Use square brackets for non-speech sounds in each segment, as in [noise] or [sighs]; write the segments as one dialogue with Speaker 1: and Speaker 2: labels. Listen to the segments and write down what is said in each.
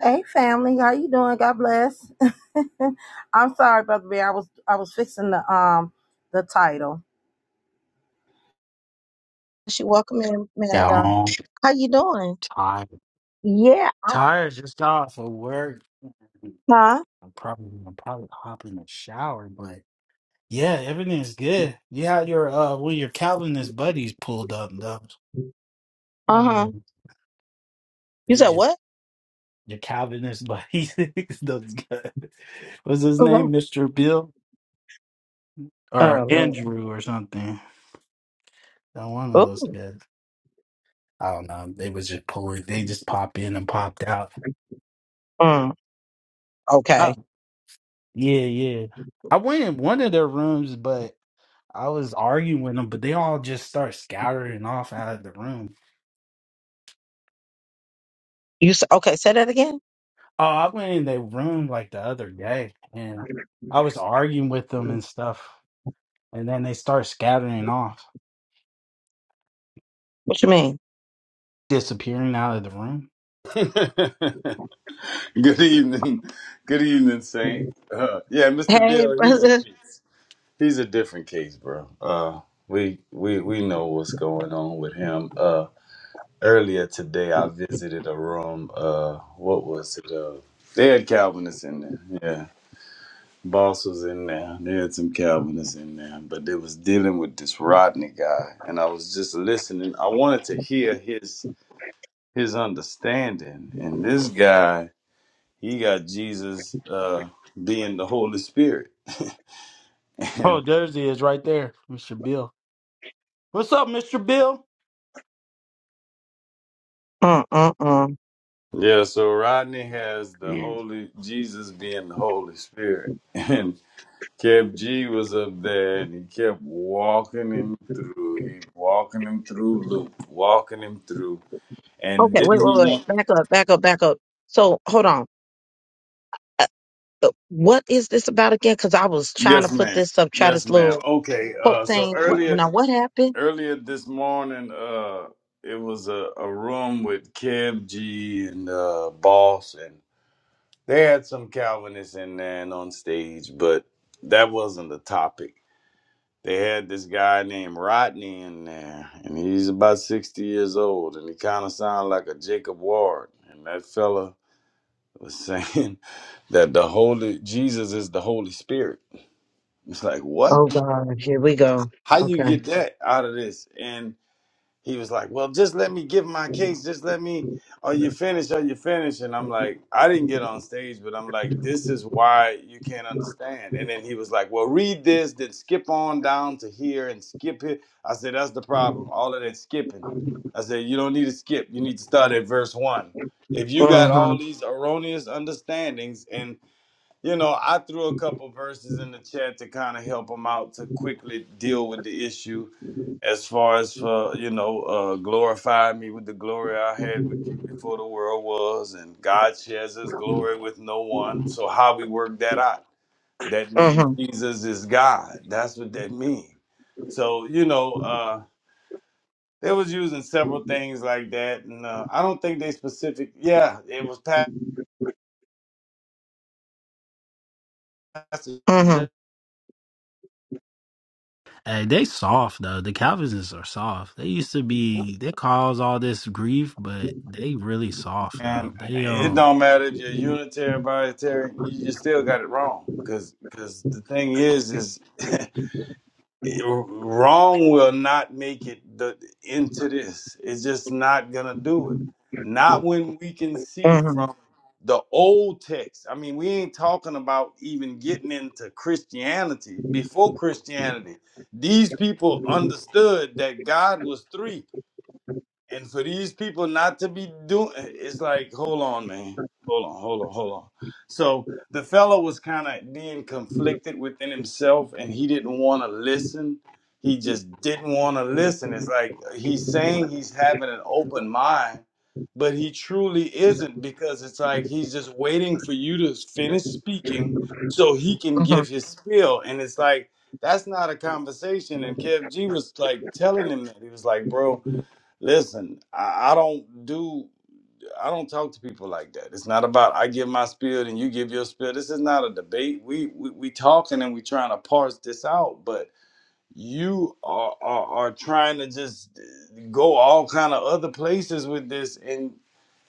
Speaker 1: Hey family, how you doing? God bless. [laughs] I'm sorry, brother Bear. I was I was fixing the um the title. She welcome in, man of
Speaker 2: Got
Speaker 1: God.
Speaker 2: home
Speaker 1: How you doing?
Speaker 2: tired.
Speaker 1: Yeah.
Speaker 2: Tired just got off of work. I'm
Speaker 1: Huh?
Speaker 2: probably I'm probably hop in the shower, but yeah, everything's good. You had your uh well your Calvinist buddies pulled up though.
Speaker 1: Uh
Speaker 2: One of
Speaker 1: huh.
Speaker 2: them,
Speaker 1: You
Speaker 2: They
Speaker 1: said what?
Speaker 2: just your Calvinist buddies. [laughs] Those guys. What's his
Speaker 1: Oh, wow.
Speaker 2: name? Mr. Bill or
Speaker 1: Oh, Lord.
Speaker 2: Andrew or something. Uh, One of those
Speaker 1: Oh,
Speaker 2: guys. I don't know. They was just pulling they just pop in and popped out.
Speaker 1: mm,
Speaker 2: Oh.
Speaker 1: okay.
Speaker 2: Yeah, yeah. I went in one of their rooms, but I was arguing with them, but they all just start scattering off out of the room.
Speaker 1: You said okay. Say that again.
Speaker 2: Oh, I went in their room like the other day and I was arguing with them and stuff. And then they start scattering off,
Speaker 1: What you mean?
Speaker 2: disappearing out of the room.
Speaker 3: [laughs] good evening, good evening, Saint. Uh, yeah, Mr.
Speaker 1: Hey, [laughs]
Speaker 3: Bill, he's a
Speaker 1: brother.
Speaker 3: case. He's a different case, bro. Uh, we we we know what's going on with him. Uh, earlier today, I visited a room. Uh, what was it? Uh, they had Calvinists in there. Yeah, Boss was in there. They had some Calvinists in there, but they was dealing with this Rodney guy, and I was just listening. I wanted to hear his his understanding, and this guy. he got Jesus uh, being the Holy Spirit. [laughs]
Speaker 2: Oh,
Speaker 3: and
Speaker 2: there's he is right there, Mr. Bill. What's up, Mr. Bill?
Speaker 1: Mm, mm, mm.
Speaker 3: yeah, so Rodney has the
Speaker 2: Yeah.
Speaker 3: Holy Jesus being the Holy Spirit. [laughs] And Kev G was up there and he kept walking him through. He walking him through Luke, walking him through. And
Speaker 1: Okay.
Speaker 3: then
Speaker 1: Wait,
Speaker 3: he
Speaker 1: wait, wait.
Speaker 3: want
Speaker 1: Back up. Back up. Back up. So hold on. Uh, uh, What is this about again? Because I was trying to
Speaker 3: Yes,
Speaker 1: put
Speaker 3: ma'am.
Speaker 1: this up. Try
Speaker 3: Yes,
Speaker 1: this little.
Speaker 3: ma'am. Okay. Uh
Speaker 1: quote
Speaker 3: so
Speaker 1: saying, "What
Speaker 3: earlier
Speaker 1: now? What happened?"
Speaker 3: earlier this morning, uh it was a, a room with Kev G and uh Boss and They had some Calvinists in there and on stage, but that wasn't the topic. They had this guy named Rodney in there, and he's about 60 years old, and he kind of sounded like a Jacob Ward. And that fella was saying [laughs] that the Holy Jesus is the Holy Spirit. It's like,
Speaker 1: Oh
Speaker 3: what?
Speaker 1: God, here we go.
Speaker 3: How you
Speaker 1: Okay.
Speaker 3: get that out of this? And he was like, "Well, just let me give my case. Just let me. Are you finished? Are you finished?" And I'm like, I didn't get on stage, but I'm like, this is why you can't understand. And then he was like, "Well, read this, then skip on down to here and skip it." I said, "That's the problem. All of that skipping." I said, "You don't need to skip. You need to start at verse one." If you got
Speaker 1: Mm-hmm.
Speaker 3: all these erroneous understandings, and you know, I threw a couple verses in the chat to kind of help them out to quickly deal with the issue as far as for, you know, uh, glorify me with the glory I had with you before the world was, and God shares his glory with no one. So, how we work that out? That means
Speaker 1: Mm-hmm.
Speaker 3: Jesus is God. That's what that means. So, you know, uh, they was using several things like that, and uh, I don't think they specific. Yeah, it was Pastor
Speaker 1: Mm-hmm.
Speaker 2: Hey, they soft though. The Calvinists are soft. They used to be they cause all this grief, but they really soft though.
Speaker 3: And
Speaker 2: They
Speaker 3: it
Speaker 2: um
Speaker 3: don't matter if you're Unitarian, Binitarian, you you still got it wrong. cause the thing is, is [laughs] wrong will not make it the, into this. It's just not gonna do it. Not when we can see from
Speaker 1: Mm-hmm.
Speaker 3: the old text. I mean, we ain't talking about even getting into Christianity before Christianity. These people understood that God was three and for these people not to be doing it's like, hold on, man. Hold on, hold on, hold on. So the fellow was kind of being conflicted within himself and he didn't want to listen. He just didn't want to listen. It's like he's saying he's having an open mind, but he truly isn't because it's like he's just waiting for you to finish speaking so he can
Speaker 1: hmm
Speaker 3: give his spiel. And it's like, that's not a conversation. And Kev G was like telling him that. He was like, bro, Listen, I, I don't do I don't talk to people like that. It's not about I give my spiel and you give your spiel. This is not a debate. We we, we talking and we trying to parse this out, but you are, are are trying to just go all kind of other places with this and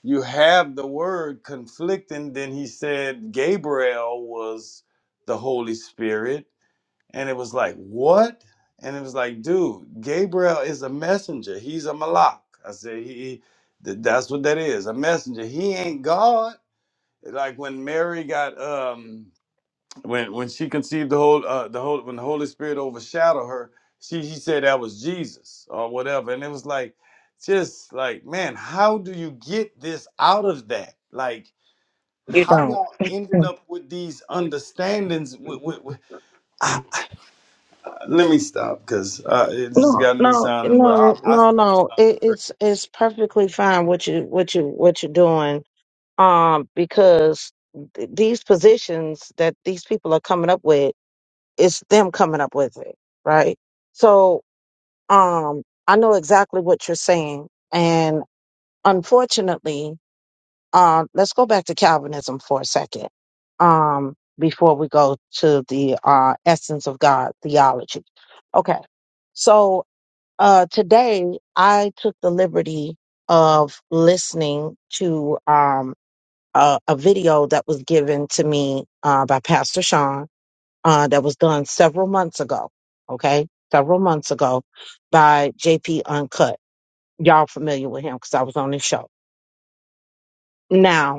Speaker 3: you have the word conflicting then he said Gabriel was the Holy Spirit and it was like, what? And it was like, dude, Gabriel is a messenger. He's a malak. I said, he, th- that's what that is, a messenger. He ain't God. Like when Mary got, um, when when she conceived the whole, uh, the whole, when the Holy Spirit overshadowed her, she she said that was Jesus or whatever. And it was like, just like, man, how do you get this out of that? Like,
Speaker 1: You
Speaker 3: how
Speaker 1: don't.
Speaker 3: y'all ending
Speaker 1: Mm.
Speaker 3: up with these understandings? Let me stop because uh, it just
Speaker 1: No,
Speaker 3: got me
Speaker 1: no,
Speaker 3: sounding well. I,
Speaker 1: no,
Speaker 3: I
Speaker 1: no,
Speaker 3: start to
Speaker 1: no.
Speaker 3: sound
Speaker 1: It,
Speaker 3: crazy.
Speaker 1: it's it's perfectly fine what you what you what you're doing. Um, because th- these positions that these people are coming up with, it's them coming up with it, right? So, um, I know exactly what you're saying, and unfortunately, Um, let's go back to Calvinism for a second um, before we go to the uh, essence of God theology. Okay, so uh, today I took the liberty of listening to um, a, a video that was given to me uh, by Pastor Sean uh, that was done several months ago. Okay, several months ago by JP Uncut. Y'all familiar with him because I was on his show. Now,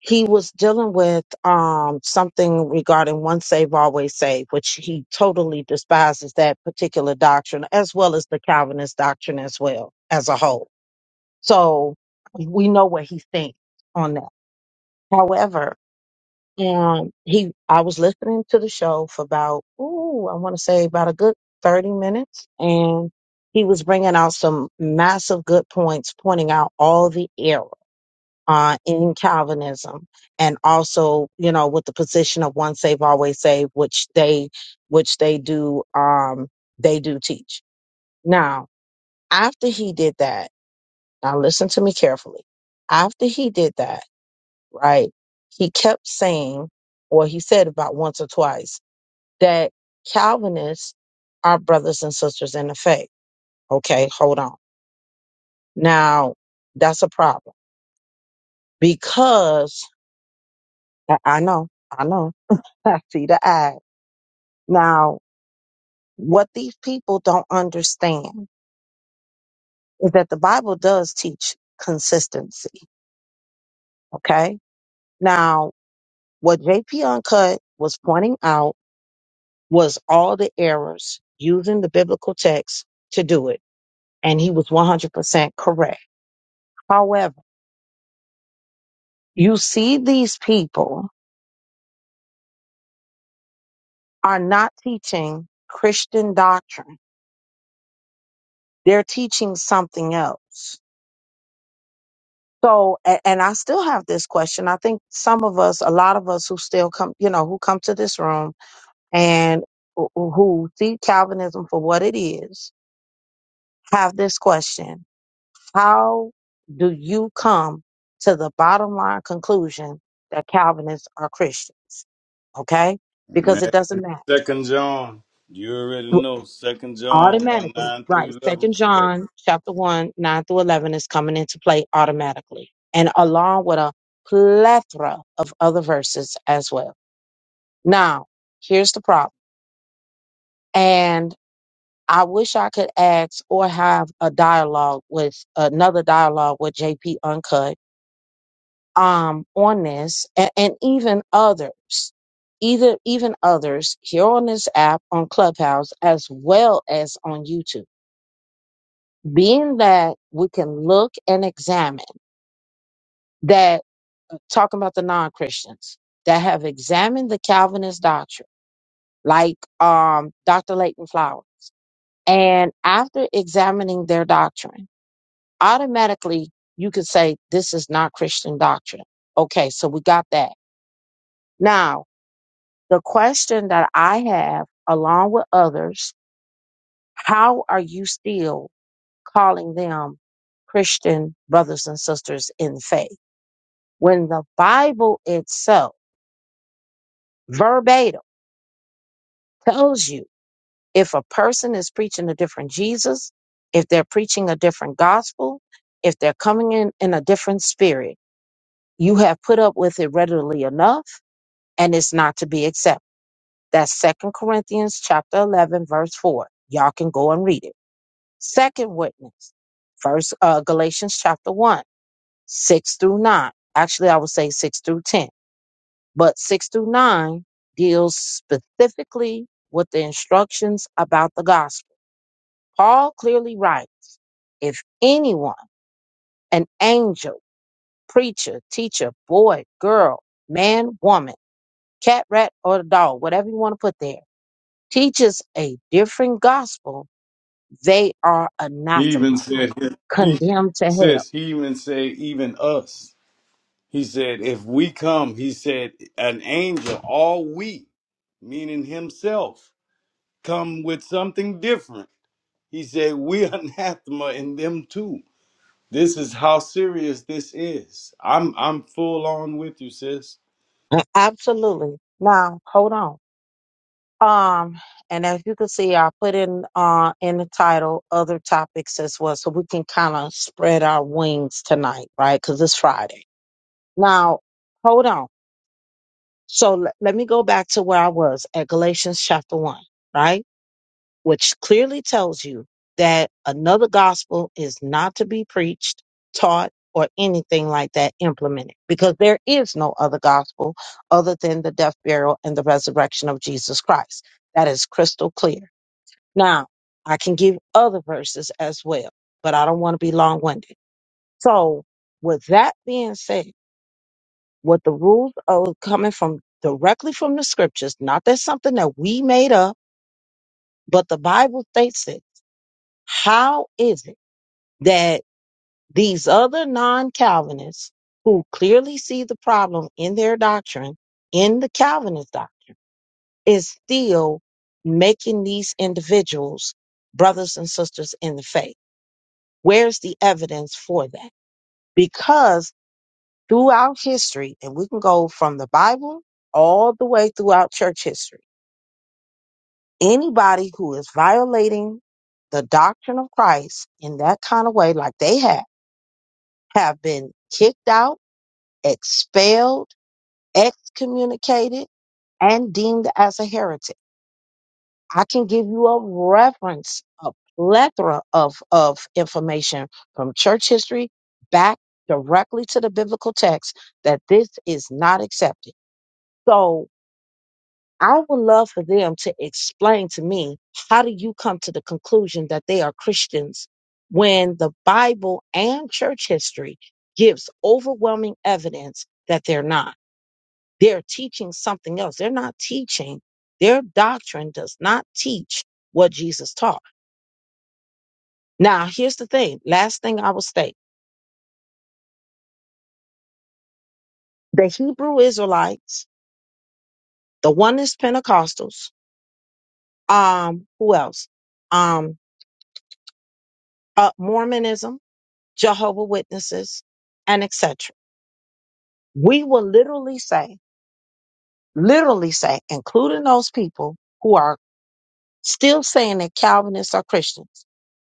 Speaker 1: he was dealing with um, something regarding once save always save which he totally despises that particular doctrine as well as the calvinist doctrine as well as a whole so we know where he stands on that however um, he i was listening to the show for about ooh, i want to say about a good 30 minutes and he was bringing out some massive good points pointing out all the errors uh, in Calvinism, and also you know with the position of once saved always saved, which they which they do um, they do teach. Now, after he did that, now listen to me carefully. After he did that, right, he kept saying, or he said about once or twice that Calvinists are brothers and sisters in the faith. Okay, hold on. Now that's a problem because I I know, I know Patsy, the eye. Now, what these people don't understand is that the Bible does teach consistency. Okay. Now, what JP Uncut was pointing out was all the errors using the biblical text to do it. And he was 100% correct. However, you see, these people are not teaching Christian doctrine, they're teaching something else. So, and, and I still have this question. I think some of us, a lot of us who still come, you know, who come to this room and who who see Calvinism for what it is, have this question. How do you come to the bottom line conclusion that Calvinists are Christians? Okay. Because it
Speaker 3: Man,
Speaker 1: doesn't matter.
Speaker 3: Second John, you already know. Second John one
Speaker 1: automatically
Speaker 3: nine
Speaker 1: right
Speaker 3: through eleven.
Speaker 1: second john chapter 1 9 through 11 is coming into play automatically and along with a plethora of other verses as well now here's the problem and i wish i could ask or have a dialogue with another dialogue with jp uncut um on this and, and even others either even others here on this app on clubhouse as well as on youtube being that we can look and examine that talking about the non-christians that have examined the calvinist doctrine like um, dr leighton flower and after examining their doctrine automatically you could say this is not christian doctrine okay so we got that now the question that i have along with others how are you still calling them christian brothers and sisters in faith when the Bible itself, verbatim, tells you if a person is preaching a different Jesus, if they're preaching a different gospel, if they're coming in in a different spirit, you have put up with it readily enough and it's not to be accepted. That's Second Corinthians chapter 11 verse 4. Y'all can go and read it. Second witness, first uh, Galatians chapter 1, 6 through 9. Actually, I would say 6 through 10 But six through nine deals specifically with the instructions about the gospel. Paul clearly writes if anyone, an angel, preacher, teacher, boy, girl, man, woman, cat, rat, or dog, whatever you want to put there, teaches a different gospel, they are
Speaker 3: He even
Speaker 1: anathema,
Speaker 3: said he
Speaker 1: condemned to hell.
Speaker 3: says he even said even us. He said if we come, he said an angel, all we, meaning himself, come with something different. He said we [laughs] anathema in them too. This is how serious this is. I'm I'm full on with you, sis.
Speaker 1: Absolutely. Now, hold on. Um, and as you can see, I put in uh in the title other topics as well, so we can kind of spread our wings tonight, right? Because it's Friday. Now, hold on. So le- let me go back to where I was at Galatians chapter one, right? Which clearly tells you that another gospel is not to be preached, taught, or anything like that implemented, because there is no other gospel other than the death, burial, and the resurrection of Jesus Christ. That is crystal clear. Now, I can give other verses as well, but I don't want to be long winded. So, with that being said, with the rules are coming from directly from the scriptures, not that's something that we made up, but the Bible states it. How is it that these other non Calvinists who clearly see the problem in their doctrine, in the Calvinist doctrine, is still making these individuals brothers and sisters in the faith? Where's the evidence for that? Because throughout history, and we can go from the Bible all the way throughout church history, anybody who is violating the doctrine of Christ in that kind of way, like they have, have been kicked out, expelled, excommunicated, and deemed as a heretic. I can give you a reference, a plethora of, of information from church history back directly to the biblical text that this is not accepted. So I would love for them to explain to me how do you come to the conclusion that they are Christians when the Bible and church history gives overwhelming evidence that they're not. They're teaching something else. They're not teaching. Their doctrine does not teach what Jesus taught. Now, here's the thing. Last thing I will state. The Hebrew Israelites, the oneness Pentecostals, um, who else? Um, uh, Mormonism, Jehovah Witnesses, and etc. We will literally say, literally say, including those people who are still saying that Calvinists are Christians,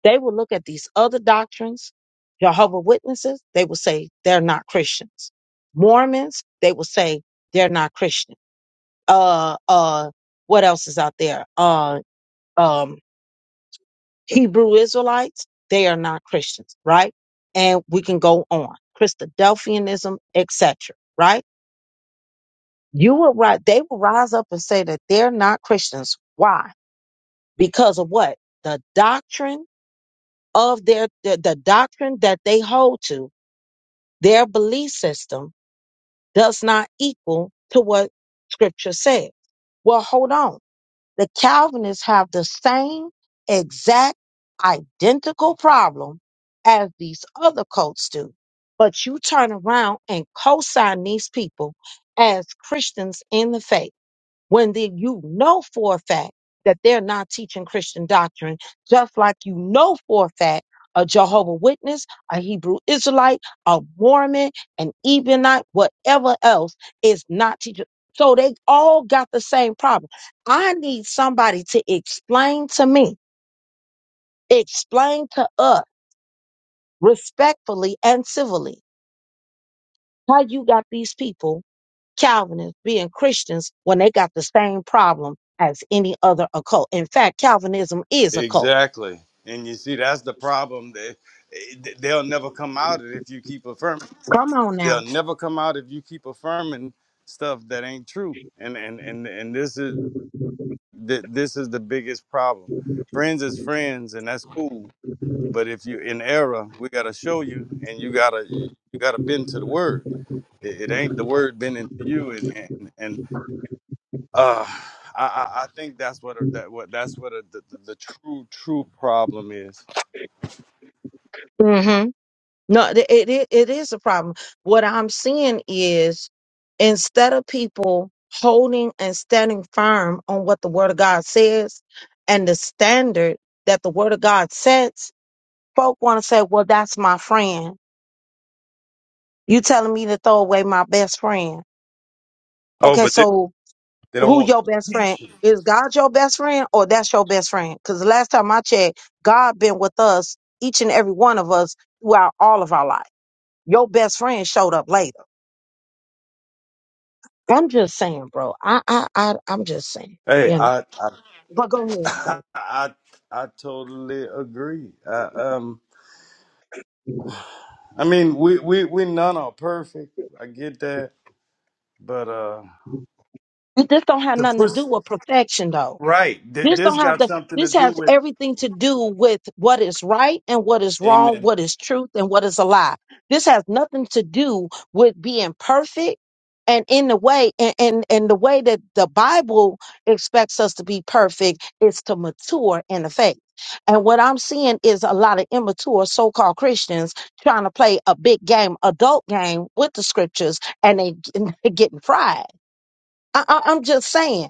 Speaker 1: they will look at these other doctrines, Jehovah Witnesses, they will say they're not Christians. Mormons, they will say they're not Christians. uh uh what else is out there uh um hebrew israelites they are not christians right and we can go on christadelphianism etc right you will right they will rise up and say that they're not christians why because of what the doctrine of their the, the doctrine that they hold to their belief system does not equal to what scripture says well hold on The Calvinists have the same exact identical problem as these other cults do. But you turn around and co sign these people as Christians in the faith when the, you know for a fact that they're not teaching Christian doctrine, just like you know for a fact a Jehovah Witness, a Hebrew Israelite, a Mormon, an Ebionite, whatever else is not teaching. So they all got the same problem. I need somebody to explain to me, explain to us respectfully and civilly how you got these people Calvinists being Christians when they got the same problem as any other occult. In fact, Calvinism is a cult.
Speaker 3: Exactly. And you see, that's the problem. That they, they'll never come out of it if you keep affirming.
Speaker 1: Come on
Speaker 3: They'll
Speaker 1: now.
Speaker 3: never come out if you keep affirming stuff that ain't true. And and and and this is th- this is the biggest problem. Friends is friends, and that's cool. But if you in error, we gotta show you, and you gotta you gotta bend to the word. It, it ain't the word bending to you, and and and Uh, I, I I think that's what a, that what that's what a, the, the the true true problem is.
Speaker 1: hmm No, th- it, it it is a problem. What I'm seeing is instead of people holding and standing firm on what the Word of God says and the standard that the Word of God sets, folk want to say, "Well, that's my friend." You telling me to throw away my best friend?
Speaker 3: Oh,
Speaker 1: Okay,
Speaker 3: but they,
Speaker 1: so
Speaker 3: they don't
Speaker 1: who
Speaker 3: want
Speaker 1: your best friend
Speaker 3: attention.
Speaker 1: is god your best friend or that's your best friend because the last time i checked god been with us each and every one of us throughout all of our life your best friend showed up later i'm just saying bro i i, I i'm just saying
Speaker 3: Hey,
Speaker 1: you know
Speaker 3: I
Speaker 1: but go ahead
Speaker 3: I
Speaker 1: so
Speaker 3: [laughs] I, I totally agree. I, um, I mean, we we we none are perfect. I get that, but uh,
Speaker 1: this don't have
Speaker 3: the
Speaker 1: nothing to
Speaker 3: push
Speaker 1: do with perfection though
Speaker 3: right. Th-
Speaker 1: This
Speaker 3: this
Speaker 1: don't have
Speaker 3: got
Speaker 1: to.
Speaker 3: something to
Speaker 1: This
Speaker 3: do
Speaker 1: has
Speaker 3: with.
Speaker 1: everything to do with what is right and what is wrong,
Speaker 3: Amen.
Speaker 1: what is truth and what is a lie. This has nothing to do with being perfect and in the way and, and, and the way that the Bible expects us to be perfect is to mature in the faith. And what I'm seeing is a lot of immature so-called Christians trying to play a big game, adult game with the scriptures, and they [laughs] they're getting fried. I, I, I'm just saying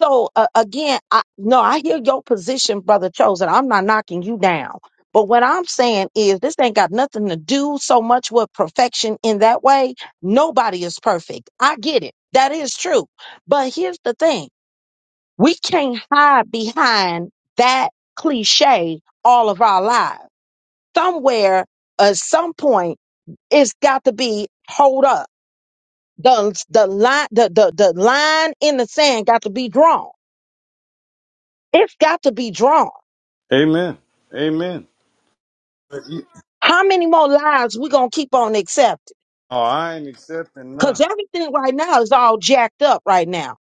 Speaker 1: so uh, again, I no, I hear your position, brother chosen. I'm not knocking you down. But what I'm saying is this ain't got nothing to do so much with perfection in that way. Nobody is perfect. I get it. That is true. But here's the thing. We can't hide behind that cliche all of our lives. Somewhere at some point it's got to be hold up. The the line the, the, the line in the sand got to be drawn. It's got to be drawn
Speaker 3: Amen. Amen. But you,
Speaker 1: How many more lives we gonna keep on accepting?
Speaker 3: oh, I ain't accepting none.
Speaker 1: Cause everything right now is all jacked up right now.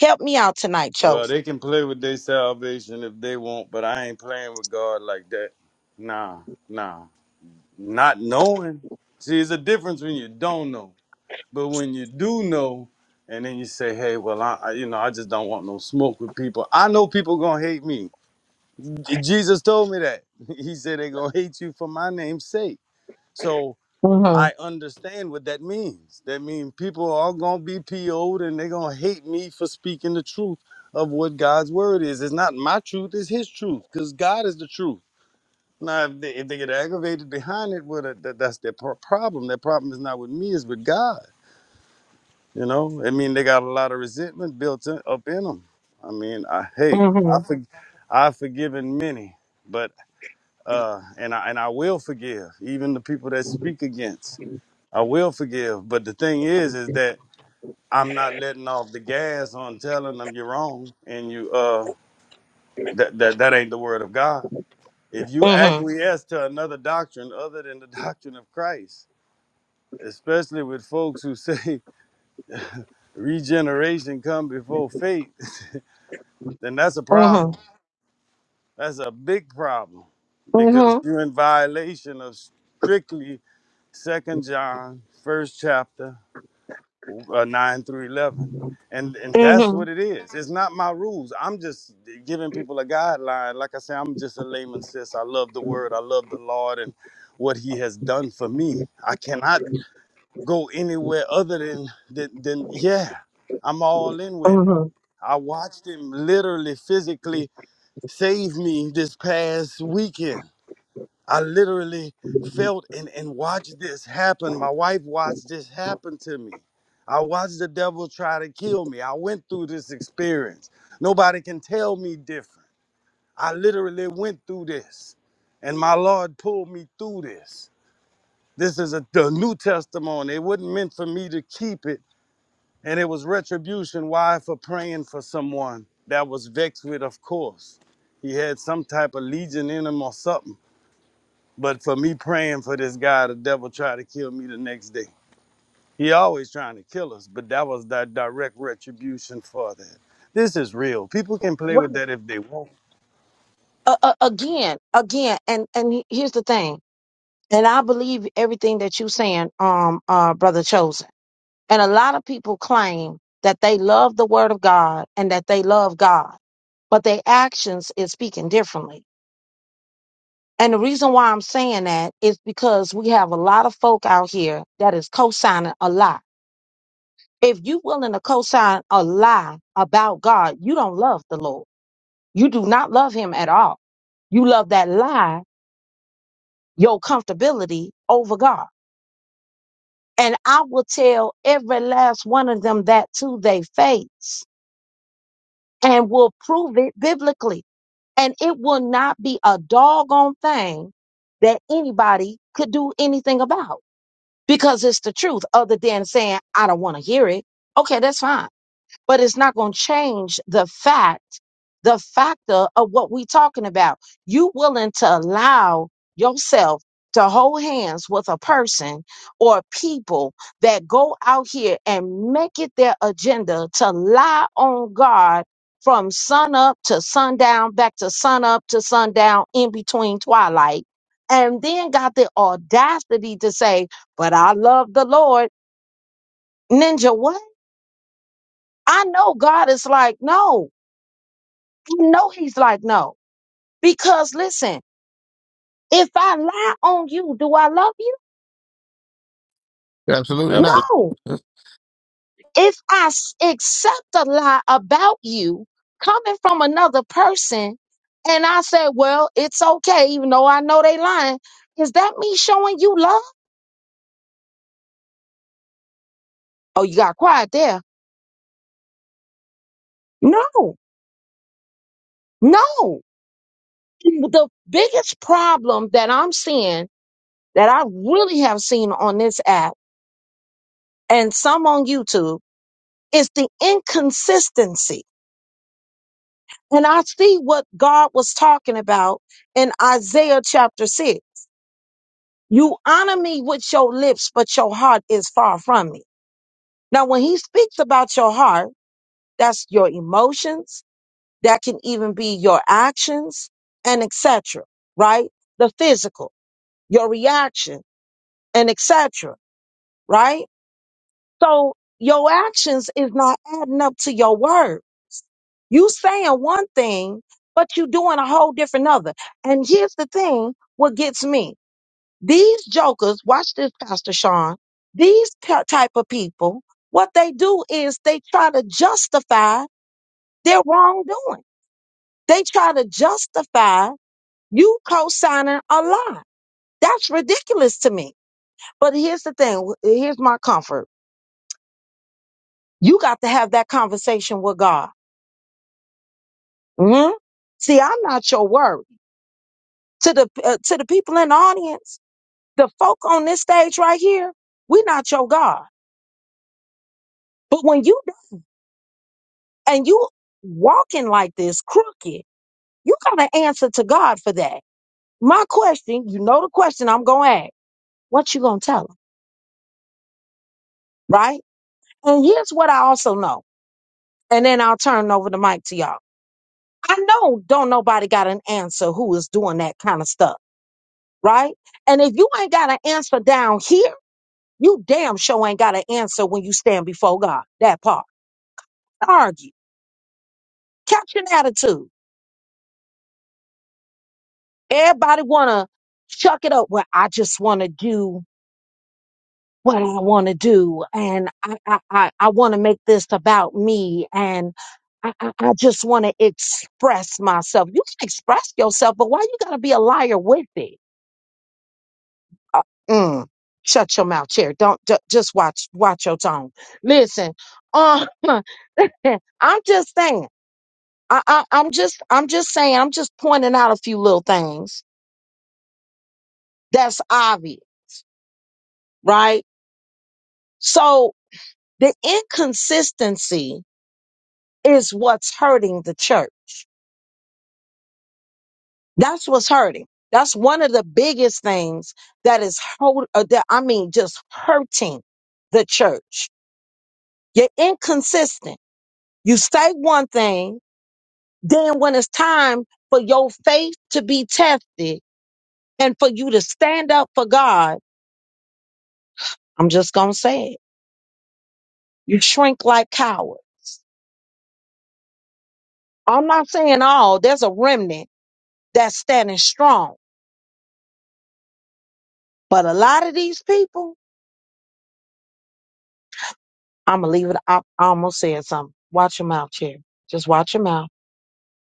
Speaker 1: Help me out tonight,
Speaker 3: Well,
Speaker 1: chosen.
Speaker 3: they can play with their salvation if they want, but I ain't playing with God like that. Nah, nah. Not knowing. See, it's a difference when you don't know. But when you do know, and then you say, hey, well, I, I you know, I just don't want no smoke with people. I know people gonna hate me. J- Jesus told me that. [laughs] He said they gonna hate you for my name's sake. So
Speaker 1: Mhm.
Speaker 3: I understand what that means. That means people are gonna be PO'd and they're gonna hate me for speaking the truth of what God's word is. It's not my truth, it's his truth, because God is the truth. Now, if they, if they get aggravated behind it, well, that, that- that's their pro- problem. Their problem is not with me, it's with God. You know, I mean, they got a lot of resentment built in, up in them. I mean, I, hey, I
Speaker 1: Mhm.
Speaker 3: for, I've forgiven many, but uh, and I and I will forgive even the people that speak against. I will forgive, but the thing is, is that I'm not letting off the gas on telling them you're wrong, and you uh that that that ain't the word of God. If you
Speaker 1: Mhm.
Speaker 3: acquiesce to another doctrine other than the [laughs] doctrine of Christ, especially with folks who say [laughs] regeneration come before faith, [laughs] then that's a problem.
Speaker 1: Mhm.
Speaker 3: That's a big problem because
Speaker 1: Mhm.
Speaker 3: you're in violation of strictly Second John, first chapter, uh, 9 through 11 and and that's what
Speaker 1: Mhm.
Speaker 3: it is it's not my rules i'm just giving people a guideline like i say i'm just a layman sis i love the word i love the lord and what he has done for me i cannot go anywhere other than than, than yeah i'm all in with him
Speaker 1: Mhm.
Speaker 3: i watched him literally physically save me this past weekend I literally felt and, and watched this happen. My wife watched this happen to me. I watched the devil try to kill me. I went through this experience. Nobody can tell me different. I literally went through this, and my Lord pulled me through this. This is a the new testimony. It wasn't meant for me to keep it, and it was retribution. Why? For praying for someone that was vexed with, of course. He had some type of legion in him or something but for me praying for this guy, the devil tried to kill me the next day. He always trying to kill us, but that was that direct retribution for that. This is real. People can play with
Speaker 1: Right.
Speaker 3: that if they want.
Speaker 1: Uh, uh, again, again, and and he- here's the thing, and I believe everything that you saying, um, uh, brother chosen. And a lot of people claim that they love the word of God and that they love God, but their actions is speaking differently. And the reason why I'm saying that is because we have a lot of folk out here that is co-signing a lie. If you willing to co-sign a lie about God, you don't love the Lord. You do not love him at all. You love that lie, your comfortability over God. And I will tell every last one of them that to their face and will prove it biblically. And it will not be a doggone thing that anybody could do anything about because it's the truth other than saying, I don't want to hear it. Okay, that's fine but it's not going to change the fact the factor of what we talking about you willing to allow yourself to hold hands with a person or people that go out here and make it their agenda to lie on god from sun up to sundown back to sun up to sundown in between twilight and then got the audacity to say but i love the lord ninja what i know god is like no You know he's like, no. Because listen, if I lie on you, do I love you?
Speaker 4: Absolutely
Speaker 3: Absolutely.
Speaker 4: not.
Speaker 1: No.
Speaker 4: Uh,
Speaker 1: If I s- accept a lie about you coming from another person and I say, well, it's okay, even though I know they lying, is that me showing you love? Oh, you got quiet there. No, no. The biggest problem that I'm seeing that I really have seen on this app and some on YouTube is the inconsistency And I see what God was talking about in Isaiah chapter 6. You honor me with your lips, but your heart is far from me. Now, when he speaks about your heart, that's your emotions, that can even be your actions and etc. Right? The physical, your reaction and etc. Right? So your actions is not adding up to your words You saying one thing, but you doing a whole different other. And here's the thing, what gets me. These jokers, watch this, Pastor Sean, these t- type of people, what they do is they try to justify their wrongdoing. They try to justify you co-signing a lie. That's ridiculous to me. But here's the thing. Here's my comfort. You got to have that conversation with God. hmm See, I'm not your worry. To the, uh, to the people in the audience, the folk on this stage right here, we not your God. But when you and you walking like this crooked, you got to answer to God for that. My question, you know the question I'm gonna ask. What you gonna tell him, right? And here's what I also know, and then I'll turn over the mic to y'all. I know don't nobody got an answer who is doing that kind of stuff, right? And if you ain't got an answer down here, you damn sure ain't got an answer when you stand before God. That part. Argue. Catch an attitude. Everybody wanna chuck it up. Well, I just wanna do what I wanna do, and I I I, I wanna make this about me, and I, I I just wanna express myself. You can express yourself, but why you gotta be a liar with it? Uh, mm, shut your mouth, chair. Don't ju- just watch watch your tone. Listen, uh, [laughs] I'm just saying. I, I, I'm just I'm just saying. I'm just pointing out a few little things that's obvious, right? So The inconsistency is what's hurting the church. That's what's hurting. That's one of the biggest things that is hold, uh, that I mean, just hurting the church. You're inconsistent. You say one thing, then when it's time for your faith to be tested and for you to stand up for God, I'm just gonna say it. You shrink like cowards. I'm not saying all. There's a remnant that's standing strong, but a lot of these people I'ma leave it. I, I almost said something. Watch your mouth, Cherry. Just watch your mouth.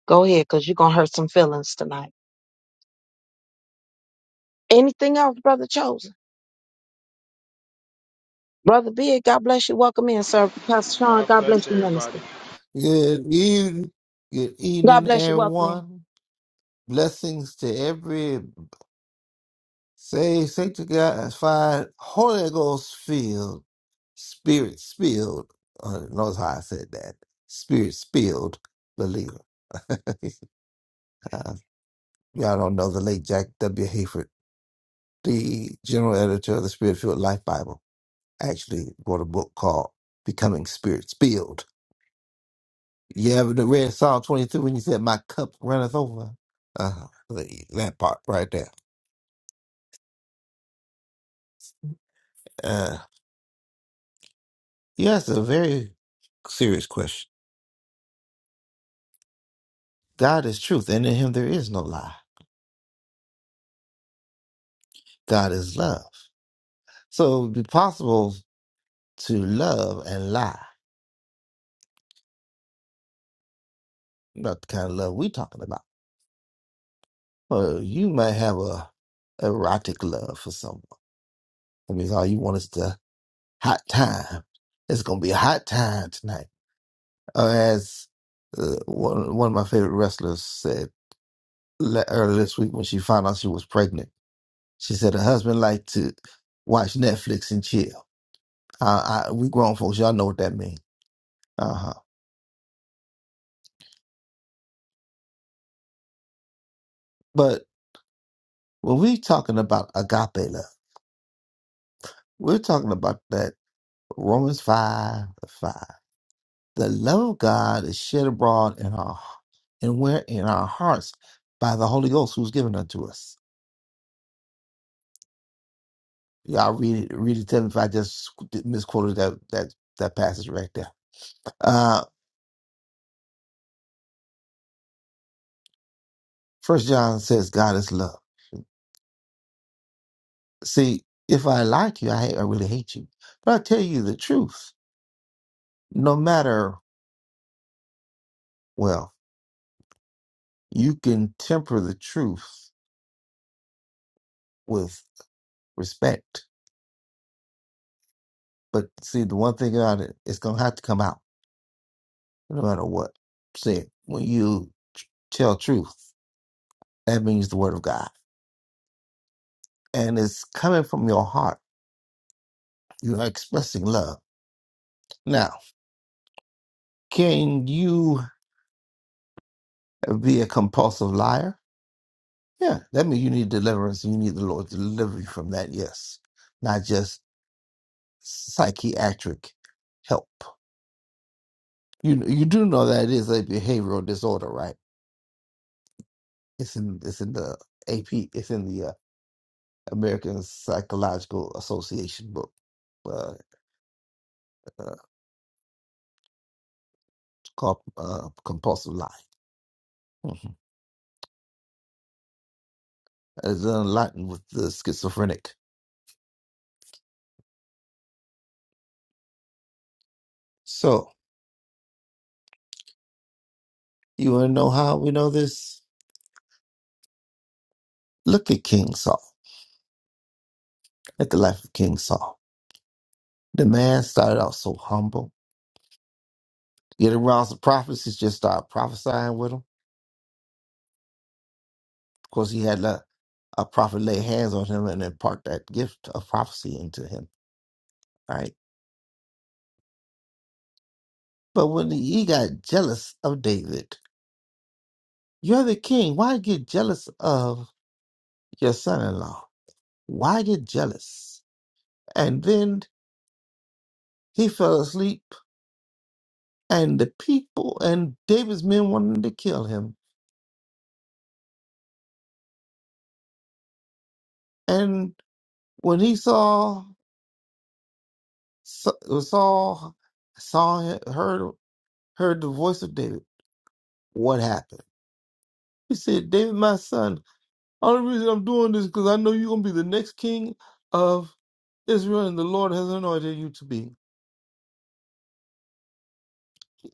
Speaker 1: Go ahead, cause you're gonna hurt some feelings tonight. Anything else, brother chosen? Brother Big, God bless you. Welcome in, sir. Pastor Sean,
Speaker 5: God
Speaker 1: God
Speaker 5: bless
Speaker 1: bless you,
Speaker 5: everybody.
Speaker 1: minister.
Speaker 4: Good evening, good
Speaker 1: God
Speaker 4: evening,
Speaker 1: bless you. Welcome in.
Speaker 4: everyone. Blessings to every saved, sanctified, Holy Ghost filled, spirit spilled. Uh, knows how I said that. Spirit spilled believer. [laughs] Uh, y'all don't know the late Jack W. Hayford, the general editor of the Spirit Filled Life Bible, actually wrote a book called Becoming Spirit Spilled You ever read Psalm 22 when you said, My cup runneth over. Uh, that part right there. Uh, yeah, it's a very serious question. God is truth, and in Him there is no lie. God is love. So it would be possible to love and lie. Not the kind of love we talking about. Well, you might have a erotic love for someone. I mean, all you want is the hot time. It's going to be a hot time tonight. Or as uh, one, one of my favorite wrestlers said. le- earlier this week when she found out she was pregnant. She said her husband liked to watch Netflix and chill. Uh, I, we grown folks, y'all know what that means. Uh huh. But when we talking about agape love, we're talking about that Romans five five. The love of God is shed abroad in our and where in our hearts by the Holy Ghost who's given unto us. Y'all read it. Read it. Tell me if I just misquoted that that that passage right there. Uh, First John says God is love. See, if I like you, I, hate, I really hate you. But I tell you the truth. No matter, well, you can temper the truth with respect. But see, the one thing about it, it's going to have to come out no matter what. See, when you t- tell truth, that means the word of God. And it's coming from your heart. You are expressing love. Now, can you be a compulsive liar? Yeah, that means you need deliverance. You need the Lord to deliver you from that. Yes not just psychiatric help. You you do know that it is a behavioral disorder, right? It's in it's in the AP. It's in the uh, American Psychological Association book uh, uh, called uh, Compulsive Lying. hmm It's in Latin with the schizophrenic. So you want to know how we know this? Look at King Saul. At the life of King Saul, the man started out so humble. Get around some prophets, he just started prophesying with them. Of course, he had a, a prophet lay hands on him and impart that gift of prophecy into him. Right. But when he got jealous of David, you're the king. Why get jealous of your son in law? Why get jealous? And then he fell asleep, and the people and David's men wanted to kill him. And when he saw, saw, saw saw heard heard the voice of David. What happened? He said, David, my son, Only reason I'm doing this because I know you're gonna be the next king of Israel, and the Lord has anointed you to be.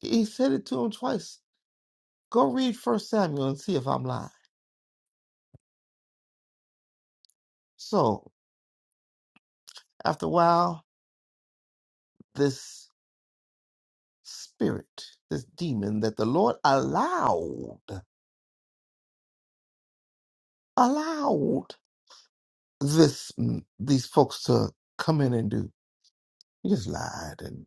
Speaker 4: He said it to him twice. Go read First Samuel and see if I'm lying. So after a while, this spirit, this demon that the Lord allowed, allowed this mm, these folks to come in and do, he just lied and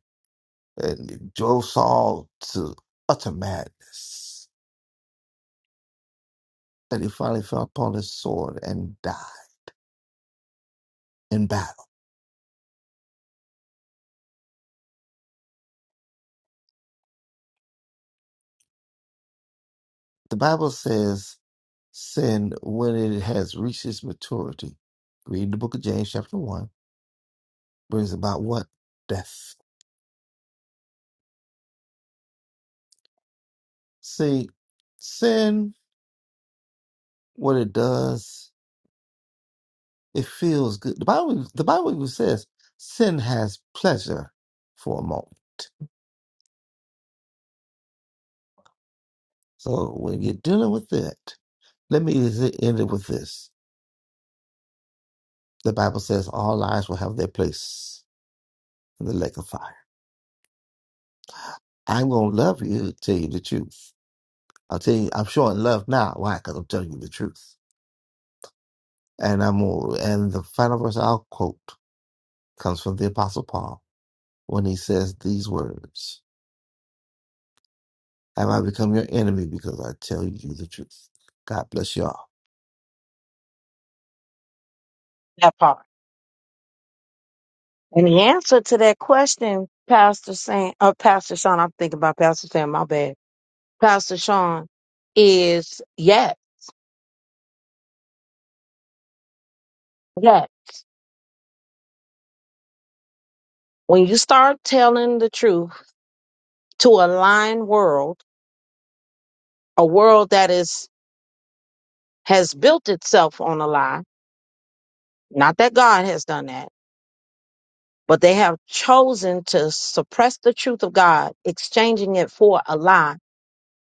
Speaker 4: and drove Saul to utter madness. And he finally fell upon his sword and died. in battle. The Bible says sin, when it has reached its maturity, read the book of James, chapter 1, brings about what? Death. See, sin, what it does, it feels good. The Bible, the Bible even says sin has pleasure for a moment. So when you're dealing with it, let me is it- end it with this. The Bible says all lies will have their place in the lake of fire. I'm going to love you, tell you the truth. I'll tell you, I'm showing love now. Why? Because I'm telling you the truth. And I'm and the final verse I'll quote comes from the Apostle Paul when he says these words: "Have I become your enemy because I tell you the truth?" God bless y'all. [laughs]
Speaker 1: That part. And the answer to that question, Pastor Sam, uh, Pastor Sean, I'm thinking about Pastor Sam. My bad. Pastor Sean is yes, yes. When you start telling the truth to a lying world, a world that is has built itself on a lie. Not that God has done that, but they have chosen to suppress the truth of God, exchanging it for a lie.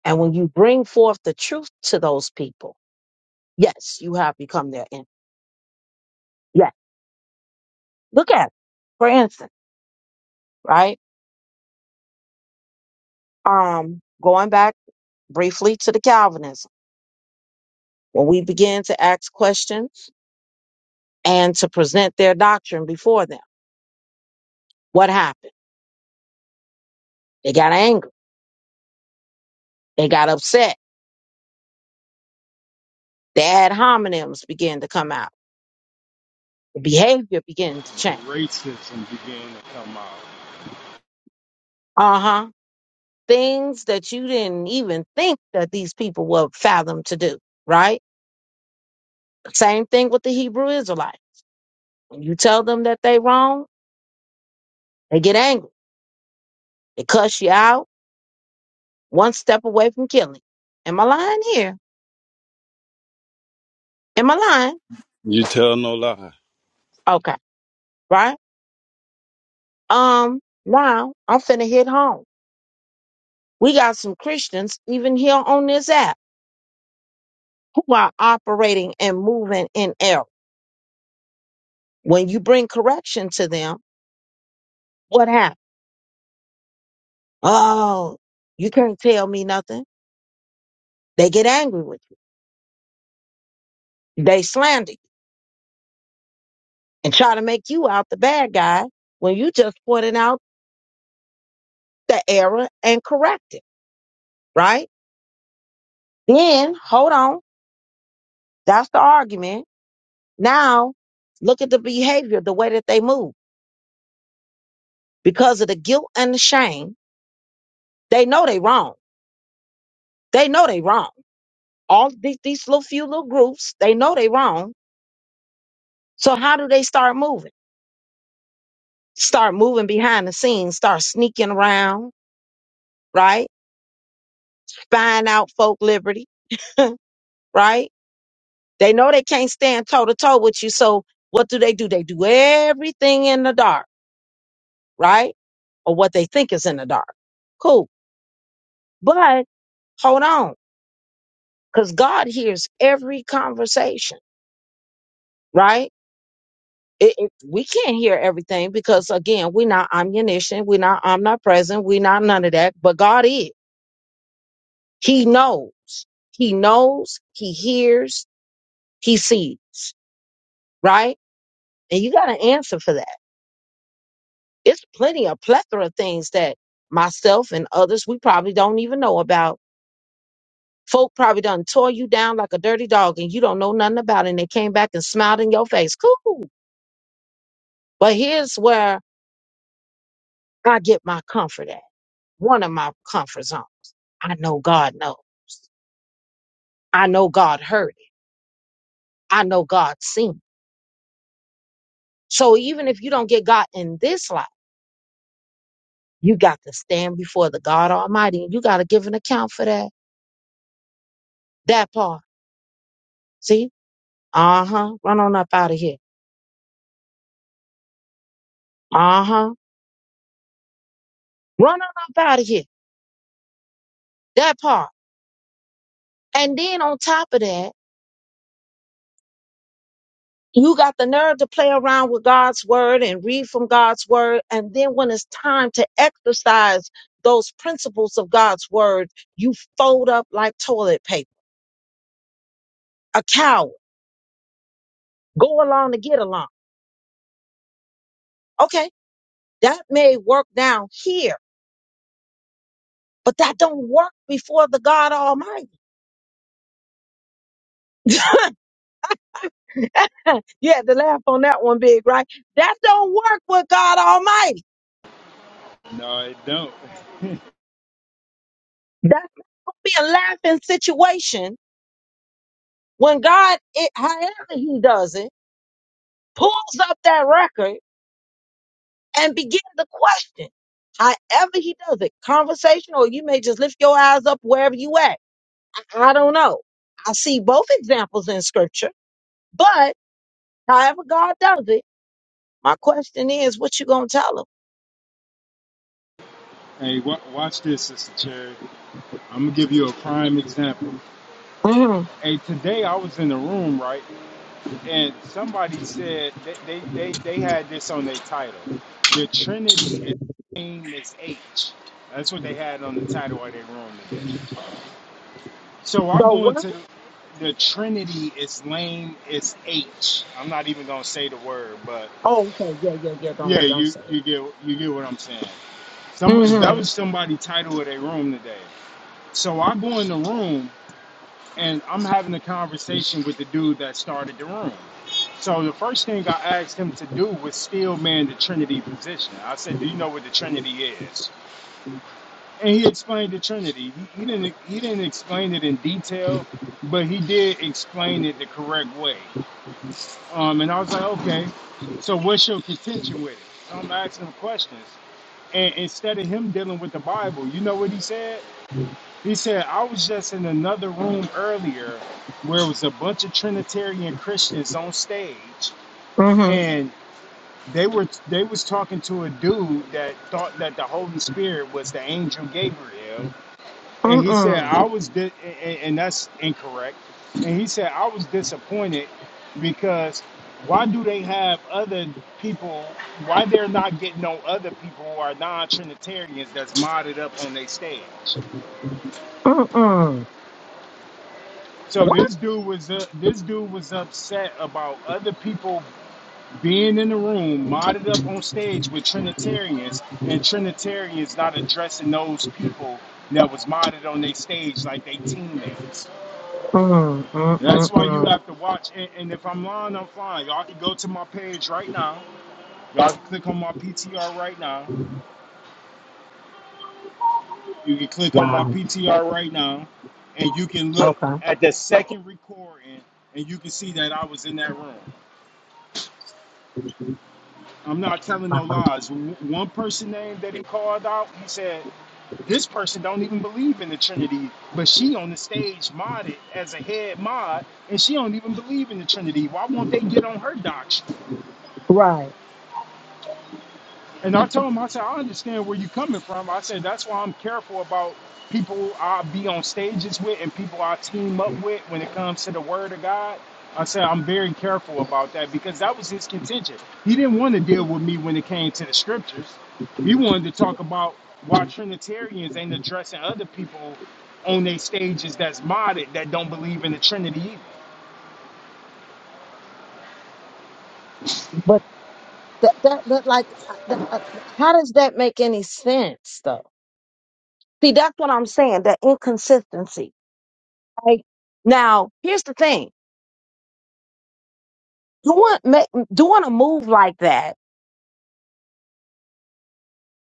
Speaker 1: And when you bring forth the truth to those people, yes, you have become their enemy. Yes. Look at it. For instance, right? Um, going back briefly to the Calvinism, when we began to ask questions and to present their doctrine before them, what happened? They got angry. They got upset. The ad hominems began to come out behavior began to
Speaker 5: The
Speaker 1: change.
Speaker 5: racism began to come out.
Speaker 1: Uh huh. Things that you didn't even think that these people would fathom to do, right? Same thing with the Hebrew Israelite. When you tell them that they wrong, they get angry. They cuss you out one step away from killing. you. Am I lying here? Am I lying?
Speaker 3: You tell no lie.
Speaker 1: Okay, right? Um, now I'm finna hit home. We got some Christians even here on this app who are operating and moving in error. When you bring correction to them, what happens? Oh, you can't tell me nothing. They get angry with you. They slander you and try to make you out the bad guy when you just pointed out the error and correct it, right? Then, hold on. That's the argument. Now, look at the behavior, the way that they move. Because of the guilt and the shame, they know they wrong. They know they wrong. All these, these little few little groups, they know they wrong. So how do they start moving? Start moving behind the scenes, start sneaking around, right? buying out folk liberty, [laughs] right? They know they can't stand toe to toe with you. So what do they do? They do everything in the dark, right? Or what they think is in the dark. Cool. But hold on, because God hears every conversation, right? It, it- we can't hear everything because again, we're not omniscient, we're not omnipresent, we're not none of that. But God is. He knows. He knows. He hears. He sees. Right? And you got to answer for that. it's plenty of plethora of things that myself and others we probably don't even know about. Folk probably done tore you down like a dirty dog and you don't know nothing about it and they came back and smiled in your face. Cool. But here's where I get my comfort at. One of my comfort zones. I know God knows. I know God heard it. I know God seen. it. So even if you don't get God in this life, you got to stand before the God Almighty and you got to give an account for that. That part. See? Uh huh. Run on up out of here. Uh huh. Run on up out of here. That part. And then on top of that, you got the nerve to play around with God's word and read from God's word. And then when it's time to exercise those principles of God's word, you fold up like toilet paper, a coward. Go along to get along. Okay. That may work down here, but that don't work before the God Almighty. You had to laugh on that one big, right? That don't work with God Almighty.
Speaker 5: No, it don't.
Speaker 1: That's gonna be a laughing situation when God, it, however He does it, pulls up that record and begins to question. However He does it, conversation, or you may just lift your eyes up wherever you at. I, I don't know. I see both examples in Scripture, but however God does it, my question is, what you gonna tell Him?
Speaker 5: Hey, wa watch this, Sister Cherry. I'm gonna give you a prime example.
Speaker 1: Mm-hmm.
Speaker 5: Hey, today I was in the room, right, and somebody said they they they, they had this on their title. The Trinity is same as H. That's what they had on the title of their room today. So I
Speaker 1: Go
Speaker 5: go
Speaker 1: woman?
Speaker 5: into the, the Trinity is lame as H. I'm not even gonna say the word, but
Speaker 1: Oh, okay. Yeah, yeah, yeah.
Speaker 5: Yeah,
Speaker 1: Don't don't
Speaker 5: you
Speaker 1: say it.
Speaker 5: you get you get what I'm saying. Some that
Speaker 1: Mm-hmm.
Speaker 5: was somebody title of their room today. So I go in the room and I'm having a conversation with the dude that started the room. So the first thing I asked him to do was still man the Trinity position. I said, "Do you know what the Trinity is?" And he explained the Trinity. He, he didn't he didn't explain it in detail, but he did explain it the correct way. Um, and I was like, "Okay, so what's your contention with it?" So I'm asking him questions. and instead of him dealing with the Bible, you know what he said? He said, I was just in another room earlier where it was a bunch of Trinitarian Christians on stage
Speaker 1: Mm-hmm.
Speaker 5: and they were they was talking to a dude that thought that the Holy Spirit was the angel Gabriel and he said
Speaker 1: Mm-mm.
Speaker 5: I was di- and, and that's incorrect. And he said I was disappointed because why do they have other people? Why they're not getting on other people who are non-Trinitarians that's modded up on their stage?
Speaker 1: Mm-mm.
Speaker 5: So
Speaker 1: What?
Speaker 5: this dude was uh, this dude was upset about other people being in the room modded up on stage with Trinitarians and Trinitarians not addressing those people that was modded on their stage like they teammates.
Speaker 1: Mm-mm.
Speaker 5: That's why
Speaker 1: Mm-mm.
Speaker 5: you have to watch. And, and if I'm lying, I'm fine. Y'all can go to my page right now. Y'all can click on my PTR right now. You can click on my
Speaker 1: Wow.
Speaker 5: PTR right now, and you can look
Speaker 1: Okay.
Speaker 5: at the second recording, and you can see that I was in that room. I'm not telling no
Speaker 1: Uh-huh.
Speaker 5: lies. W- One person name that he called out, he said, "This person don't even believe in the Trinity, but she on the stage modded as a head mod, and she don't even believe in the Trinity. Why won't they get on her doctrine?"
Speaker 1: Right.
Speaker 5: And I told him, I said, I understand where you're coming from. I said, that's why I'm careful about people I be on stages with and people I team up with when it comes to the word of God. I said, I'm very careful about that because that was his contention. He didn't want to deal with me when it came to the scriptures. He wanted to talk about why Trinitarians ain't addressing other people on their stages that's modded that don't believe in the Trinity either.
Speaker 1: But that, that, that like, uh, that, uh, how does that make any sense, though? See, that's what I'm saying. That inconsistency. Right. Now, here's the thing: doing ma- doing a move like that,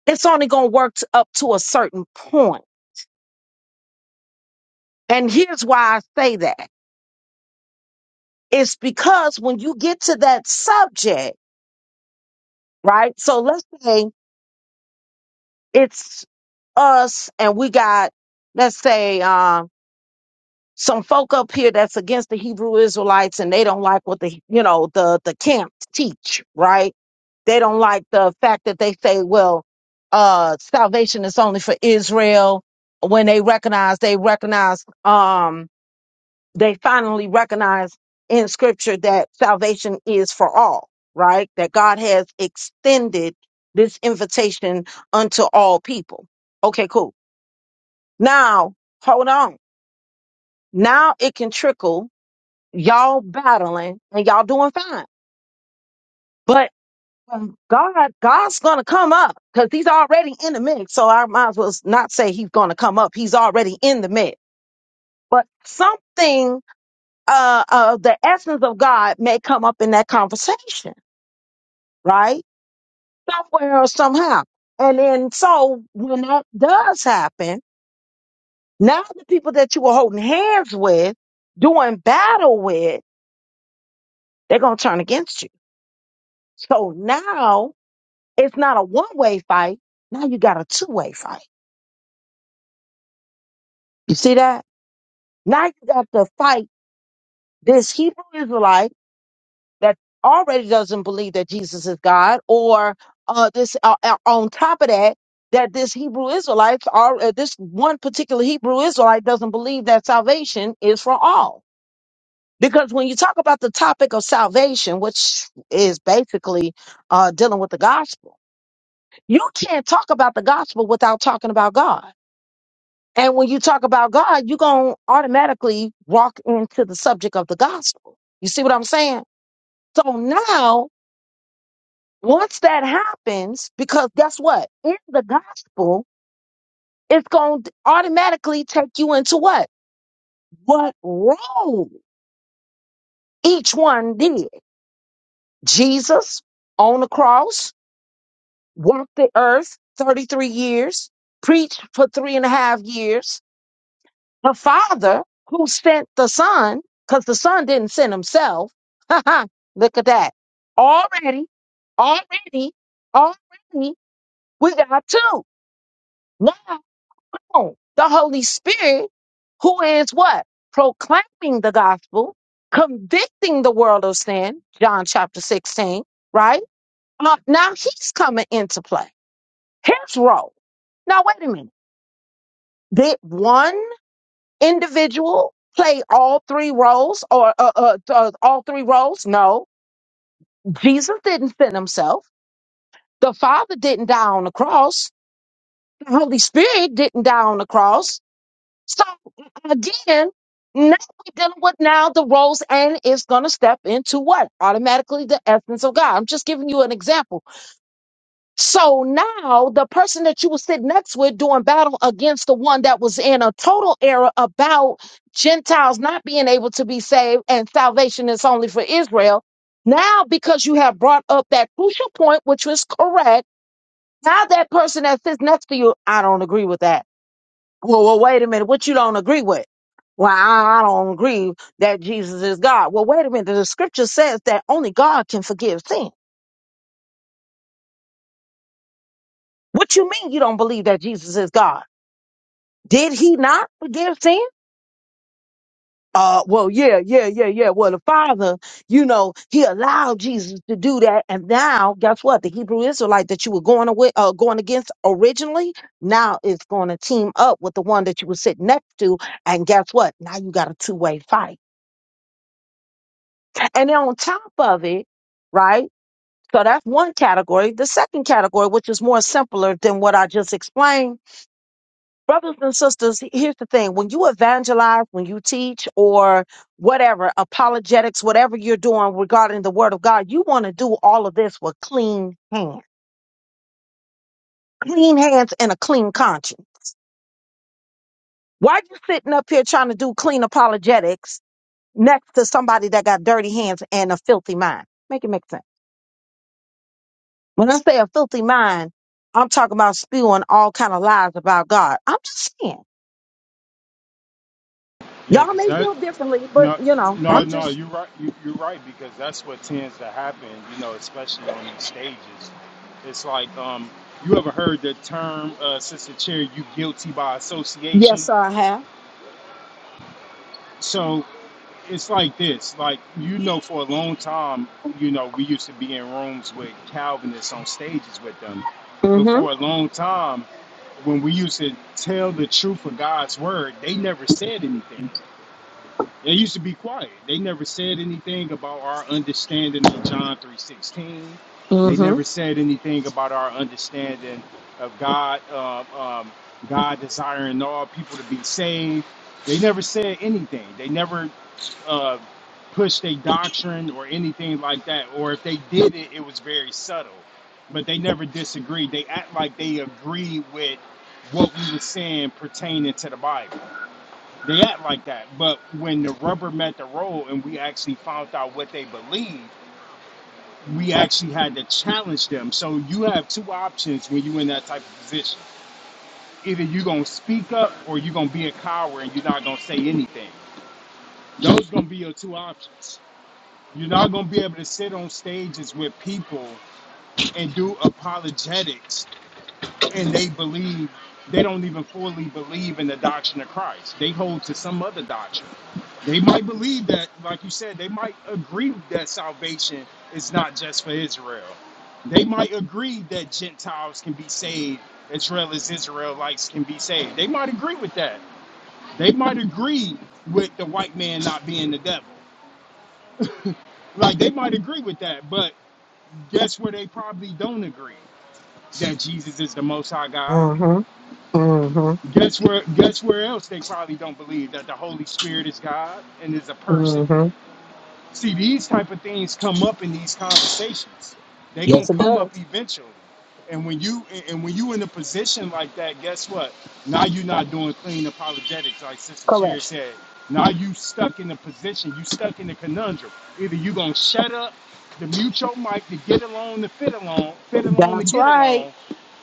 Speaker 1: it's only gonna work to, up to a certain point. And here's why I say that: it's because when you get to that subject, right? So let's say it's us, and we got, let's say, um, some folk up here that's against the Hebrew Israelites and they don't like what the you know the the camp teach, right? They don't like the fact that they say, well, uh salvation is only for Israel. When they recognize, they recognize um they finally recognize in scripture that salvation is for all, right? That God has extended this invitation unto all people. Okay, cool. Now, hold on. Now it can trickle y'all battling and y'all doing fine. But um, God, God's gonna come up because he's already in the mix. So I might as well not say he's gonna come up. He's already in the mix. But something uh of the essence of God may come up in that conversation, right? Somewhere or somehow. And then so when that does happen, now the people that you were holding hands with, doing battle with, they're gonna turn against you. So now It's not a one way fight. Now you got a two way fight. You see that? Now you got to fight this Hebrew Israelite that already doesn't believe that Jesus is God, or uh, this uh, uh, on top of that, that this Hebrew Israelite, are, uh, this one particular Hebrew Israelite doesn't believe that salvation is for all. Because when you talk about the topic of salvation, which is basically uh, dealing with the gospel, you can't talk about the gospel without talking about God. And when you talk about God, you're going to automatically walk into the subject of the gospel. You see what I'm saying? So now, once that happens, because guess what? In the gospel, it's going to automatically take you into what? What role each one did. Jesus on the cross, walked the earth 33 years, preached for three and a half years, The Father who sent the Son, because the Son didn't send himself. [laughs] Look at that. Already, already, already, we got two. Now, come on. The Holy Spirit, who is what? Proclaiming the gospel, convicting the world of sin, John chapter 16, right? Uh, now he's coming into play. His role. Now, wait a minute. Did one? individual play all three roles or uh, uh, uh, all three roles? No, Jesus didn't send himself. The Father didn't die on the cross. The Holy Spirit didn't die on the cross. So uh, again, now we're dealing with now the roles and it's going to step into what? Automatically the essence of God. I'm just giving you an example. So now the person that you were sitting next with doing battle against the one that was in a total error about Gentiles not being able to be saved and salvation is only for Israel. Now, because you have brought up that crucial point, which was correct, now that person that sits next to you, I don't agree with that. Well, well, wait a minute. What you don't agree with? Well, I I don't agree that Jesus is God. Well, wait a minute. The scripture says that only God can forgive sin. What you mean you don't believe that Jesus is God? did he not forgive sin? Uh, well, yeah, yeah, yeah, yeah. Well, the Father, you know, He allowed Jesus to do that, and now guess what? The Hebrew Israelite that you were going away, uh, going against originally, now is going to team up with the one that you were sitting next to, and guess what? Now you got a two way fight, and then on top of it, right? So that's one category. The second category, which is more simpler than what I just explained brothers and sisters, he- here's the thing. When you evangelize, when you teach or whatever, apologetics, whatever you're doing regarding the word of God, you want to do all of this with clean hands, clean hands and a clean conscience. Why you sitting up here trying to do clean apologetics next to somebody that got dirty hands and a filthy mind? Make it make sense. When I say a filthy mind, I'm talking about spewing all kind of lies about God. I'm just saying.
Speaker 5: Yeah,
Speaker 1: Y'all
Speaker 5: because
Speaker 1: may
Speaker 5: that.
Speaker 1: feel differently, but
Speaker 5: No,
Speaker 1: you know,
Speaker 5: no,
Speaker 1: I'm
Speaker 5: no.
Speaker 1: just,
Speaker 5: You're right. You, you're right because that's what tends to happen. You know, especially on these stages. It's like, um, you ever heard the term, uh, Sister Chair? You guilty by association.
Speaker 1: yes, sir, I have.
Speaker 5: So it's like this. Like you know, for a long time, you know, we used to be in rooms with Calvinists on stages with them. But
Speaker 1: Mm-hmm.
Speaker 5: for a long time, when we used to tell the truth of God's word, they never said anything. They used to be quiet. They never said anything about our understanding of John 3.16. They
Speaker 1: Mm-hmm.
Speaker 5: never said anything about our understanding of God, uh, um, God desiring all people to be saved. They never said anything. They never uh, pushed a doctrine or anything like that. Or if they did it, it was very subtle. But they never disagreed. They act like they agreed with what we were saying pertaining to the Bible. They act like that, but when the rubber met the road and we actually found out what they believe, we actually had to challenge them. So you have two options when you're in that type of position. Either you're gonna speak up or you're gonna be a coward and you're not gonna say anything. Those gonna be your two options. You're not gonna be able to sit on stages with people and do apologetics and they believe they don't even fully believe in the doctrine of Christ. They hold to some other doctrine. They might believe that, like you said, they might agree that salvation is not just for Israel. They might agree that Gentiles can be saved as well as Israelites can be saved. They might agree with that. They might agree with the white man not being the devil. Like they might agree with that, but guess where they probably don't agree? That Jesus is the most high God
Speaker 1: Mm-hmm. Mm-hmm.
Speaker 5: Guess where? Guess where else they probably don't believe that the Holy Spirit is God and is a person?
Speaker 1: Mm-hmm.
Speaker 5: See, these type of things come up in these conversations. They gonna
Speaker 1: Yes, it
Speaker 5: come up
Speaker 1: does.
Speaker 5: eventually. And when you and and when you in a position like that, guess what? Now you're not doing clean apologetics, like Sister Cherry
Speaker 1: Correct.
Speaker 5: said. Now you stuck in a position. You stuck in a conundrum. Either you gonna shut up, to mute your mic, to get along, to fit along, fit along, to
Speaker 1: That's
Speaker 5: get
Speaker 1: right.
Speaker 5: along,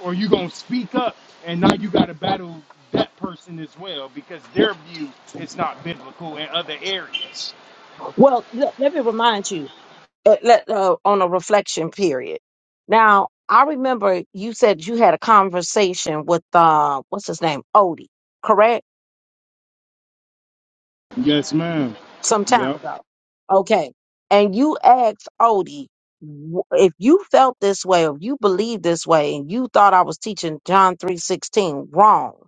Speaker 5: or you gonna speak up, and now you gotta battle that person as well because their view is not biblical in other areas.
Speaker 1: Well, let, let me remind you. Uh, let uh, on a reflection period. Now, I remember you said you had a conversation with uh, what's his name, Odie. Correct.
Speaker 5: Yes, ma'am.
Speaker 1: Some time
Speaker 5: Yep.
Speaker 1: ago. Okay. And you asked Odie w- if you felt this way, or if you believed this way, and you thought I was teaching John three sixteen wrong.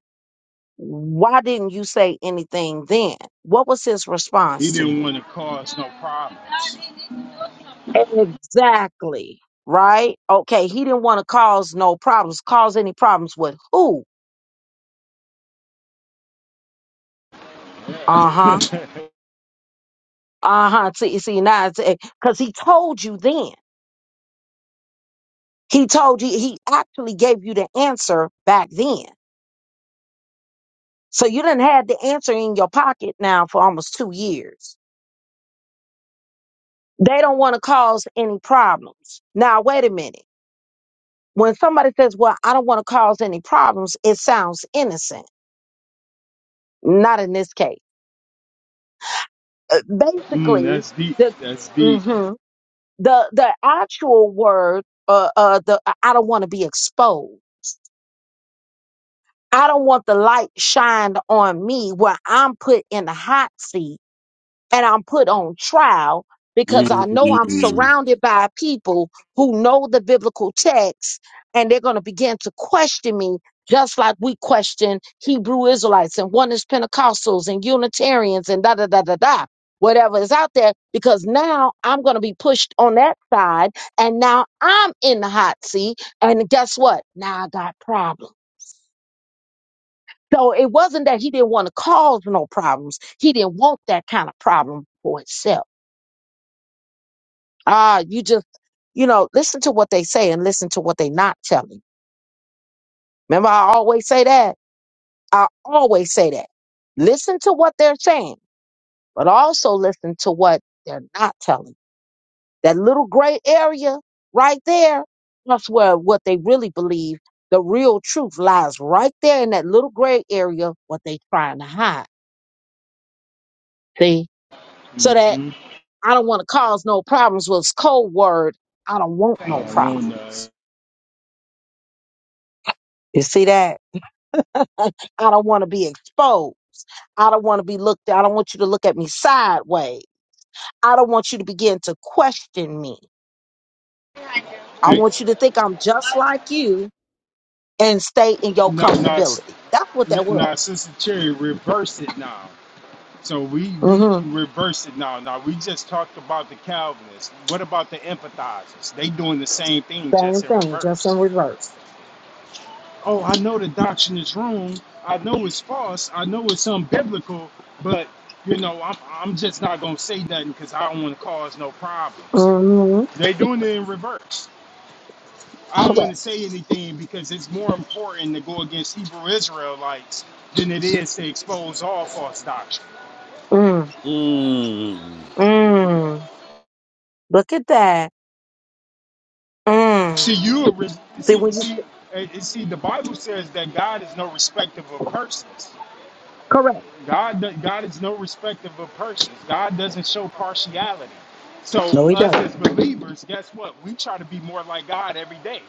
Speaker 1: Why didn't you say anything then? What was his
Speaker 5: He
Speaker 1: response to
Speaker 5: didn't
Speaker 1: you?
Speaker 5: want to cause no problems.
Speaker 1: Exactly. Right? Okay, he didn't want to cause no problems. Cause any problems with who? Uh huh.
Speaker 5: [laughs]
Speaker 1: Uh huh. See, see, now, because he told you then. He told you, he actually gave you the answer back then. So you didn't have the answer in your pocket now for almost two years. They don't want to cause any problems. Now, wait a minute. When somebody says, Well, I don't want to cause any problems, it sounds innocent. Not in this case. Uh,
Speaker 5: mm,
Speaker 1: Basically,
Speaker 5: that's deep.
Speaker 1: the
Speaker 5: That's deep.
Speaker 1: hmm the the actual word uh, uh the I don't want to be exposed. I don't want the light shined on me where I'm put in the hot seat and I'm put on trial because I know I'm
Speaker 3: Mm.
Speaker 1: surrounded by people who know the biblical text and they're going to begin to question me just like we question Hebrew Israelites and one is Pentecostals and Unitarians and da da da da da whatever is out there because now I'm going to be pushed on that side and now I'm in the hot seat and guess what now I got problems so it wasn't that he didn't want to cause no problems he didn't want that kind of problem for himself Ah, you just, you know, listen to what they say and listen to what they not telling. Remember, I always say that. I always say that. Listen to what they're saying, but also listen to what they're not telling. That little gray area right there, that's where what they really believe, the real truth lies right there in that little gray area, what they trying to hide. See? So that
Speaker 5: Mm-hmm.
Speaker 1: I don't want to cause no problems was code word. I don't want no
Speaker 5: I want
Speaker 1: problems.
Speaker 5: to.
Speaker 1: You see that? I don't want to be exposed. I don't want to be looked at. I don't want you to look at me sideways. I don't want you to begin to question me. I
Speaker 5: Hey,
Speaker 1: want you to think I'm just like you and stay in your
Speaker 5: no, no, s-
Speaker 1: comfortability. That's what
Speaker 5: n-
Speaker 1: that was.
Speaker 5: no, Sister Cherry, reverse it now. So we we
Speaker 1: hmm
Speaker 5: reverse it now. Now we just talked about the Calvinists. What about the empathizers? They doing the same thing, just
Speaker 1: Same
Speaker 5: in
Speaker 1: thing, just in
Speaker 5: reverse.
Speaker 1: reverse.
Speaker 5: oh, I know the doctrine is wrong. I know it's false. I know it's unbiblical, but you know, I'm, I'm just not gonna say nothing because I don't want to cause no problems.
Speaker 1: hmm
Speaker 5: They doing it in reverse. I don't want
Speaker 1: Correct.
Speaker 5: to say anything because it's more important to go against Hebrew Israelites than it is to expose all false doctrine.
Speaker 1: Mm.
Speaker 3: Mm.
Speaker 1: Mm. Look at that.
Speaker 5: See,
Speaker 1: Mm.
Speaker 5: you are re-
Speaker 1: See
Speaker 5: see
Speaker 1: when you
Speaker 5: see. eh, eh, See, the Bible says that God is no respecter of persons.
Speaker 1: correct.
Speaker 5: God, do- God is no respecter of persons. God doesn't show partiality. So
Speaker 1: No, he
Speaker 5: us
Speaker 1: doesn't.
Speaker 5: as believers, guess what? We try to be more like God every day.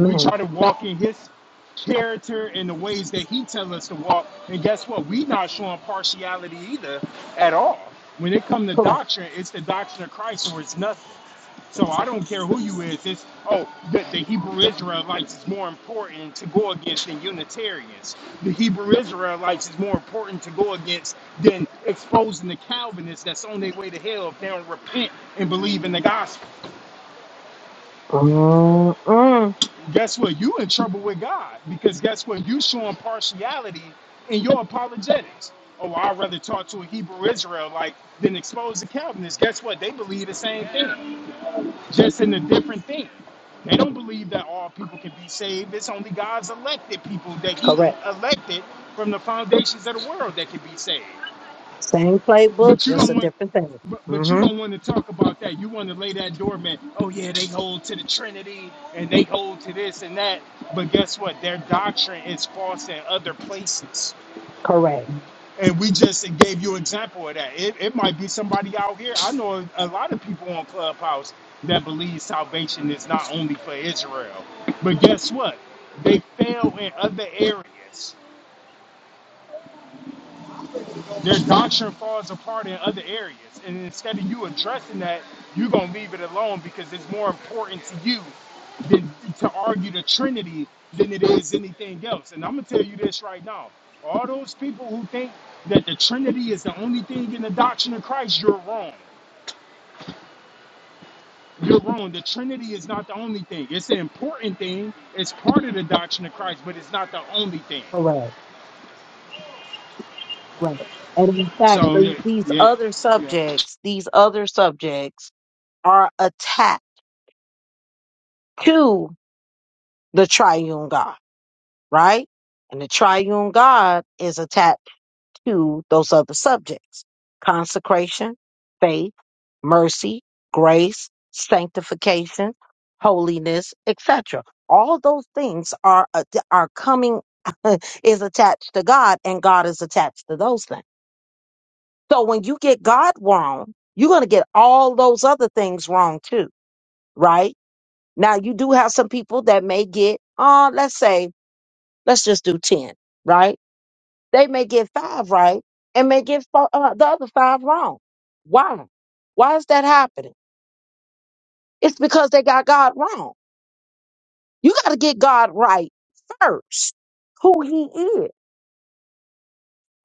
Speaker 5: We try to walk in his character in the ways that he tells us to walk. And guess what? We not showing partiality either at all. When it comes to
Speaker 1: Correct.
Speaker 5: doctrine, it's the doctrine of Christ or it's nothing. So I don't care who you is. It's oh, the, the Hebrew Israelites is more important to go against than Unitarians. The Hebrew Israelites is more important to go against than exposing the Calvinists that's on their way to hell if they don't repent and believe in the gospel.
Speaker 1: Mm-mm.
Speaker 5: guess what? You in trouble with God because guess what? You showing partiality in your apologetics. Oh, I'd rather talk to a Hebrew Israelite than expose the Calvinists. Guess what? They believe the same thing, just in a different thing. They don't believe that all people can be saved. It's only God's elected people that He
Speaker 1: Correct.
Speaker 5: elected from the foundations of the world that can be saved.
Speaker 1: Same playbook,
Speaker 5: But you
Speaker 1: just a
Speaker 5: don't want.
Speaker 1: different thing.
Speaker 5: But, but you
Speaker 1: hmm
Speaker 5: don't want to talk about that. You want to lay that doormat. Oh yeah, they hold to the Trinity and they hold to this and that. But guess what? Their doctrine is false in other places.
Speaker 1: Correct.
Speaker 5: And we just gave you an example of that. It, it might be somebody out here. I know a lot of people on Clubhouse that believe salvation is not only for Israel. But guess what? They fail in other areas. their doctrine falls apart in other areas. And instead of you addressing that, you're going to leave it alone because it's more important to you than to argue the Trinity than it is anything else. And I'm going to tell you this right now. All those people who think that the Trinity is the only thing in the doctrine of Christ, you're wrong. You're wrong. The Trinity is not the only thing. It's an important thing. It's part of the doctrine of Christ, but it's not the only thing.
Speaker 1: Correct, right. And in fact,
Speaker 5: So,
Speaker 1: the,
Speaker 5: yeah,
Speaker 1: these
Speaker 5: yeah,
Speaker 1: other
Speaker 5: yeah
Speaker 1: subjects, these other subjects are attached to the triune God, right? And the triune God is attached to those other subjects consecration, faith, mercy, grace, sanctification, holiness, etc. All those things are, uh, are coming, [laughs] is attached to God, and God is attached to those things. So when you get God wrong, you're going to get all those other things wrong too, right? Now you do have some people that may get, uh, let's say, let's just do 10, right? They may get five right and may get fo- uh, the other five wrong. Why? Why is that happening? It's because they got God wrong. You got to get God right first, who he is.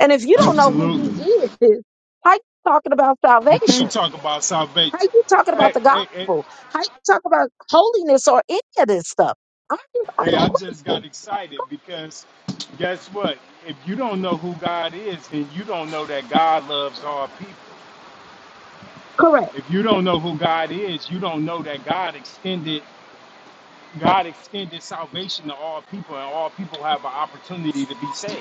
Speaker 1: And if you don't know who he
Speaker 5: absolutely.
Speaker 1: is, why you talking about
Speaker 5: You can't
Speaker 1: salvation?
Speaker 5: talk about salvation.
Speaker 1: How you talking about
Speaker 5: Hey,
Speaker 1: the
Speaker 5: hey, hey,
Speaker 1: gospel? How you talk about holiness or any of this stuff? I have, I
Speaker 5: hey,
Speaker 1: have
Speaker 5: I just got
Speaker 1: questions.
Speaker 5: excited because guess what? If you don't know who God is, then you don't know that God loves all people.
Speaker 1: Correct.
Speaker 5: If you don't know who God is, you don't know that God extended God extended salvation to all people and all people have an opportunity to be saved.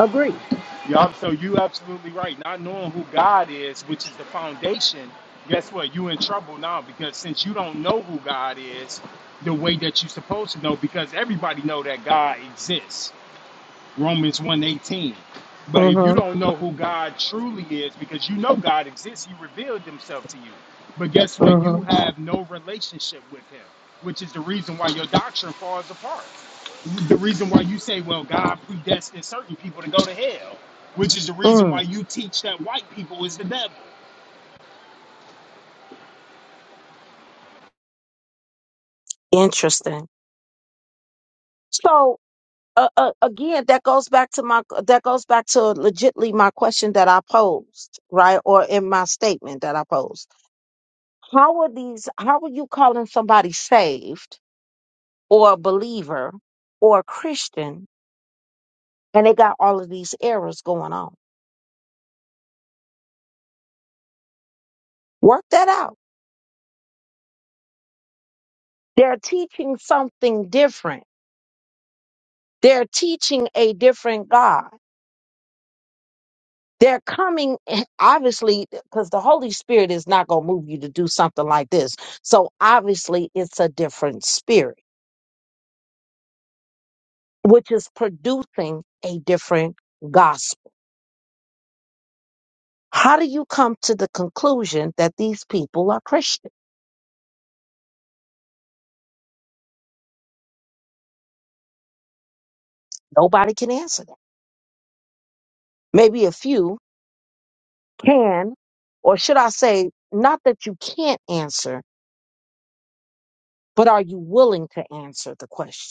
Speaker 1: Agree.
Speaker 5: Y'all, so you absolutely right. Not knowing who God is, which is the foundation, guess what? You in trouble now because since you don't know who God is the way that you're supposed to know, because everybody know that God exists Romans one eighteen, But if you
Speaker 1: Mm-hmm.
Speaker 5: don't know who God truly is, because you know God exists, He revealed Himself to you. But guess what? You
Speaker 1: Mm-hmm.
Speaker 5: have no relationship with Him, which is the reason why your doctrine falls apart. The reason why you say, "Well, God predestined certain people to go to hell," which is the reason why
Speaker 1: Mm.
Speaker 5: you teach that white people is the devil.
Speaker 1: Interesting. So uh, uh, again, that goes back to my that goes back to legitly my question that I posed, right, or in my statement that I posed. How are these? How are you calling somebody saved or a believer or a Christian, and they got all of these errors going on? Work that out. They're teaching something different. They're teaching a different God. They're coming, [laughs] obviously, because the Holy Spirit is not going to move you to do something like this. So obviously, it's a different spirit, which is producing a different gospel. How do you come to the conclusion that these people are Christian? Nobody can answer that. Maybe a few can, or should I say, not that you can't answer, but are you willing to answer the question?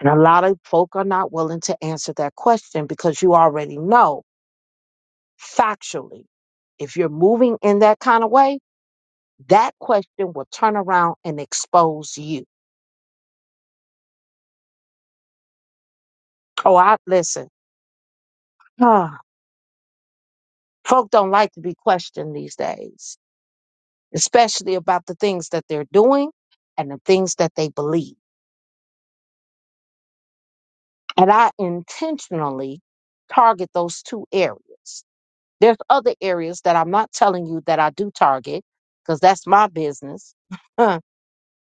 Speaker 1: And a lot of folk are not willing to answer that question because you already know factually. If you're moving in that kind of way, that question will turn around and expose you. Oh, I listen. ah, folk don't like to be questioned these days, especially about the things that they're doing and the things that they believe. And I intentionally target those two areas. There's other areas that I'm not telling you that I do target because that's my business. [laughs]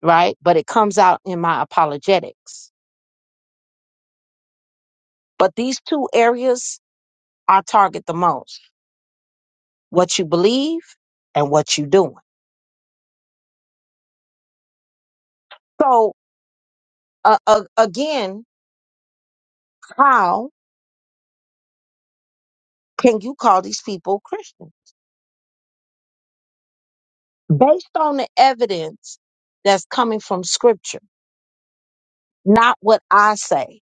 Speaker 1: right? But it comes out in my apologetics. But these two areas I target the most what you believe and what you are doing. So, uh, uh, again, how can you call these people Christian? Based on the evidence that's coming from scripture, not what I say,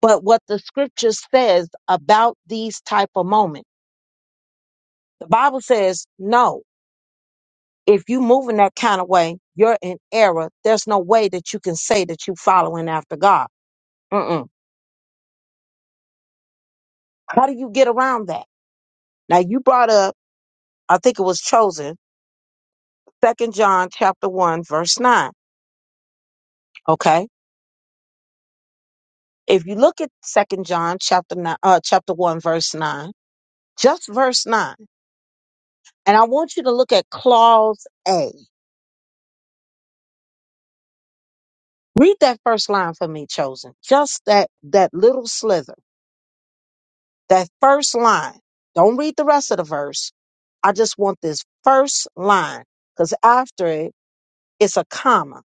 Speaker 1: but what the scripture says about these type of moments. The Bible says, no, If you move in that kind of way, you're in error. There's no way that you can say that you following after God. Mm-mm. How do you get around that? Now you brought up, I think it was chosen, Second John chapter one verse nine. Okay, if you look at Second John chapter nine, uh, chapter one verse nine, just verse nine, and I want you to look at clause A. Read that first line for me, chosen. Just that that little slither, that first line. Don't read the rest of the verse I just want this first line because after it, it's a comma.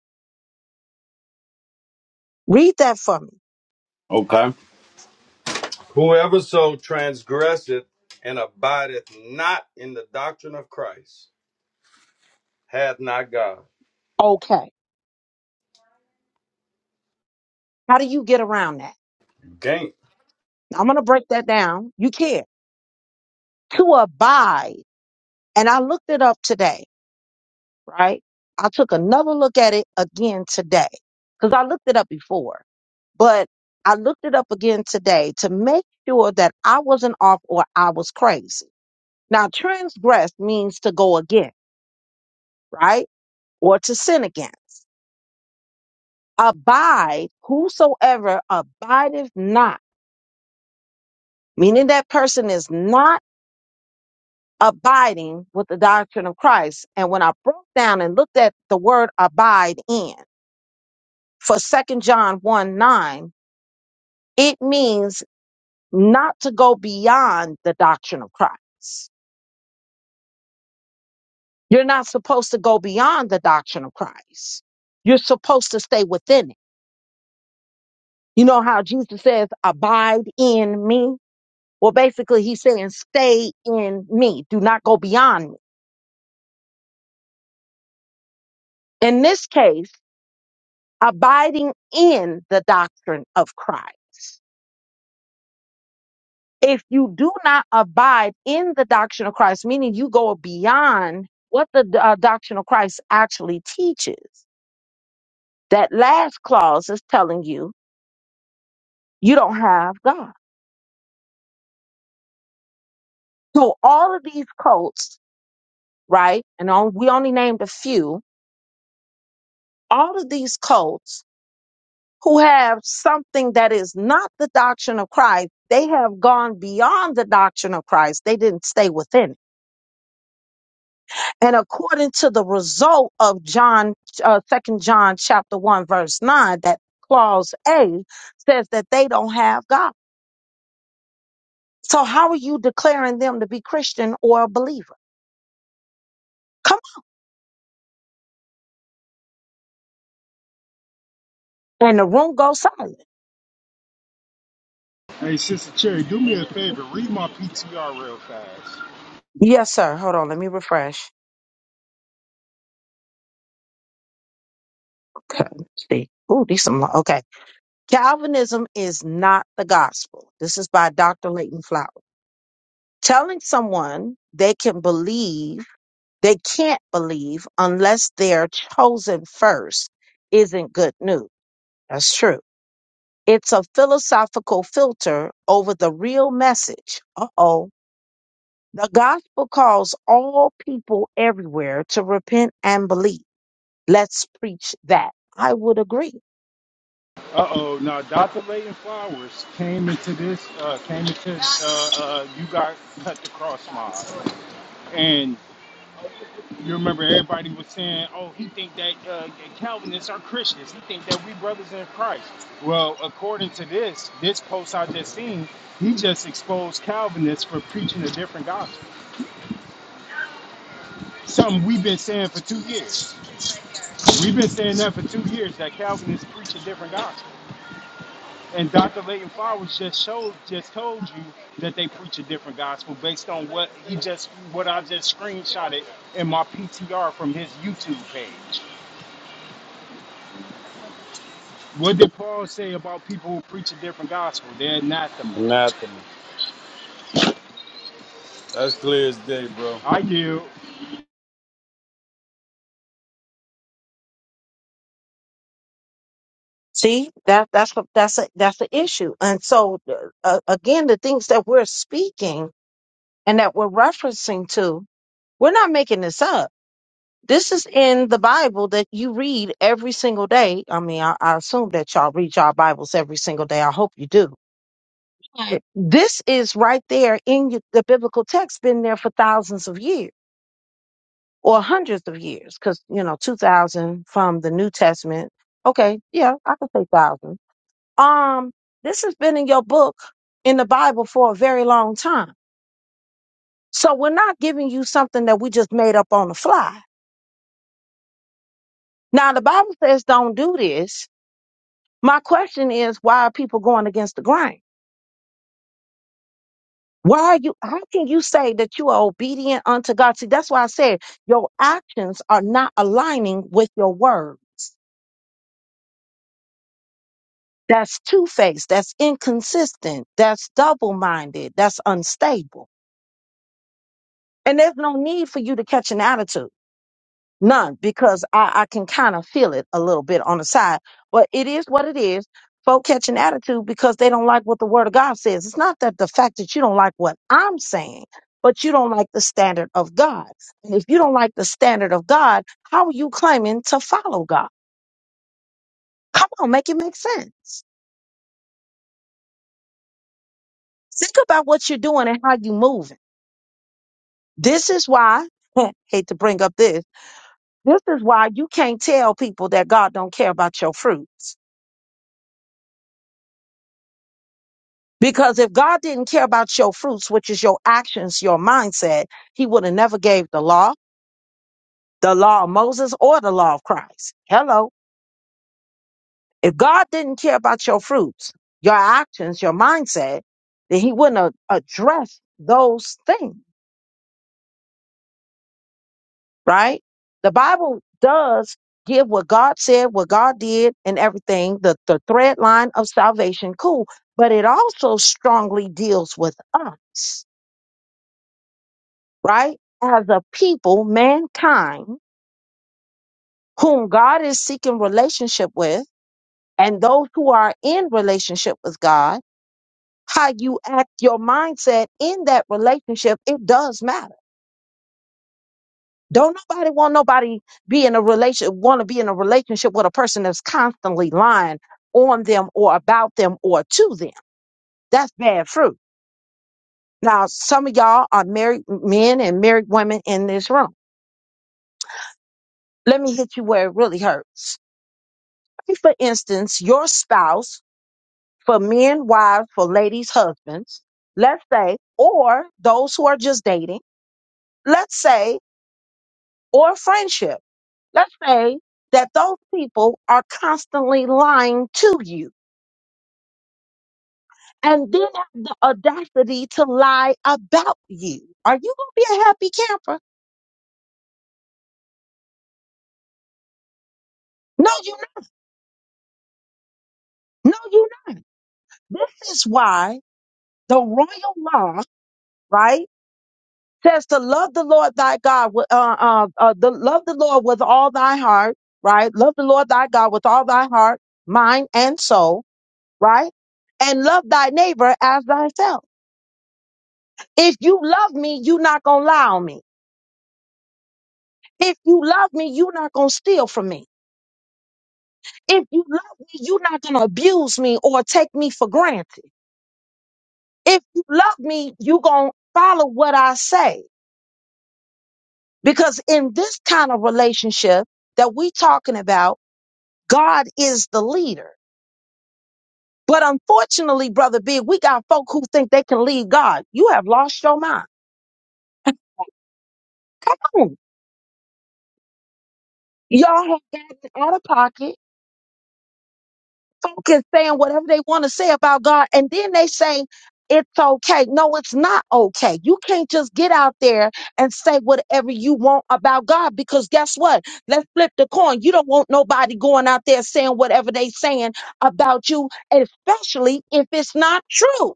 Speaker 1: Read that for me.
Speaker 3: Okay. Whoever so transgresseth and abideth not in the doctrine of Christ hath not God.
Speaker 1: Okay. How do you get around that?
Speaker 3: Gain.
Speaker 1: I'm going to break that down. You can't. To abide. And I looked it up today, right? I took another look at it again today because I looked it up before, but I looked it up again today to make sure that I wasn't off or I was crazy. Now, transgress means to go again, right? Or to sin against. abide, whosoever abideth not, meaning that person is not abiding with the doctrine of Christ. And when I broke down and looked at the word abide in for Second John 1 9, it means not to go beyond the doctrine of Christ. You're not supposed to go beyond the doctrine of Christ. You're supposed to stay within it. You know how Jesus says, abide in me? Well, basically, he's saying, stay in me. Do not go beyond me. In this case, abiding in the doctrine of Christ. If you do not abide in the doctrine of Christ, meaning you go beyond what the uh, doctrine of Christ actually teaches, that last clause is telling you you don't have God. So all of these cults, right? And on, we only named a few. All of these cults who have something that is not the doctrine of Christ, they have gone beyond the doctrine of Christ. They didn't stay within. it. And according to the result of John, uh, 2 John chapter 1, verse 9, that clause A says that they don't have God. So how are you declaring them to be Christian or a believer? Come on. And the room goes silent.
Speaker 5: Hey, Sister Cherry, do me a favor. Read my PTR real fast.
Speaker 1: Yes, sir. Hold on. Let me refresh. Okay. let's See. Ooh, these some, okay. Calvinism is not the gospel. This is by Dr. Leighton Flowers. telling someone they can believe they can't believe unless they're chosen first isn't good news. That's true. It's a philosophical filter over the real message. Uh oh. The gospel calls all people everywhere to repent and believe. Let's preach that. I would agree.
Speaker 5: Uh oh, now Dr. Layton Flowers came into this, uh, came into, uh, uh, you got cut the cross mob. And you remember everybody was saying, oh, he think that uh, that Calvinists are Christians. He think that we brothers in Christ. Well, according to this, this post I just seen, he just exposed Calvinists for preaching a different gospel. Something we've been saying for two years. We've been saying that for two years that Calvinists preach a different gospel. And Dr. Megan Flowers just showed, just told you that they preach a different gospel based on what he just, what I just screenshotted in my PTR from his YouTube page. What did Paul say about people who preach a different gospel? They're anathema.
Speaker 3: Anathema. That's clear as day, bro.
Speaker 5: I yield.
Speaker 1: See, that that's what that's a, that's the issue. And so uh, again, the things that we're speaking and that we're referencing to, we're not making this up. This is in the Bible that you read every single day. I mean, I, I assume that y'all read y'all Bibles every single day. I hope you do. Right. This is right there in your, the biblical text, been there for thousands of years or hundreds of years, because, you know, 2000 from the New Testament. Okay, yeah, I could say thousand. Um, this has been in your book in the Bible for a very long time. So we're not giving you something that we just made up on the fly. Now, the Bible says don't do this My question is, why are people going against the grain? Why are you, how can you say that you are obedient unto God? See, that's why I said your actions are not aligning with your words. That's two faced. That's inconsistent. That's double minded. That's unstable. And there's no need for you to catch an attitude. None, because I, I can kind of feel it a little bit on the side. But it is what it is. Folk catch an attitude because they don't like what the word of God says. It's not that the fact that you don't like what I'm saying, but you don't like the standard of God. And if you don't like the standard of God, how are you claiming to follow God? Come on, make it make sense. Think about what you're doing and how you're moving. This is why, [laughs] hate to bring up this, this is why you can't tell people that God don't care about your fruits Because if God didn't care about your fruits, which is your actions, your mindset, he would have never gave the law, the law of Moses or the law of Christ. Hello. If God didn't care about your fruits, your actions, your mindset, then he wouldn't have addressed those things, right? The Bible does give what God said, what God did and everything, the, the thread line of salvation. Cool. But it also strongly deals with us right? As a people, mankind, whom God is seeking relationship with, and those who are in relationship with God, how you act, your mindset in that relationship, it does matter. Don't nobody want nobody be in a relation want to be in a relationship with a person that's constantly lying on them or about them or to them. That's bad fruit. Now, some of y'all are married men and married women in this room. Let me hit you where it really hurts for instance, your spouse, for men, wives, for ladies, husbands, let's say, or those who are just dating, let's say, or friendship, let's say that those people are constantly lying to you and then have the audacity to lie about you. Are you going to be a happy camper? No, you're not. No, you're not. This is why the royal law, right? says to love the Lord thy God with uh, uh, uh, the, love the Lord with all thy heart, right? Love the Lord thy God with all thy heart, mind, and soul, right? And love thy neighbor as thyself. If you love me, you're not gonna lie on me. If you love me, you're not gonna steal from me. If you love me, you're not gonna abuse me or take me for granted. If you love me, you're gonna follow what I say. Because in this kind of relationship that we talking about, God is the leader. But unfortunately, Brother Big, we got folk who think they can lead God. You have lost your mind. Come on. Y'all have gotten out of pocket. Folk is saying whatever they want to say about God, and then they say it's okay. No, it's not okay. You can't just get out there and say whatever you want about God because guess what? Let's flip the coin. You don't want nobody going out there saying whatever they saying about you, especially if it's not true.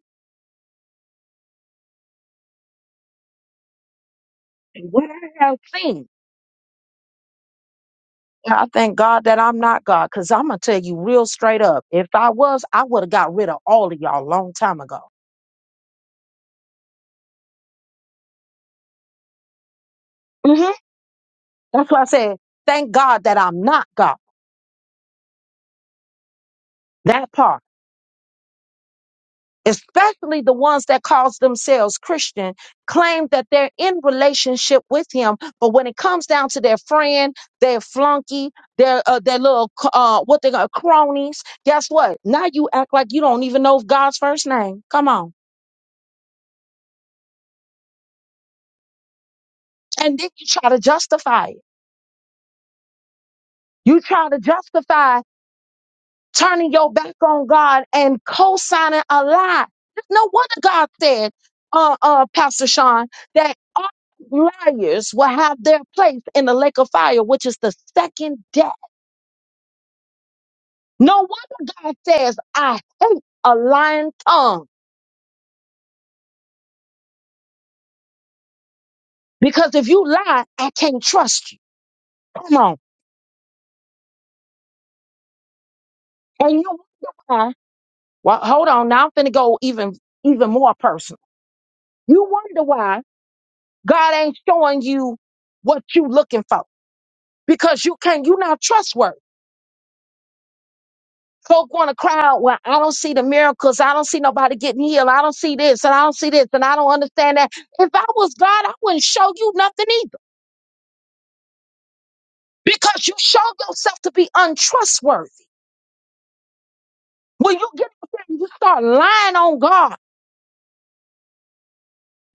Speaker 1: And What I have seen. Yeah, I thank God that I'm not God, because I'm gonna tell you real straight up. If I was, I would have got rid of all of y'all a long time ago. hmm That's why I said, thank God that I'm not God. That part, especially the ones that calls themselves Christian, claim that they're in relationship with Him, but when it comes down to their friend, their flunky, their uh, their little c- uh, what they got cronies, guess what? Now you act like you don't even know God's first name. Come on, and then you try to justify it. You try to justify turning your back on God and co-signing a lie. There's No wonder God said, uh, uh, Pastor Sean, that all liars will have their place in the lake of fire, which is the second death. No wonder God says, I hate a lying tongue because if you lie, I can't trust you. Come on. And you wonder why. Well, hold on. Now I'm finna go even, even more personal. You wonder why God ain't showing you what you looking for because you can't, you're not trustworthy. Folk want to cry out, well, I don't see the miracles. I don't see nobody getting healed. I don't see this and I don't see this and I don't understand that. If I was God, I wouldn't show you nothing either because you show yourself to be untrustworthy. When you get out there and you start lying on God,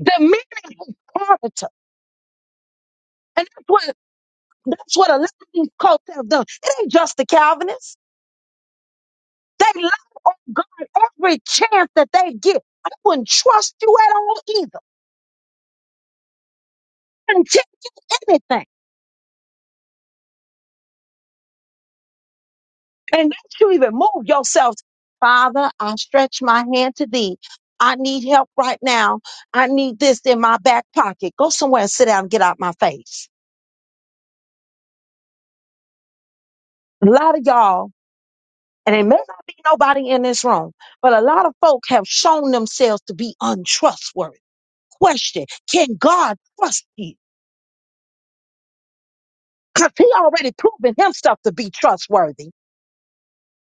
Speaker 1: demeaning his character. And that's what, that's what a lot of these cults have done. It ain't just the Calvinists. They lie on God every chance that they get. I wouldn't trust you at all either. and take you anything and that you even move yourself. Father, I stretch my hand to thee. I need help right now. I need this in my back pocket. Go somewhere and sit down and get out my face. A lot of y'all, and it may not be nobody in this room, but a lot of folk have shown themselves to be untrustworthy. Question Can God trust you? Because He already proven Himself to be trustworthy.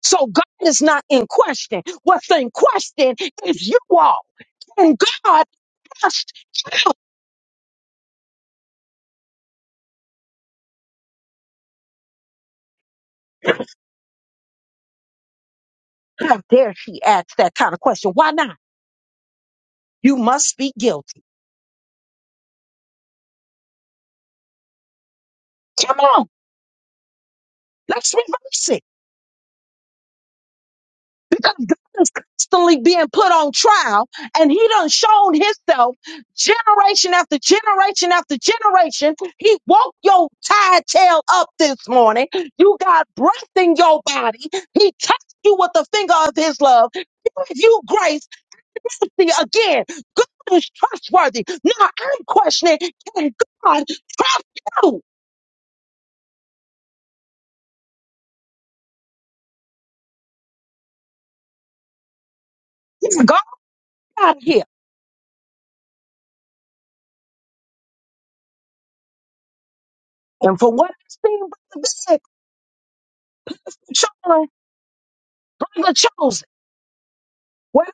Speaker 1: So God is not in question. What's in question is you all. And God. Just how dare she ask that kind of question? Why not? You must be guilty. Come on, let's reverse it. He's constantly being put on trial, and he done shown himself generation after generation after generation. He woke your tired tail up this morning. You got breath in your body. He touched you with the finger of his love. Give you grace, mercy again. God is trustworthy. Now I'm questioning, can God trust you? out of here. And from what I've seen, brother Big, Charlie, brother chosen. Well,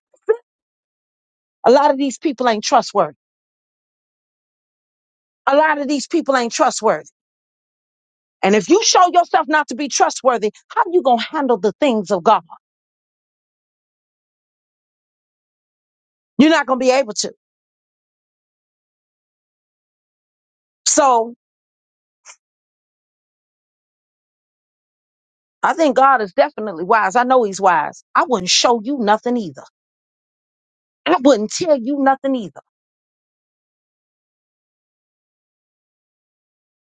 Speaker 1: a lot of these people ain't trustworthy. A lot of these people ain't trustworthy. And if you show yourself not to be trustworthy, how you gonna handle the things of God? You're not gonna be able to. So I think God is definitely wise. I know He's wise. I wouldn't show you nothing either. I wouldn't tell you nothing either.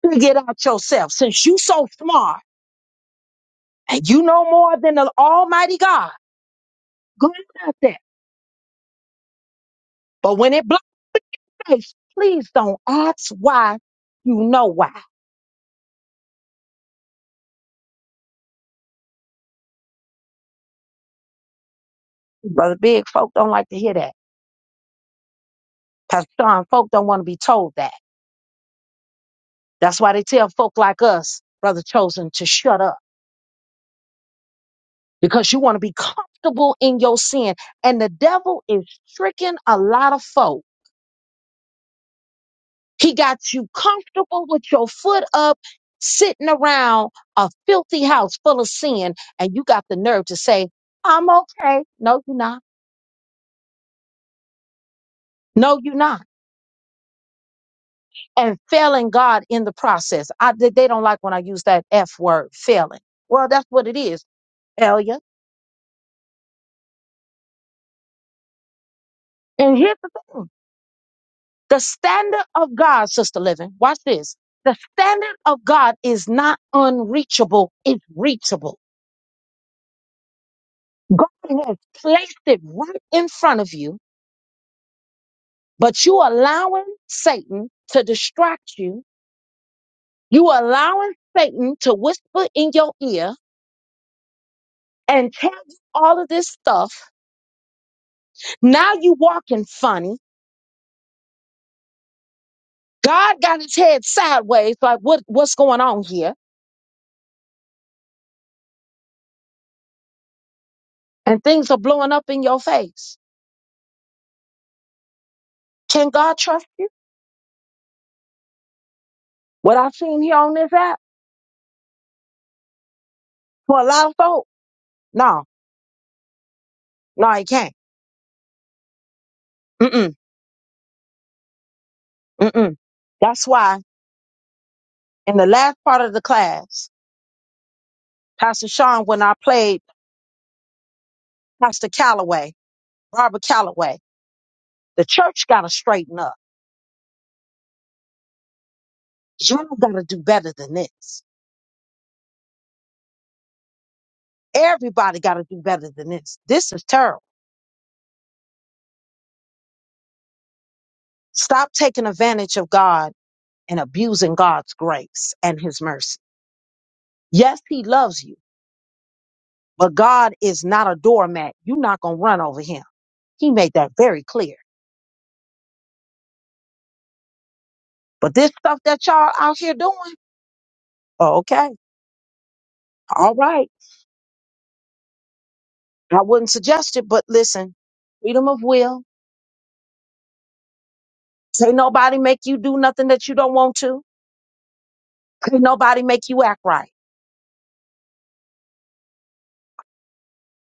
Speaker 1: Figure it out yourself. Since you so smart and you know more than the Almighty God, go out there But when it blows in your face, please don't ask why. You know why. Brother Big, folk don't like to hear that. Pastor John, folk don't want to be told that. That's why they tell folk like us, Brother Chosen, to shut up because you want to be comfortable in your sin. And the devil is tricking a lot of folk. He got you comfortable with your foot up, sitting around a filthy house full of sin, and you got the nerve to say, I'm okay. No, you're not. No, you're not. and failing God in the process. I they they don't like when I use that F word, failing. Well, that's what it is, failure. And here's the thing: the standard of God, sister living. Watch this. The standard of God is not unreachable; it's reachable. God has placed it right in front of you, but you allowing Satan to distract you. You allowing Satan to whisper in your ear and tell you all of this stuff. Now you walking funny. God got his head sideways, like what what's going on here? And things are blowing up in your face. Can God trust you? What I've seen here on this app for a lot of folk? No, no, he can't. Mm-mm, mm-mm. That's why in the last part of the class, Pastor Sean, when I played Pastor Calloway, Barbara Calloway, the church gotta straighten up. Y'all gotta do better than this. Everybody gotta do better than this. This is terrible. Stop taking advantage of God and abusing God's grace and his mercy. Yes, he loves you, but God is not a doormat. You're not going to run over him. He made that very clear. But this stuff that y'all out here doing, oh, okay, all right. I wouldn't suggest it, but listen, freedom of will. Can't nobody make you do nothing that you don't want to. Can't nobody make you act right.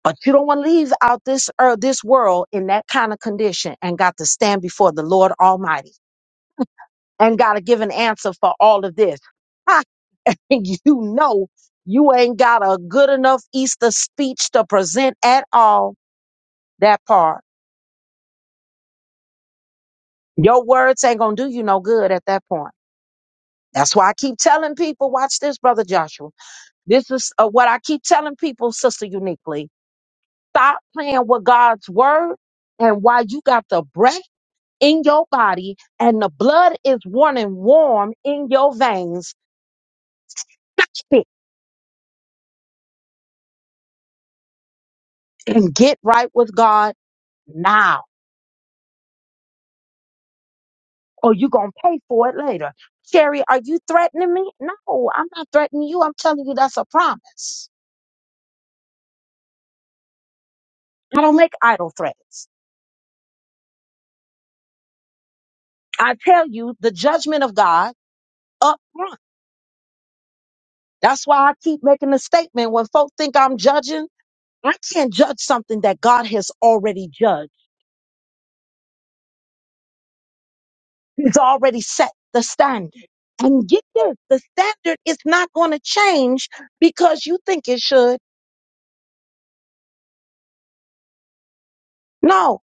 Speaker 1: But you don't want to leave out this earth, this world in that kind of condition and got to stand before the Lord Almighty and got to give an answer for all of this. [laughs] you know you ain't got a good enough Easter speech to present at all, that part. Your words ain't gonna do you no good at that point. That's why I keep telling people, watch this, brother Joshua. This is uh, what I keep telling people, sister uniquely. Stop playing with God's word and while you got the breath in your body and the blood is running warm in your veins. Stop it and get right with God now or you gonna pay for it later. Sherry, are you threatening me? No, I'm not threatening you. I'm telling you that's a promise. I don't make idle threats. I tell you the judgment of God up front. That's why I keep making the statement when folk think I'm judging, I can't judge something that God has already judged. He's already set the standard. And get this, the standard is not going to change because you think it should. No,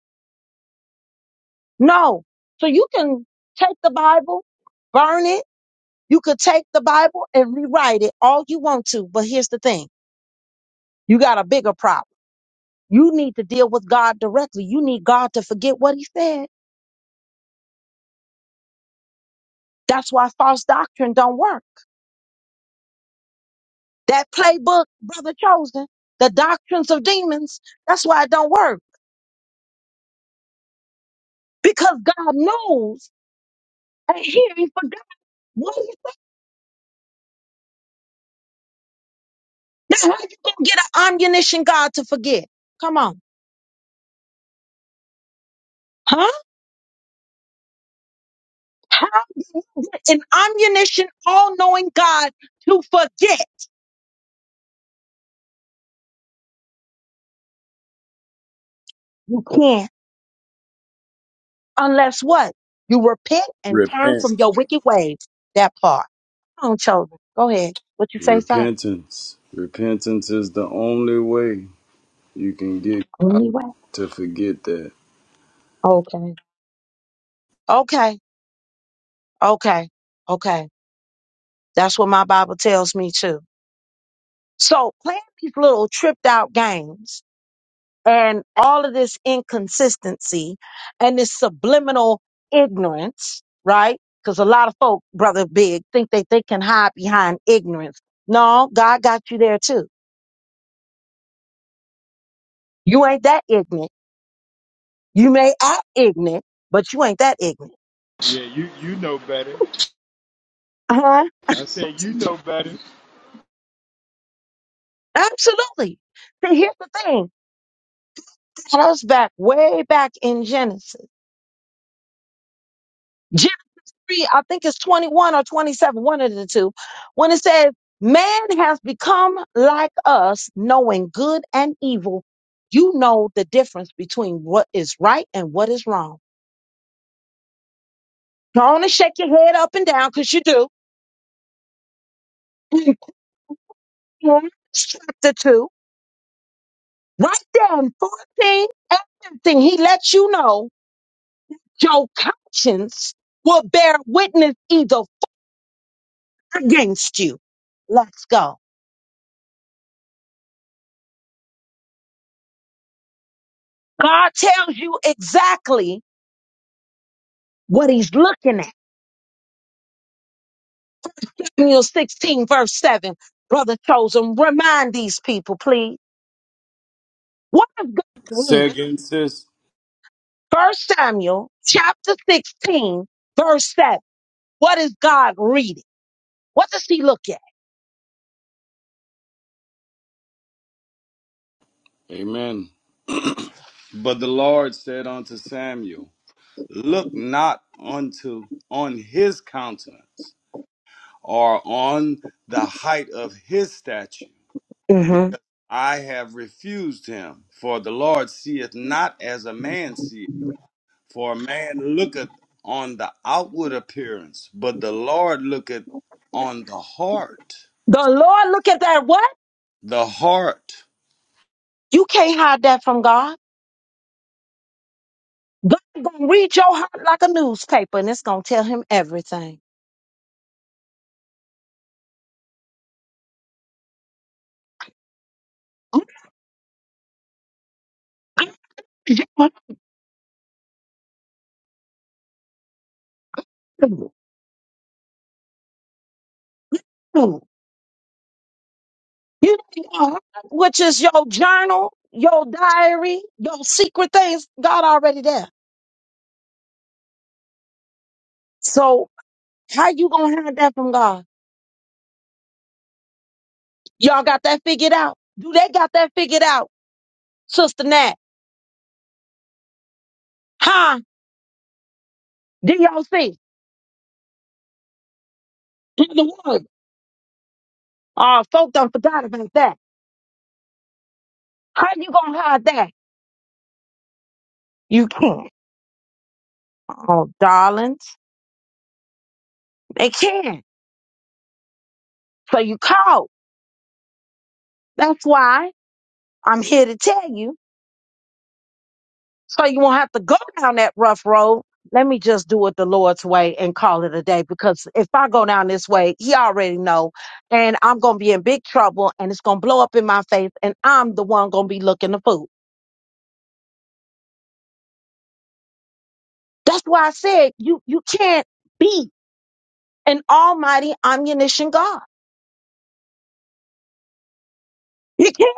Speaker 1: no. So you can take the Bible, burn it, You could take the Bible and rewrite it all you want to, but here's the thing you got a bigger problem. You need to deal with God directly. You need God to forget what he said. That's why false doctrine don't work. That playbook, brother chosen, the doctrines of demons, that's why it don't work. Because God knows and here he forgot what he said. Now how you gonna get an omniscient God to forget? Come on. Huh? How do you get an omniscient, all-knowing God to forget? You can't. unless what? You repent and turn
Speaker 3: Repent.
Speaker 1: from your wicked ways. That part. Come on, chosen. Go ahead. What you say, sir?
Speaker 3: Repentance. Repentance is the only way you can get
Speaker 1: Only way.
Speaker 3: to forget that.
Speaker 1: Okay. Okay. Okay. Okay. That's what my Bible tells me too. So playing these little tripped out games and all of this inconsistency and this subliminal ignorance, right? Because a lot of folk, brother Big, think that they can hide behind ignorance. No, God got you there too. You ain't that ignorant You may act ignorant, but you ain't that ignorant.
Speaker 5: Yeah, you you know better.
Speaker 1: Uh-huh.
Speaker 5: I said you know better.
Speaker 1: Absolutely. See, here's the thing. And I was back way back in Genesis. Genesis, I think it's 21 or 27, one of the two, when it says, Man has become like us, knowing good and evil. You know the difference between what is right and what is wrong. Don't shake your head up and down because you do. [laughs] In Genesis chapter 2, right there in 14 and 15, he lets you know Your conscience will bear witness either against you. Let's go. God tells you exactly what he's looking at. Daniel 16, verse 7. Brother Chosen, remind these people, please. What does God read?
Speaker 3: Second sis.
Speaker 1: First Samuel chapter 16, verse 7. What is God reading? What does he look at?
Speaker 3: Amen. But the Lord said unto Samuel, Look not unto on his countenance or on the height of his stature,
Speaker 1: hmm
Speaker 3: because I have refused him. For the Lord seeth not as a man seeth. For a man looketh on the outward appearance, but the Lord looketh on the heart.
Speaker 1: The Lord look at that what?
Speaker 3: The heart.
Speaker 1: You can't hide that from God. God gonna read your heart like a newspaper, and it's gonna tell him everything. You know, which is your journal, your diary, your secret things. God already there. So how you gonna hide that from God? Y'all got that figured out? Do they got that figured out, Sister Nat? Huh? DOC, the word. Oh, folk done forgot about that. How you gonna hide that? You can't. Oh, darlings, they can. So you call. That's why I'm here to tell you. So you won't have to go down that rough road. Let me just do it the Lord's way and call it a day because if I go down this way, he already know and I'm going to be in big trouble and it's going to blow up in my face and I'm the one going to be looking the fool. That's why I said you you can't be an almighty omniscient God. You can't.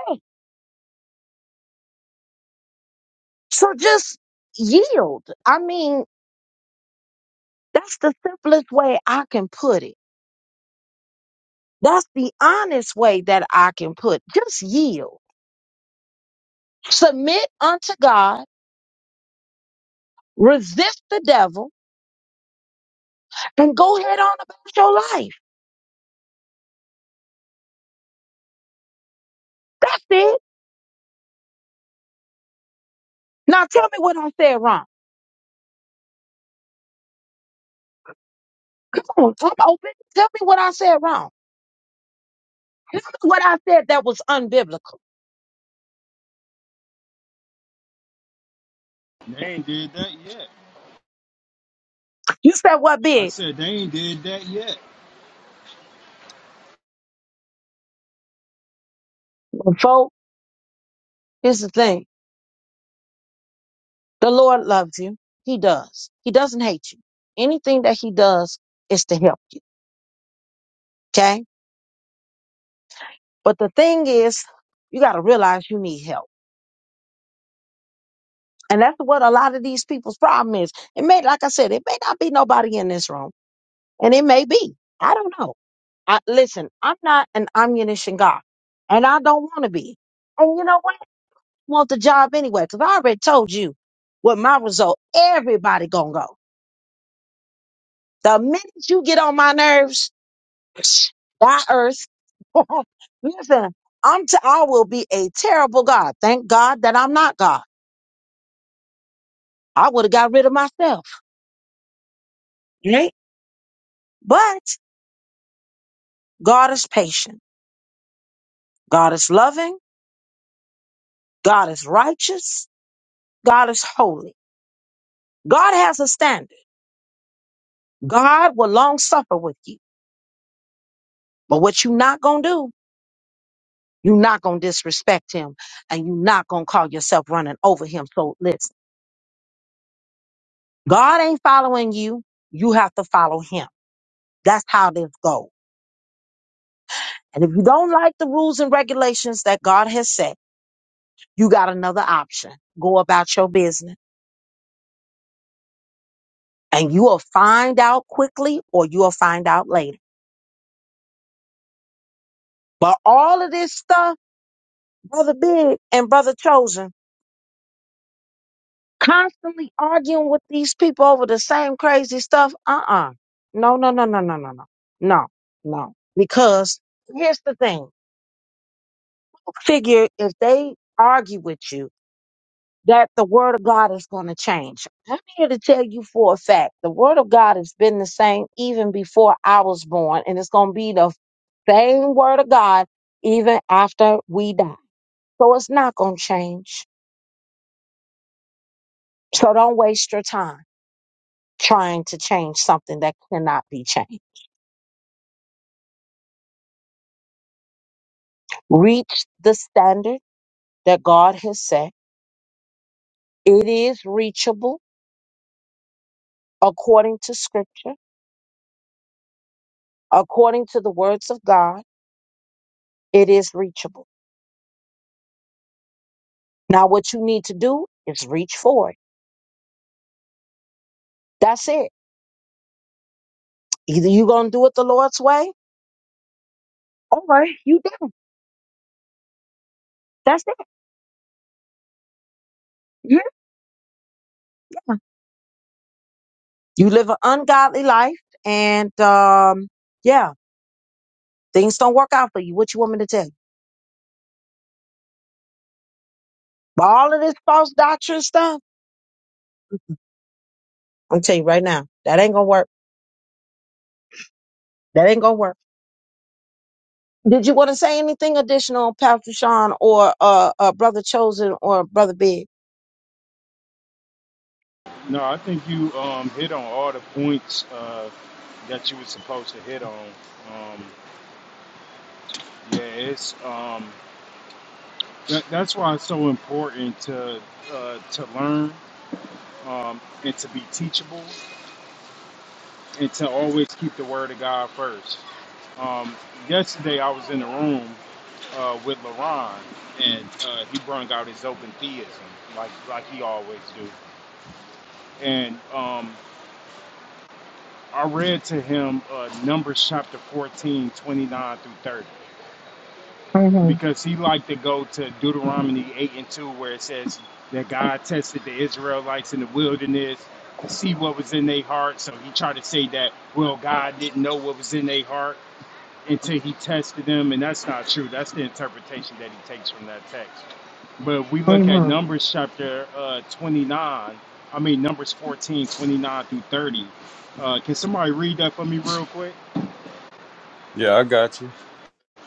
Speaker 1: So just yield. I mean, that's the simplest way I can put it. That's the honest way that I can put. Just yield Submit unto God, resist the devil, and go head on about your life. That's it. Now tell me what I said wrong. Come on, I'm open. Tell me what I said wrong. Tell me what I said that was unbiblical.
Speaker 5: They ain't did that yet.
Speaker 1: You said what
Speaker 5: I
Speaker 1: big?
Speaker 5: said they ain't did that yet.
Speaker 1: Well, folk, here's the thing. The Lord loves you. He does. He doesn't hate you. Anything that he does is to help you. Okay? But the thing is, you gotta realize you need help. And that's what a lot of these people's problem is. It may, like I said, it may not be nobody in this room. And it may be. I don't know. I, listen, I'm not an ammunition guy, and I don't want to be. And you know what? I want the job anyway, because I already told you what my result. Everybody gonna go. The minute you get on my nerves, [sniffs] die earth. [laughs] listen, I'm t- I will be a terrible God. Thank God that I'm not God. I would have got rid of myself. Right? But God is patient. God is loving. God is righteous. God is holy. God has a standard. God will long suffer with you. But what you not going to do, you not going to disrespect him and you not going to call yourself running over him. So listen, God ain't following you. You have to follow him. That's how this goes. And if you don't like the rules and regulations that God has set, you got another option. Go about your business and you will find out quickly or you will find out later. But all of this stuff, Brother Big and Brother Chosen, Constantly arguing with these people over the same crazy stuff. Uh uh No, no, no, no, no, no, no. No, no. Because here's the thing figure if they argue with you, that the word of God is going to change. I'm here to tell you for a fact the word of God has been the same even before I was born, and it's going to be the same word of God even after we die. So it's not going to change. So don't waste your time trying to change something that cannot be changed. reach the standard that God has set. It is reachable according to scripture, according to the words of God. It is reachable. Now, what you need to do is reach for it. That's it. Either you're going to do it the Lord's way or you don't. That's it. Yeah. You live an ungodly life and, um, yeah, things don't work out for you. What you want me to tell you? But all of this false doctrine stuff, I'm telling you right now, that ain't going to work. That ain't going to work. Did you want to say anything additional, Pastor Sean, or uh, uh, Brother Chosen, or Brother Big?
Speaker 5: No, I think you um hit on all the points uh that you were supposed to hit on. Um, yeah, it's um That, that's why it's so important to uh, to learn um, and to be teachable and to always keep the word of God first. Um, yesterday, I was in the room uh, with LaRon, and uh, he brung out his open theism, like like he always do. And um, I read to him uh, Numbers chapter 14, 29 through 30.
Speaker 1: Mm-hmm.
Speaker 5: because he liked to go to Deuteronomy 8 and 2, where it says that God tested the Israelites in the wilderness to see what was in their heart. So he tried to say that, well, God didn't know what was in their heart until he tested them. And that's not true. That's the interpretation that he takes from that text. But if we look at
Speaker 1: Mm-hmm.
Speaker 5: Numbers chapter uh, 29, I mean, Numbers 14 29 through 30. Uh, can somebody read that for me real quick?
Speaker 3: Yeah, I got you.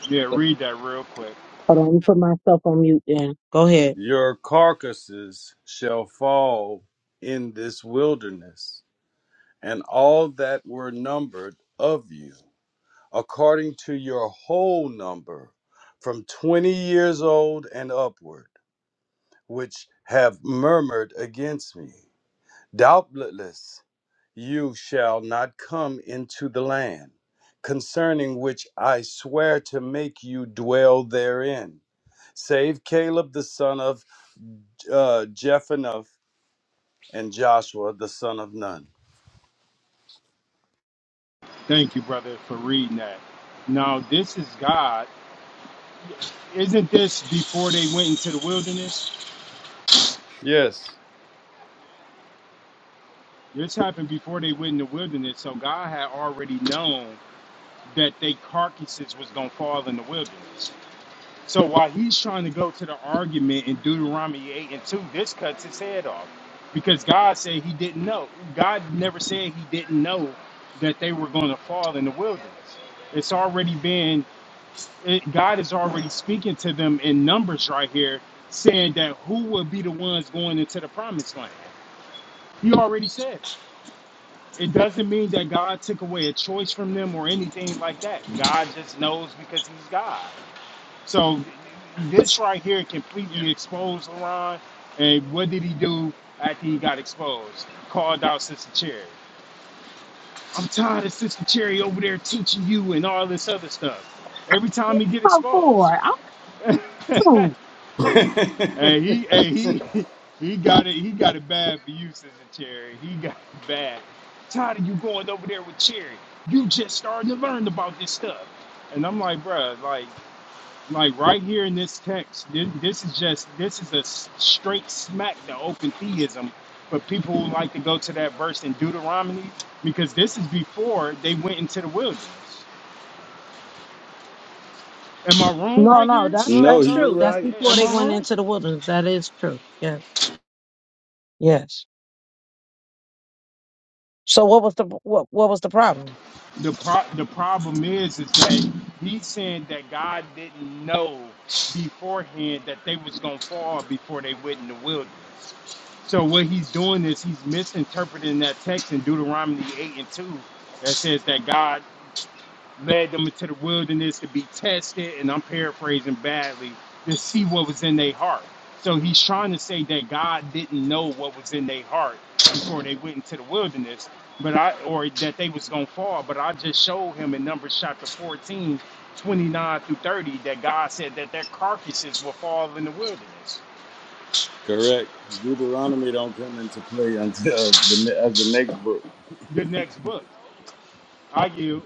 Speaker 5: Yeah, read that real quick.
Speaker 1: Hold on, let me put myself on mute then. Go ahead.
Speaker 3: Your carcasses shall fall in this wilderness, and all that were numbered of you, according to your whole number, from twenty years old and upward, which have murmured against me. Doubtless you shall not come into the land concerning which I swear to make you dwell therein, save Caleb the son of uh, Jephunneh and Joshua the son of Nun.
Speaker 5: Thank you, brother, for reading that. Now, this is God. Isn't this before they went into the wilderness?
Speaker 3: Yes.
Speaker 5: This happened before they went in the wilderness, so God had already known that they carcasses was going to fall in the wilderness. So while he's trying to go to the argument in Deuteronomy 8 and 2, this cuts his head off because God said he didn't know. God never said he didn't know that they were going to fall in the wilderness. It's already been it, God is already speaking to them in numbers right here, saying that who will be the ones going into the promised land. He already said it. It doesn't mean that God took away a choice from them or anything like that. God just knows because He's God. So this right here completely exposed Laron. And what did he do after he got exposed? Called out Sister Cherry. I'm tired of Sister Cherry over there teaching you and all this other stuff. Every time he get
Speaker 1: Oh, boy,
Speaker 5: exposed.
Speaker 1: I'm through.
Speaker 3: [laughs] no,
Speaker 5: And he and he [laughs] he got it he got it bad for you, Sister Cherry. He got it bad. Tired of you going over there with Cherry. You just starting to learn about this stuff. And I'm like, bruh, like like right here in this text, this, this is just this is a s- straight smack to open theism for people who like to go to that verse in Deuteronomy because this is before they went into the wilderness. Am I wrong
Speaker 1: No,
Speaker 5: right
Speaker 1: no,
Speaker 5: here?
Speaker 1: that's
Speaker 5: Uh,
Speaker 1: that's
Speaker 5: uh,
Speaker 3: you
Speaker 1: true. That's
Speaker 3: right.
Speaker 1: before
Speaker 5: am
Speaker 1: they
Speaker 5: I
Speaker 1: went
Speaker 5: wrong?
Speaker 1: into the wilderness. That is true. Yes. Yes. So, what was the what, what was the problem?
Speaker 5: the pro- the problem is is that he's saying that God didn't know beforehand that they was gonna fall before they went in the wilderness. So what he's doing is he's misinterpreting that text in Deuteronomy eight and two that says that God led them into the wilderness to be tested, and I'm paraphrasing badly, to see what was in their heart. So he's trying to say that God didn't know what was in their heart before they went into the wilderness, but I or that they was gonna fall. But I just showed him in Numbers chapter 14, 29 through 30, that God said that their carcasses will fall in the wilderness.
Speaker 3: Correct. Deuteronomy don't come into play until the ne- as the next book.
Speaker 5: The next book. I you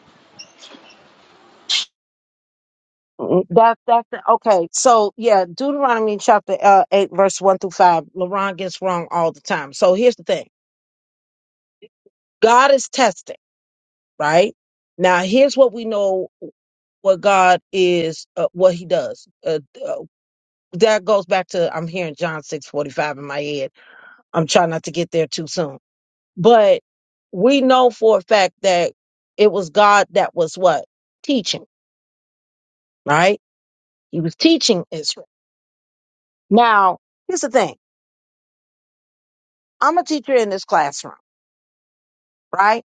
Speaker 1: Mm, That that's the, okay. So yeah, Deuteronomy chapter uh, eight, verse one through five. LaRon gets wrong all the time. So here's the thing: God is testing, right? Now here's what we know. what God is, uh, what He does. Uh, uh, that goes back to I'm hearing John six forty five in my head. I'm trying not to get there too soon, but we know for a fact that it was God that was what teaching, right? He was teaching Israel. Now, here's the thing: I'm a teacher in this classroom, right?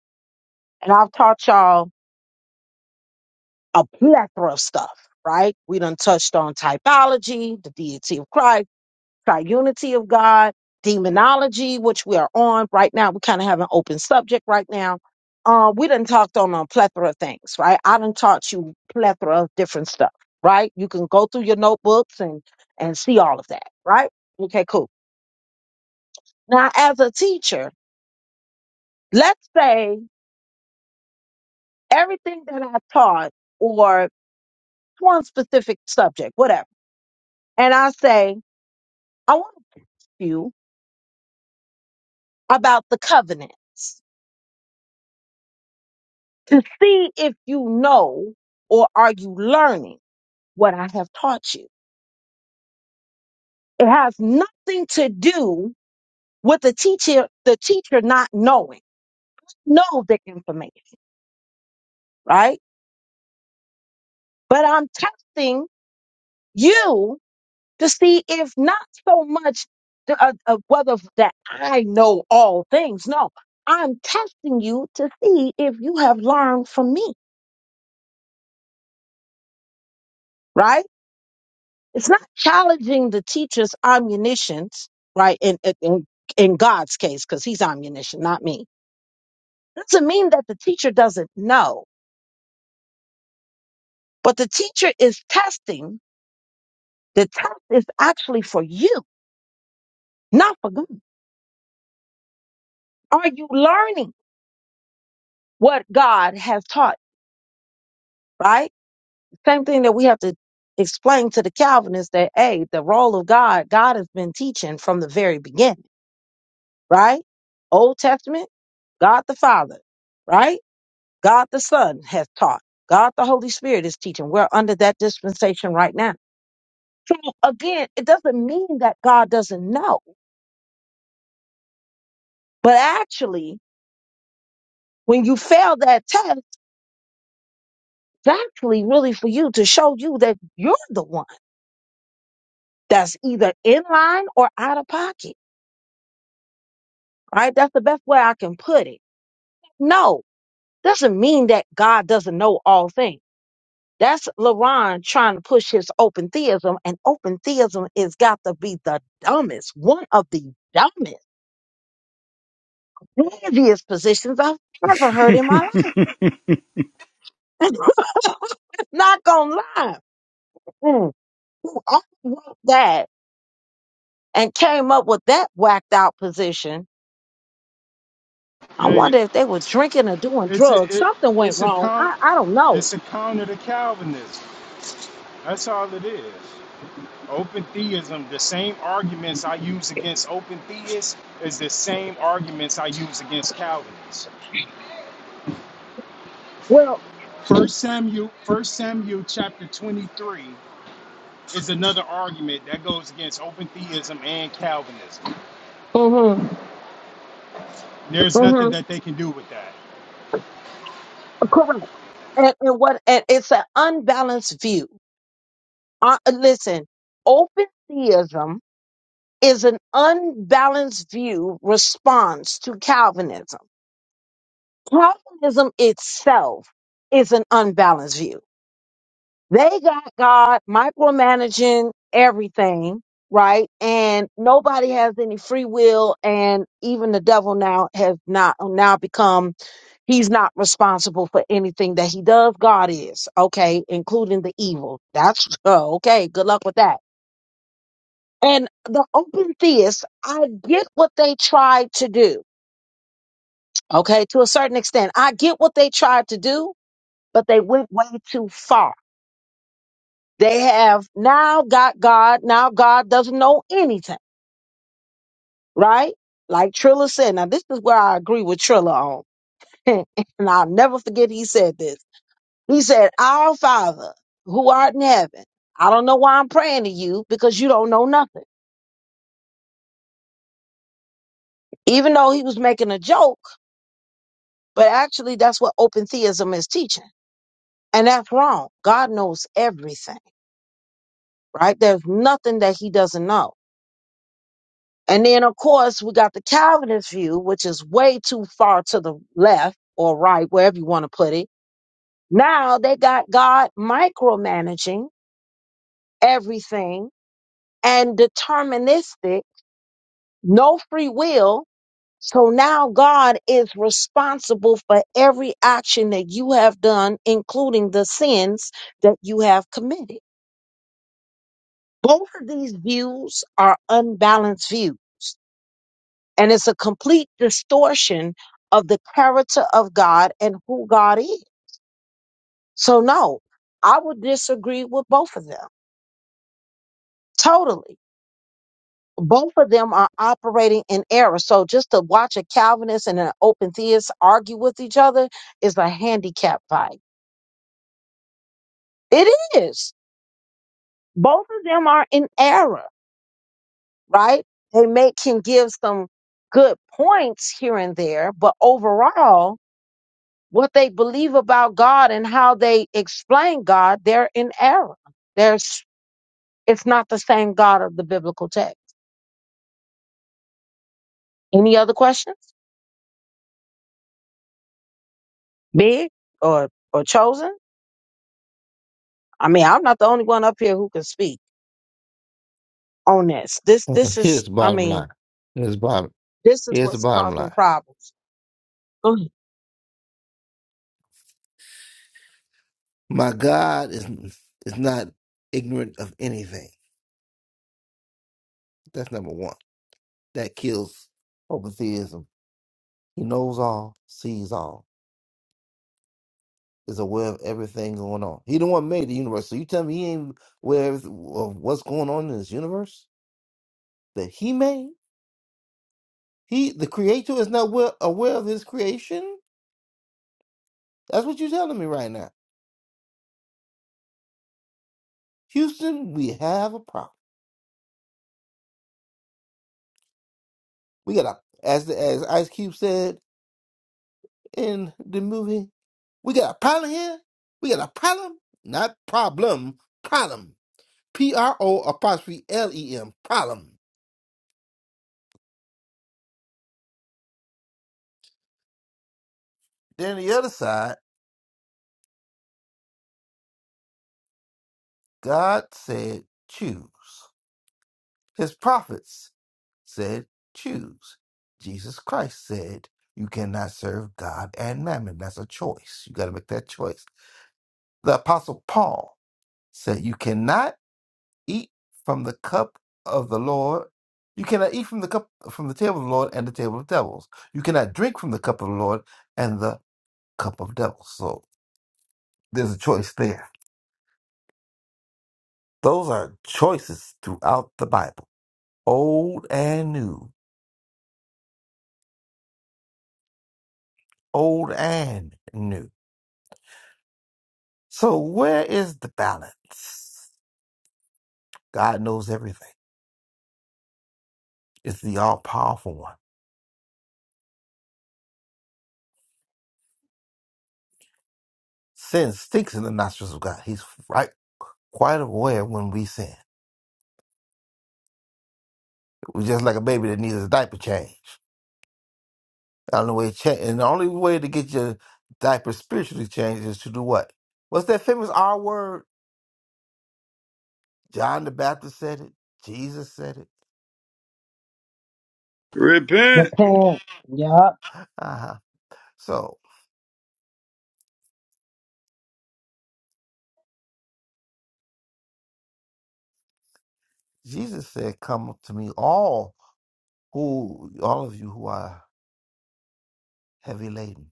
Speaker 1: And I've taught y'all a plethora of stuff, right? We done touched on typology, the deity of Christ triunity of God, demonology, which we are on right now. We kind of have an open subject right now. Uh, we done talked on a plethora of things, right? I done taught you plethora of different stuff, right? You can go through your notebooks and and see all of that, right? Okay, cool. Now, as a teacher, let's say everything that I taught or one specific subject, whatever, and I say I want to you about the covenant to see if you know or are you learning what I have taught you. It has nothing to do with the teacher, the teacher not knowing, know the information, right? But I'm testing you to see if not so much the, uh, uh, whether that I know all things. No, I'm testing you to see if you have learned from me, right? It's not challenging the teacher's omniscience, right? In in, in God's case, because he's omniscient, not me. Doesn't mean that the teacher doesn't know, but the teacher is testing. The test is actually for you, not for God. Are you learning what God has taught? Right? Same thing that we have to explain to the Calvinists that hey, the role of God, God has been teaching from the very beginning, right? Old Testament, God the Father, right? God the Son has taught. God the Holy Spirit is teaching. We're under that dispensation right now. So again, it doesn't mean that God doesn't know, but actually, when you fail that test, it's actually really for you to show you that you're the one that's either in line or out of pocket. Right? That's the best way I can put it. No, doesn't mean that God doesn't know all things. That's LaRon trying to push his open theism, and open theism is got to be the dumbest, one of the dumbest. Envious positions I've never heard in my life. [laughs] Not gonna lie. Mm. Who all wrote that and came up with that whacked out position? I
Speaker 5: yeah, yeah.
Speaker 1: wonder if they were drinking or doing
Speaker 5: it's a
Speaker 1: drugs.
Speaker 5: it,
Speaker 1: Something went
Speaker 5: it's a
Speaker 1: wrong.
Speaker 5: count
Speaker 1: I, I don't know.
Speaker 5: it's a counter to Calvinism. That's all it is. Open theism, the same arguments I use against open theists is the same arguments I use against Calvinists.
Speaker 1: Well,
Speaker 5: First Samuel, First Samuel chapter 23 is another argument that goes against open theism and Calvinism.
Speaker 1: mm-hmm,
Speaker 5: There's nothing
Speaker 1: mm-hmm,
Speaker 5: that they can do with that.
Speaker 1: correct and, and what and it's an unbalanced view. Uh, listen, open theism is an unbalanced view response to Calvinism. Calvinism itself is an unbalanced view. They got God micromanaging everything, right? And nobody has any free will. And even the devil now has not now become, he's not responsible for anything that he does. God is, okay, including the evil. That's [laughs] okay. Good luck with that. And the open theists, I get what they tried to do. Okay, to a certain extent, I get what they tried to do but they went way too far. They have now got God. Now God doesn't know anything, right? Like Trilla said. Now this is where I agree with Trilla on, [laughs] and I'll never forget he said this. He said, "Our Father who art in heaven." I don't know why I'm praying to you because you don't know nothing. Even though he was making a joke, but actually that's what open theism is teaching. And that's wrong. God knows everything, right? There's nothing that he doesn't know. And then, of course, we got the Calvinist view, which is way too far to the left or right, wherever you want to put it. Now they got God micromanaging everything and deterministic, no free will. So now God is responsible for every action that you have done, including the sins that you have committed. Both of these views are unbalanced views And it's a complete distortion of the character of God and who God is. So, no, I would disagree with both of them totally. Both of them are operating in error. So, just to watch a Calvinist and an open theist argue with each other is a handicap fight. It is. Both of them are in error, right? They may can give some good points here and there, but overall, what they believe about God and how they explain God, they're in error. There's it's not the same God of the biblical text. Any other questions? Big or or chosen? I mean, I'm not the only one up here who can speak on this. This
Speaker 4: Uh,
Speaker 1: this
Speaker 4: Here's
Speaker 1: is
Speaker 4: the
Speaker 1: I
Speaker 4: bottom line.
Speaker 1: mean,
Speaker 4: Here's the bottom.
Speaker 1: this is
Speaker 4: Here's the
Speaker 1: what's
Speaker 4: bottom
Speaker 1: causing
Speaker 4: line.
Speaker 1: problems. Go ahead.
Speaker 4: My God is is not ignorant of anything. That's number one. That kills theism. He knows all, sees all, is aware of everything going on. He the one made the universe. So you tell me he ain't aware of of what's going on in this universe that he made? He, the creator, is not aware, aware of his creation. That's what you're telling me right now, Houston. We have a problem. We got a as the, as Ice Cube said in the movie, we got a problem here. We got a problem, not problem, problem. P R O apostrophe L E M, problem. Then the other side, God said, choose. His prophets said, choose. Jesus Christ said, you cannot serve God and mammon. That's a choice. You got to make that choice. The apostle Paul said, you cannot eat from the cup of the Lord. You cannot eat from the cup from the table of the Lord and the table of devils. You cannot drink from the cup of the Lord and the cup of devils. So there's a choice there. Those are choices throughout the Bible, old and new, old and new. So, where is the balance? God knows everything, it's the all powerful one. Sin stinks in the nostrils of God. He's right, quite aware when we sin. We're just like a baby that needs a diaper change. The only way, cha- and the only way to get your diaper spiritually changed is to do what? What's that famous R word? John the Baptist said it, Jesus said it.
Speaker 3: Repent.
Speaker 1: Repent. Yup.
Speaker 4: [laughs] Uh-huh. So. Jesus said, Come to me, all who all of you who are heavy laden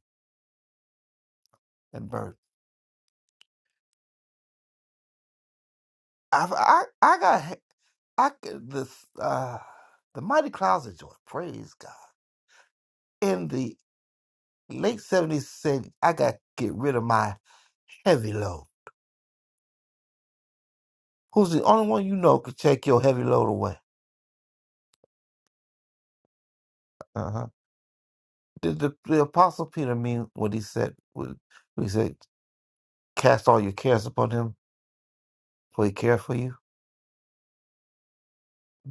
Speaker 4: and burdened. I've, I I got he- I could- this uh the mighty clouds of joy, praise God. In the late seventies said I gotta get rid of my heavy load. Who's the only one you know could take your heavy load away? Uh-huh. Did the, the apostle Peter mean what he said when he said, Cast all your cares upon him, for he cares for you?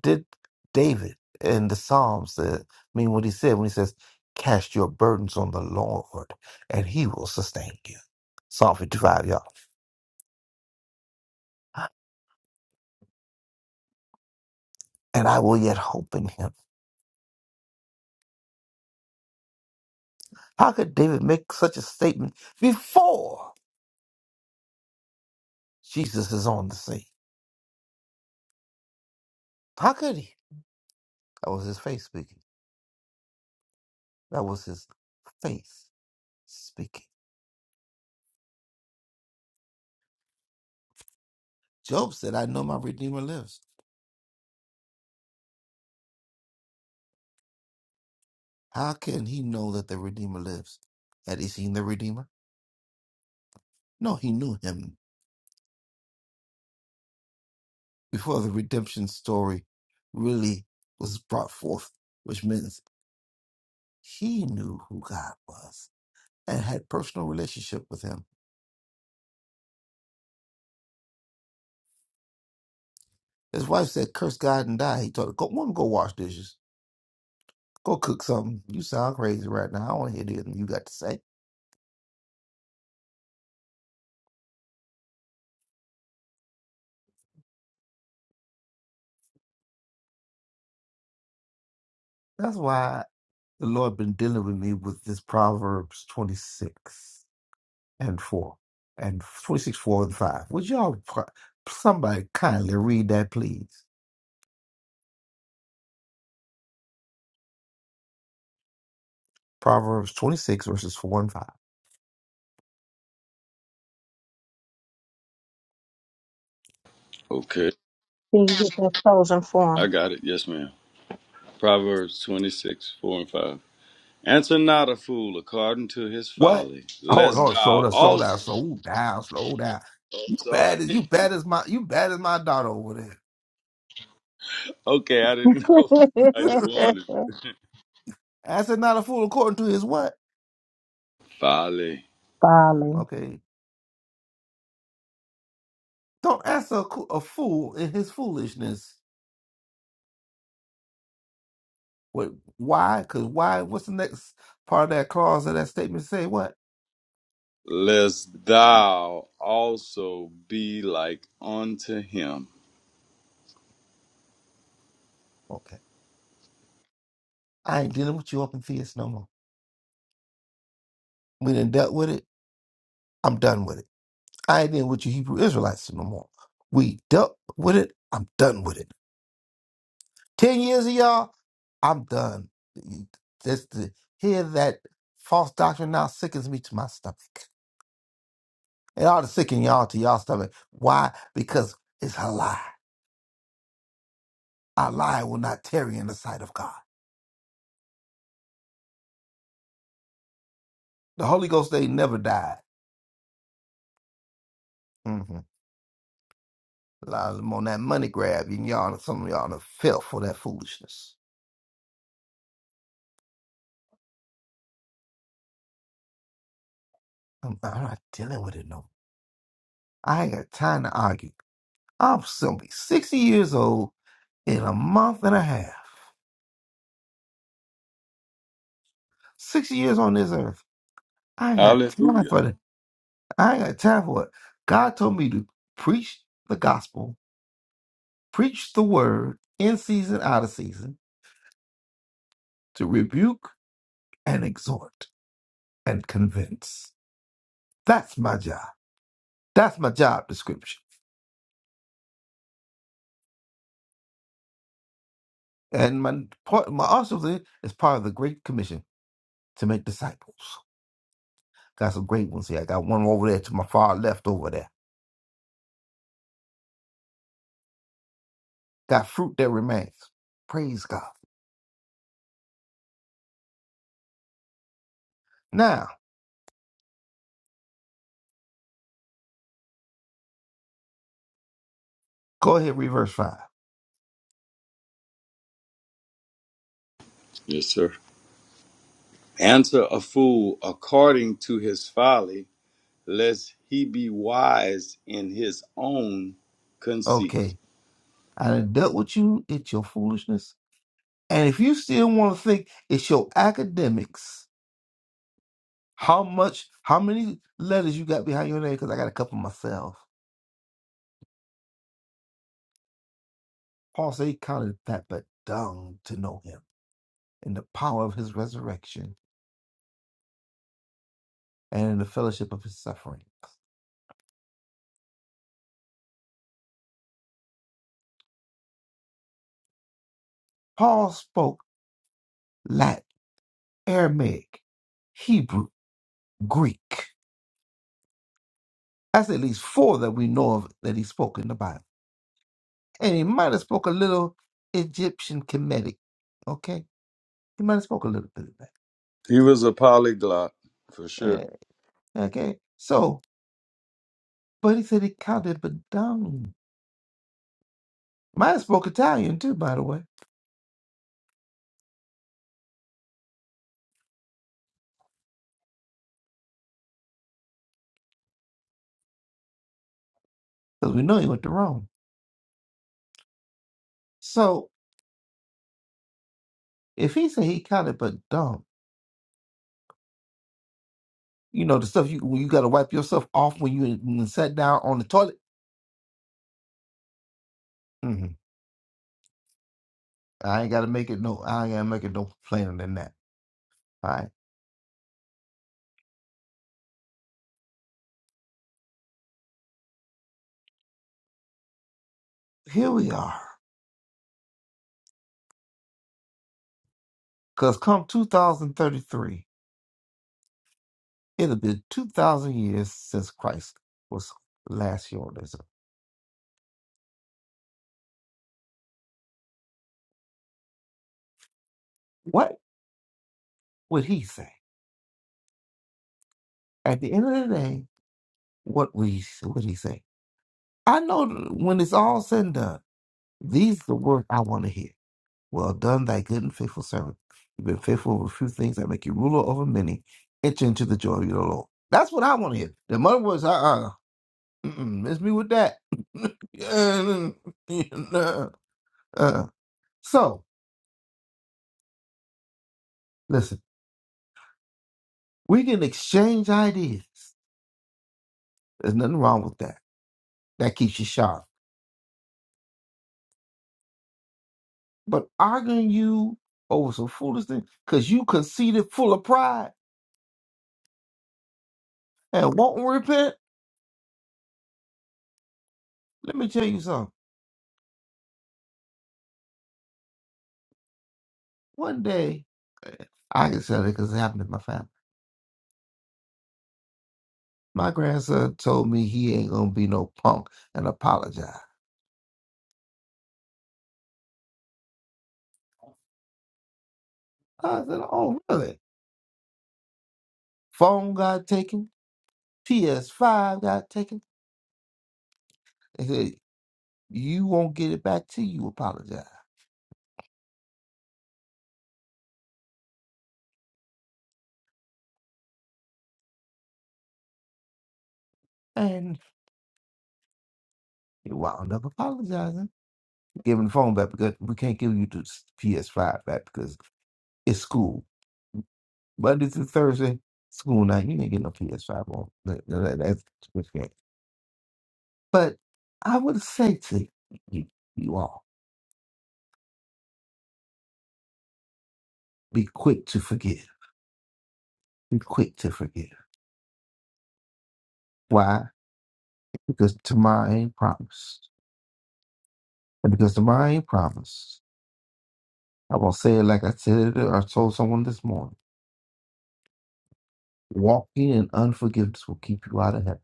Speaker 4: did David in the Psalms. Uh, I mean, what he said when he says, "Cast your burdens on the Lord, and He will sustain you." Psalm fifty-five, y'all. And I will yet hope in Him. How could David make such a statement before Jesus is on the scene? How could he? That was his faith speaking. That was his faith speaking. Job said, "I know my Redeemer lives." How can he know that the Redeemer lives? Had he seen the Redeemer? No, he knew him before the redemption story really was brought forth, which means he knew who God was and had personal relationship with him. His wife said, curse God and die. He told her, go, woman, go wash dishes. Go cook something. You sound crazy right now. I want to hear anything you got to say. That's why the Lord been dealing with me with this Proverbs 26 and 4 and 26, 4 and 5. Would y'all, pro- somebody kindly read that, please? Proverbs 26 verses 4 and 5.
Speaker 3: Okay,
Speaker 1: See you get that chosen
Speaker 3: I
Speaker 1: form.
Speaker 3: got it. Yes, ma'am. Proverbs twenty six four and five. Answer not a fool according to his
Speaker 4: What?
Speaker 3: folly,
Speaker 4: Hold
Speaker 3: lest
Speaker 4: on, hold on, slow
Speaker 3: thou
Speaker 4: down, slow down,
Speaker 3: also.
Speaker 4: slow down, slow down.
Speaker 3: Oh,
Speaker 4: You
Speaker 3: sorry.
Speaker 4: bad as you bad as my you bad as my daughter over
Speaker 3: Okay, I didn't
Speaker 1: [laughs]
Speaker 3: [laughs] know how you
Speaker 4: there.
Speaker 3: wanted.
Speaker 4: [laughs] answer not a fool according to his what?
Speaker 3: Folly.
Speaker 1: Folly.
Speaker 4: Okay, don't answer a, coo- a fool in his foolishness. What? Why? Cause why? What's the next part of that clause of that statement? Say what?
Speaker 3: Lest thou also be like unto him.
Speaker 4: Okay, I ain't dealing with you open theists no more. We done dealt with it. I'm done with it. I ain't dealing with you Hebrew Israelites no more. We dealt with it. I'm done with it. Ten years of y'all, I'm done. Just to hear that false doctrine now sickens me to my stomach. It ought to sicken y'all to y'all stomach. Why? Because it's a lie. A lie will not tarry in the sight of God. The Holy Ghost ain't never died. Mm-hmm. A lot of them on that money grab, and y'all, some of y'all, are fell for that foolishness. I'm, I'm not dealing with it no. more. I ain't got time to argue. I'm simply 60 years old in a month and a half. 60 years on this earth. I ain't got time
Speaker 3: Hallelujah.
Speaker 4: for that. I ain't got time for it. God told me to preach the gospel, preach the word in season, out of season, to rebuke and exhort and convince. That's my job. That's my job description. And my part, my also thing is part of the Great Commission to make disciples. Got some great ones here. I got one over there to my far left over there. Got fruit that remains. Praise God. Now, go ahead, read verse 5.
Speaker 3: Yes, sir. Answer a fool according to his folly, lest he be wise in his own conceit.
Speaker 4: Okay. I done dealt with you. It's your foolishness. And if you still want to think it's your academics, how much, how many letters you got behind your name? Because I got a couple myself. Paul said he counted that but dung to know him in the power of his resurrection and in the fellowship of his sufferings. Paul spoke Latin, Aramaic, Hebrew, Greek. That's at least four that we know of that he spoke in the Bible. And he might have spoke a little Egyptian Kemetic. Okay? He might have spoke a little bit of that.
Speaker 3: He was a polyglot, for sure.
Speaker 4: Eh, Okay? So But he said he counted but down. Might have spoke Italian too, by the way, because we know he went to Rome. So if he said he counted but dumb, you know the stuff you you got to wipe yourself off when you when you sat down on the toilet. hmm I ain't got to make it no. I ain't got to make it no plainer than that. All right, here we are. Cause come 2033, it'll be 2,000 years since Christ was last here on this earth. What would he say at the end of the day? What we he, would he say? I know th- when it's all said and done, these the words I want to hear. Well done, thy good and faithful servant. You've been faithful over a few things that make you ruler over many. Enter into the joy of your Lord. That's what I want to hear. The mother words, uh uh mm-mm, miss me with that. [laughs] Uh, so, listen, we can exchange ideas. There's nothing wrong with that. That keeps you sharp. But arguing you over some foolish thing because you conceited full of pride and won't repent. Let me tell you something. One day, I can tell it because it happened in my family. My grandson told me he ain't gonna be no punk and apologize. I said, "Oh, really?" Phone got taken, PS5 got taken. They said, "You won't get it back till you apologize." And he wound up apologizing, giving the phone back because we can't give you the PS5 back because it's school Monday through Thursday, school night. You ain't get no PS5 on. That- that- That's But I would say to you, you all, be quick to forgive. Be quick to forgive. Why? Because tomorrow ain't promised. And because tomorrow ain't promised, i will going say it like I said it or told someone this morning. Walking in unforgiveness will keep you out of heaven.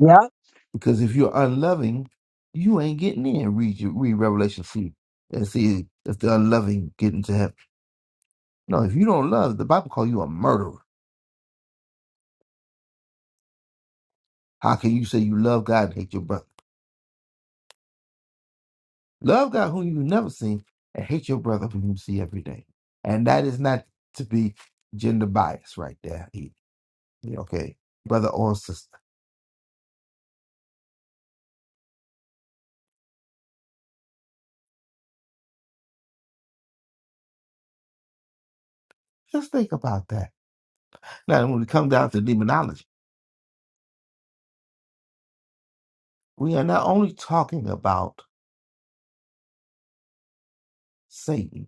Speaker 1: Yup.
Speaker 4: Because if you're unloving, you ain't getting in. Read your, read Revelation see and see if the unloving get into heaven. No, if you don't love, the Bible calls you a murderer. How can you say you love God and hate your brother? Love God whom you've never seen, and hate your brother whom you see every day. And that is not to be gender biased right there. either. Okay, brother or sister. Just think about that. Now, when we come down to demonology, we are not only talking about Satan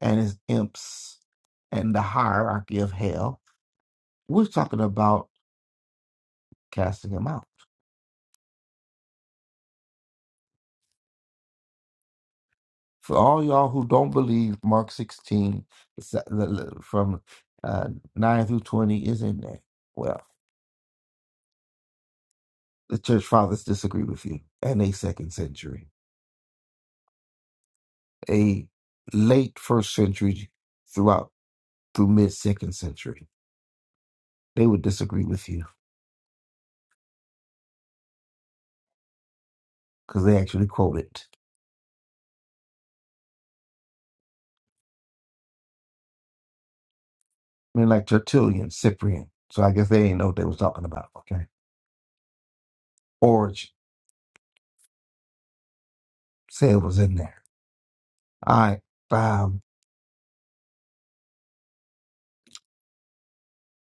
Speaker 4: and his imps and the hierarchy of hell, we're talking about casting him out. For all y'all who don't believe Mark 16 the se- the- the- from uh, 9 through 20 is in there. Well. the church fathers disagree with you and a second century a late first century throughout through mid second century they would disagree with you because they actually quote it i mean like tertullian cyprian so i guess they didn't know what they was talking about okay origin say it was in there all right um,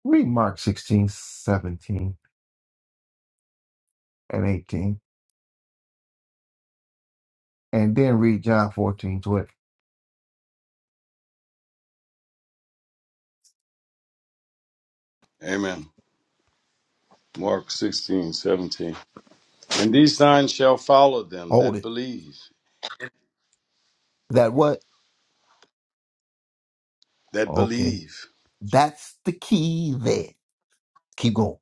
Speaker 4: read mark 16, 17, and 18 and then read john 14 20
Speaker 3: Amen. Mark 16 17. And these signs shall follow them
Speaker 4: hold
Speaker 3: that
Speaker 4: it
Speaker 3: believe,
Speaker 4: that what
Speaker 3: that
Speaker 4: okay
Speaker 3: believe.
Speaker 4: that's the key there keep going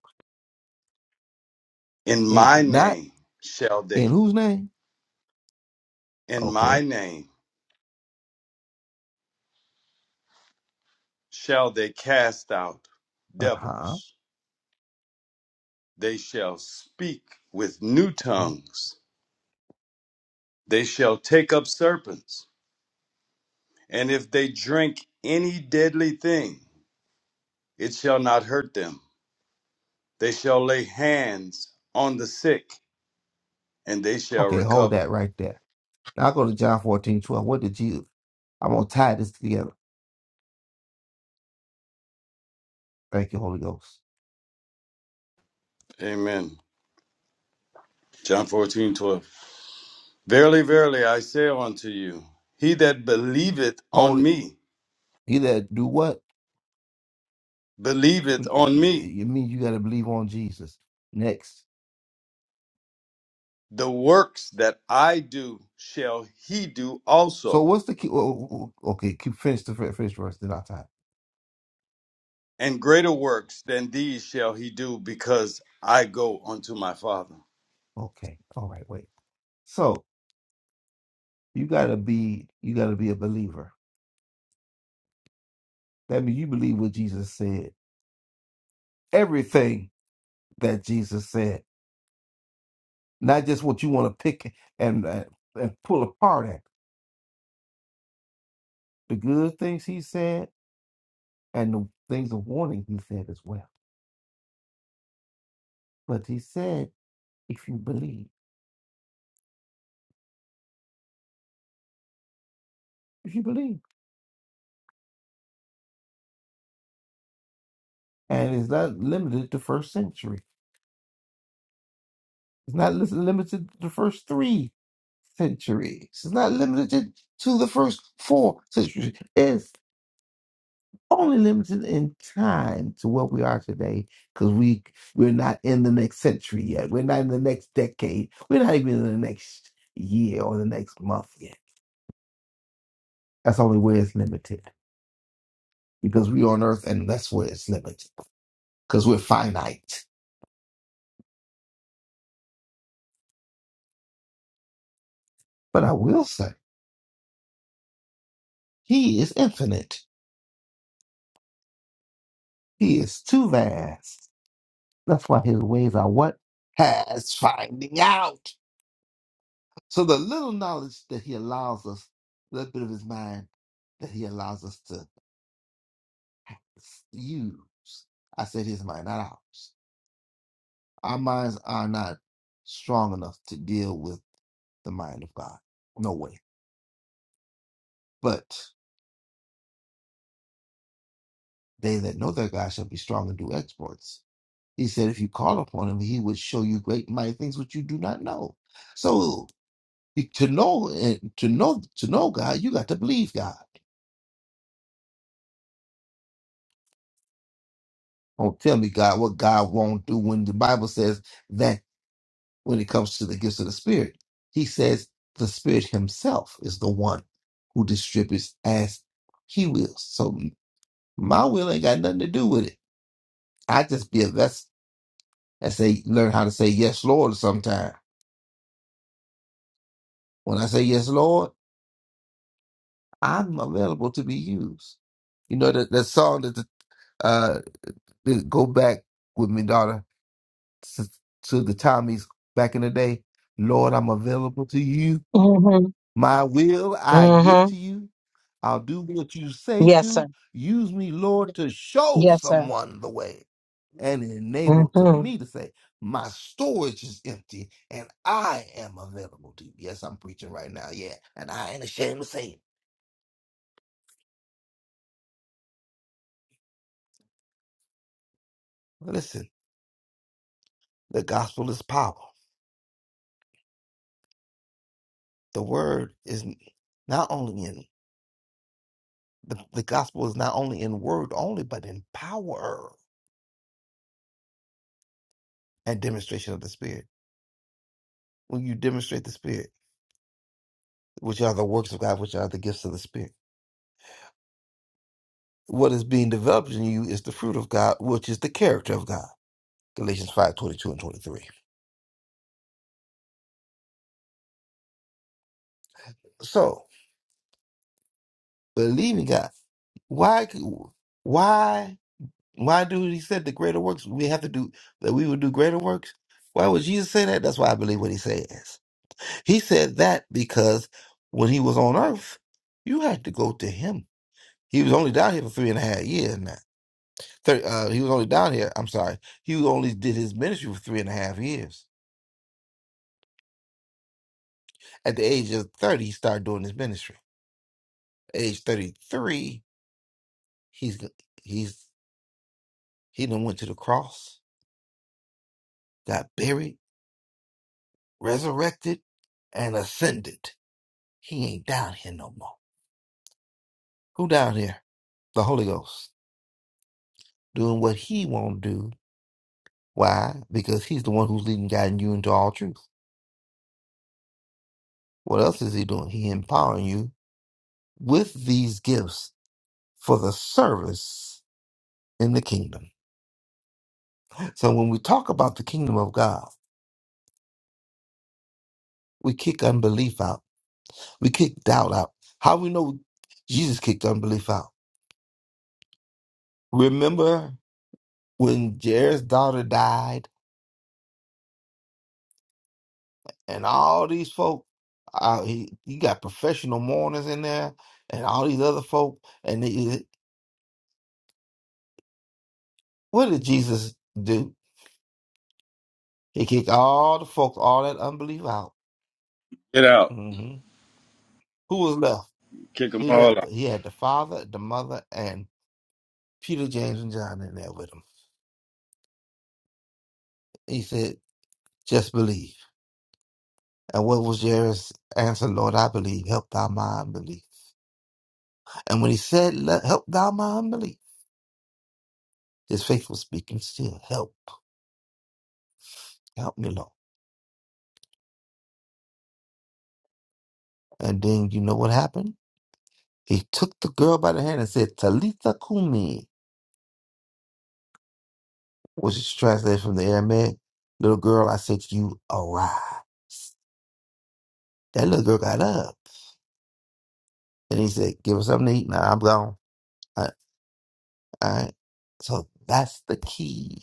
Speaker 3: In
Speaker 4: and
Speaker 3: my
Speaker 4: not
Speaker 3: name shall they
Speaker 4: In whose name?
Speaker 3: in my
Speaker 4: Okay.
Speaker 3: name shall they cast out
Speaker 4: Uh huh.
Speaker 3: devils. They shall speak with new tongues. They shall take up serpents, and if they drink any deadly thing, it shall not hurt them. They shall lay hands on the sick, and they shall
Speaker 4: Okay, hold
Speaker 3: recover.
Speaker 4: that right there. Now I go to John 14 12. What did Jesus? I'm going to tie this together. Thank you, Holy Ghost.
Speaker 3: Amen. John 14 12. Verily, verily, I say unto you, he that believeth
Speaker 4: Hold
Speaker 3: on
Speaker 4: it.
Speaker 3: me,
Speaker 4: He that do what?
Speaker 3: believeth on me.
Speaker 4: You mean you got to believe on Jesus. Next.
Speaker 3: The works that I do shall he do
Speaker 4: So
Speaker 3: also,
Speaker 4: what's the key? oh, oh, oh, oh, Okay, keep finish the fir- first verse. Then I will tie. it.
Speaker 3: and greater works than these shall he do, because I go unto my Father.
Speaker 4: Okay. All right. Wait. So you got to be you got to be a believer. That means you believe what Jesus said. Everything that Jesus said. not just what you want to pick and uh, and pull apart at the good things he said and the things of warning he said as well. But he said, if you believe, if you believe, and it's not limited to first century. It's not lis- limited to the first three centuries. It's not limited to the first four centuries. only limited in time to what we are today because we we're not in the next century yet we're not in the next decade we're not even in the next year or the next month yet that's only where it's limited because we're on earth and that's where it's limited because we're finite but i will say he is infinite he is too vast that's why his ways are what has finding out so the little knowledge that he allows us a little bit of his mind that he allows us to use. I said his mind, not ours. Our minds are not strong enough to deal with the mind of God. No way. But they that know their God shall be strong and do exploits. He said, if you call upon him, he would show you great mighty things which you do not know. So you- to know and to know to know God, you got to believe God. Don't tell me God what God won't do when the Bible says that when it comes to the gifts of the Spirit. He says the Spirit Himself is the one who distributes as He wills. So my will ain't got nothing to do with it. I just be a vessel and say, learn how to say yes, Lord. Sometime when I say yes, Lord, I'm available to be used. You know that that song that the, uh that go back with me, daughter, to, to the Tommies back in the day. Lord, I'm available to you.
Speaker 1: Mm-hmm.
Speaker 4: My will I give
Speaker 1: Mm-hmm.
Speaker 4: to you I'll do what you say
Speaker 1: Yes,
Speaker 4: do.
Speaker 1: sir.
Speaker 4: Use me, Lord, to show
Speaker 1: Yes, sir.
Speaker 4: someone the way and enable to
Speaker 1: Mhm.
Speaker 4: me to say, my storage is empty and I am available to you. Yes, I'm preaching right now. Yeah. And I ain't ashamed to say it. Listen, the gospel is power. The word is not only in the, the gospel is not only in word only, but in power and demonstration of the spirit. When you demonstrate the spirit, which are the works of God, which are the gifts of the spirit. What is being developed in you is the fruit of God, which is the character of God. Galatians five twenty two and 23. So, believing God, why, why, why do he said the greater works we have to do, that we would do greater works? Why would Jesus say that? That's why I believe what he says. He said that because when he was on earth, you had to go to him. He was only down here for three and a half years now. Thir uh, he was only down here, I'm sorry. He only did his ministry for three and a half years. At the age of 30, he started doing his ministry. Age 33, he's he's he done went to the cross, got buried, resurrected, and ascended. He ain't down here no more. Who down here? The Holy Ghost. Doing what he won't do. Why? Because he's the one who's leading guiding you into all truth. What else is he doing? He empowering you with these gifts for the service in the kingdom. So when we talk about the kingdom of God, we kick unbelief out We kicked doubt out. How we know Jesus kicked unbelief out? Remember when Jair's daughter died and all these folk, uh, he, you got professional mourners in there and all these other folk. And they, what did Jesus do? He kicked all the folk, all that unbelief out.
Speaker 3: Get out,
Speaker 4: hmm Who was left?
Speaker 3: kick them
Speaker 4: He
Speaker 3: all
Speaker 4: left. He had the father, the mother, and Peter, James, and John in there with him. He said, "Just believe." And what was Jair's answer? Lord, I believe. Help thy mind believe. And when he said, "Let- Help thou my unbelief, his faith was speaking still. Help, help me, Lord. And then you know what happened? He took the girl by the hand and said, Talitha Kumi, which is translated from the Aramaic, little girl, I said to you, arise. That little girl got up. And he said, Give her something to eat. Now I'm gone. All right. all right. So that's the key.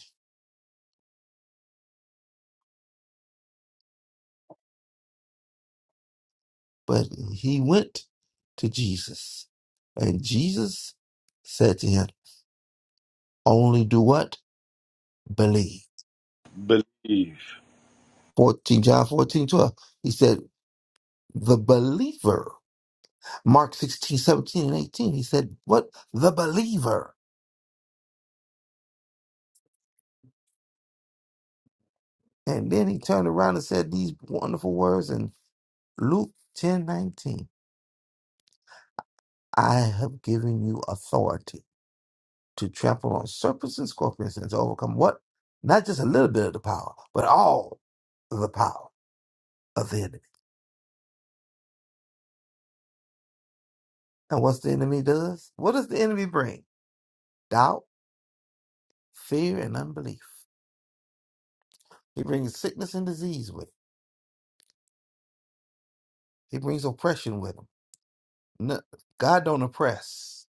Speaker 4: But he went to Jesus. And Jesus said to him, Only do what? Believe.
Speaker 3: out. Believe.
Speaker 4: 14, John 14, 12. He said, the believer. Mark 16, 17, and 18. He said, what? The believer. And then he turned around and said these wonderful words in Luke 10, 19: I have given you authority to trample on serpents and scorpions and to overcome what? Not just a little bit of the power, but all of the power of the enemy. And what's the enemy does? What does the enemy bring? Doubt, fear, and unbelief. He brings sickness and disease with him. He brings oppression with him. No, God don't oppress.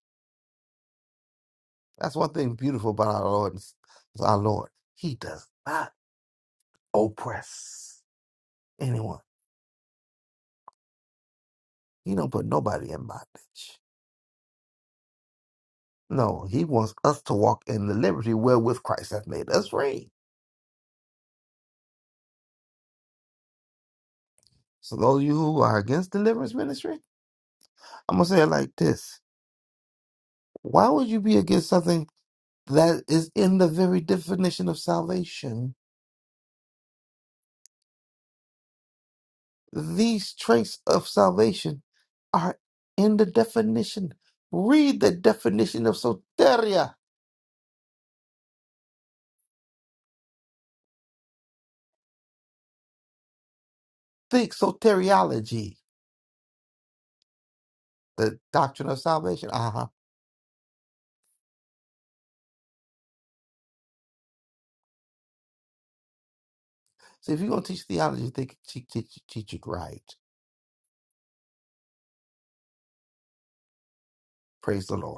Speaker 4: That's one thing beautiful about our Lord. is is Our Lord, He does not oppress anyone. He don't put nobody in bondage. No, He wants us to walk in the liberty wherewith Christ hath made us free. So those of you who are against deliverance ministry, I'm gonna say it like this: Why would you be against something that is in the very definition of salvation? These traits of salvation are in the definition. Read the definition of soteria. Think soteriology, the doctrine of salvation. Uh huh. So if you're going to teach theology, think, teach, teach, teach it right. Praise the Lord.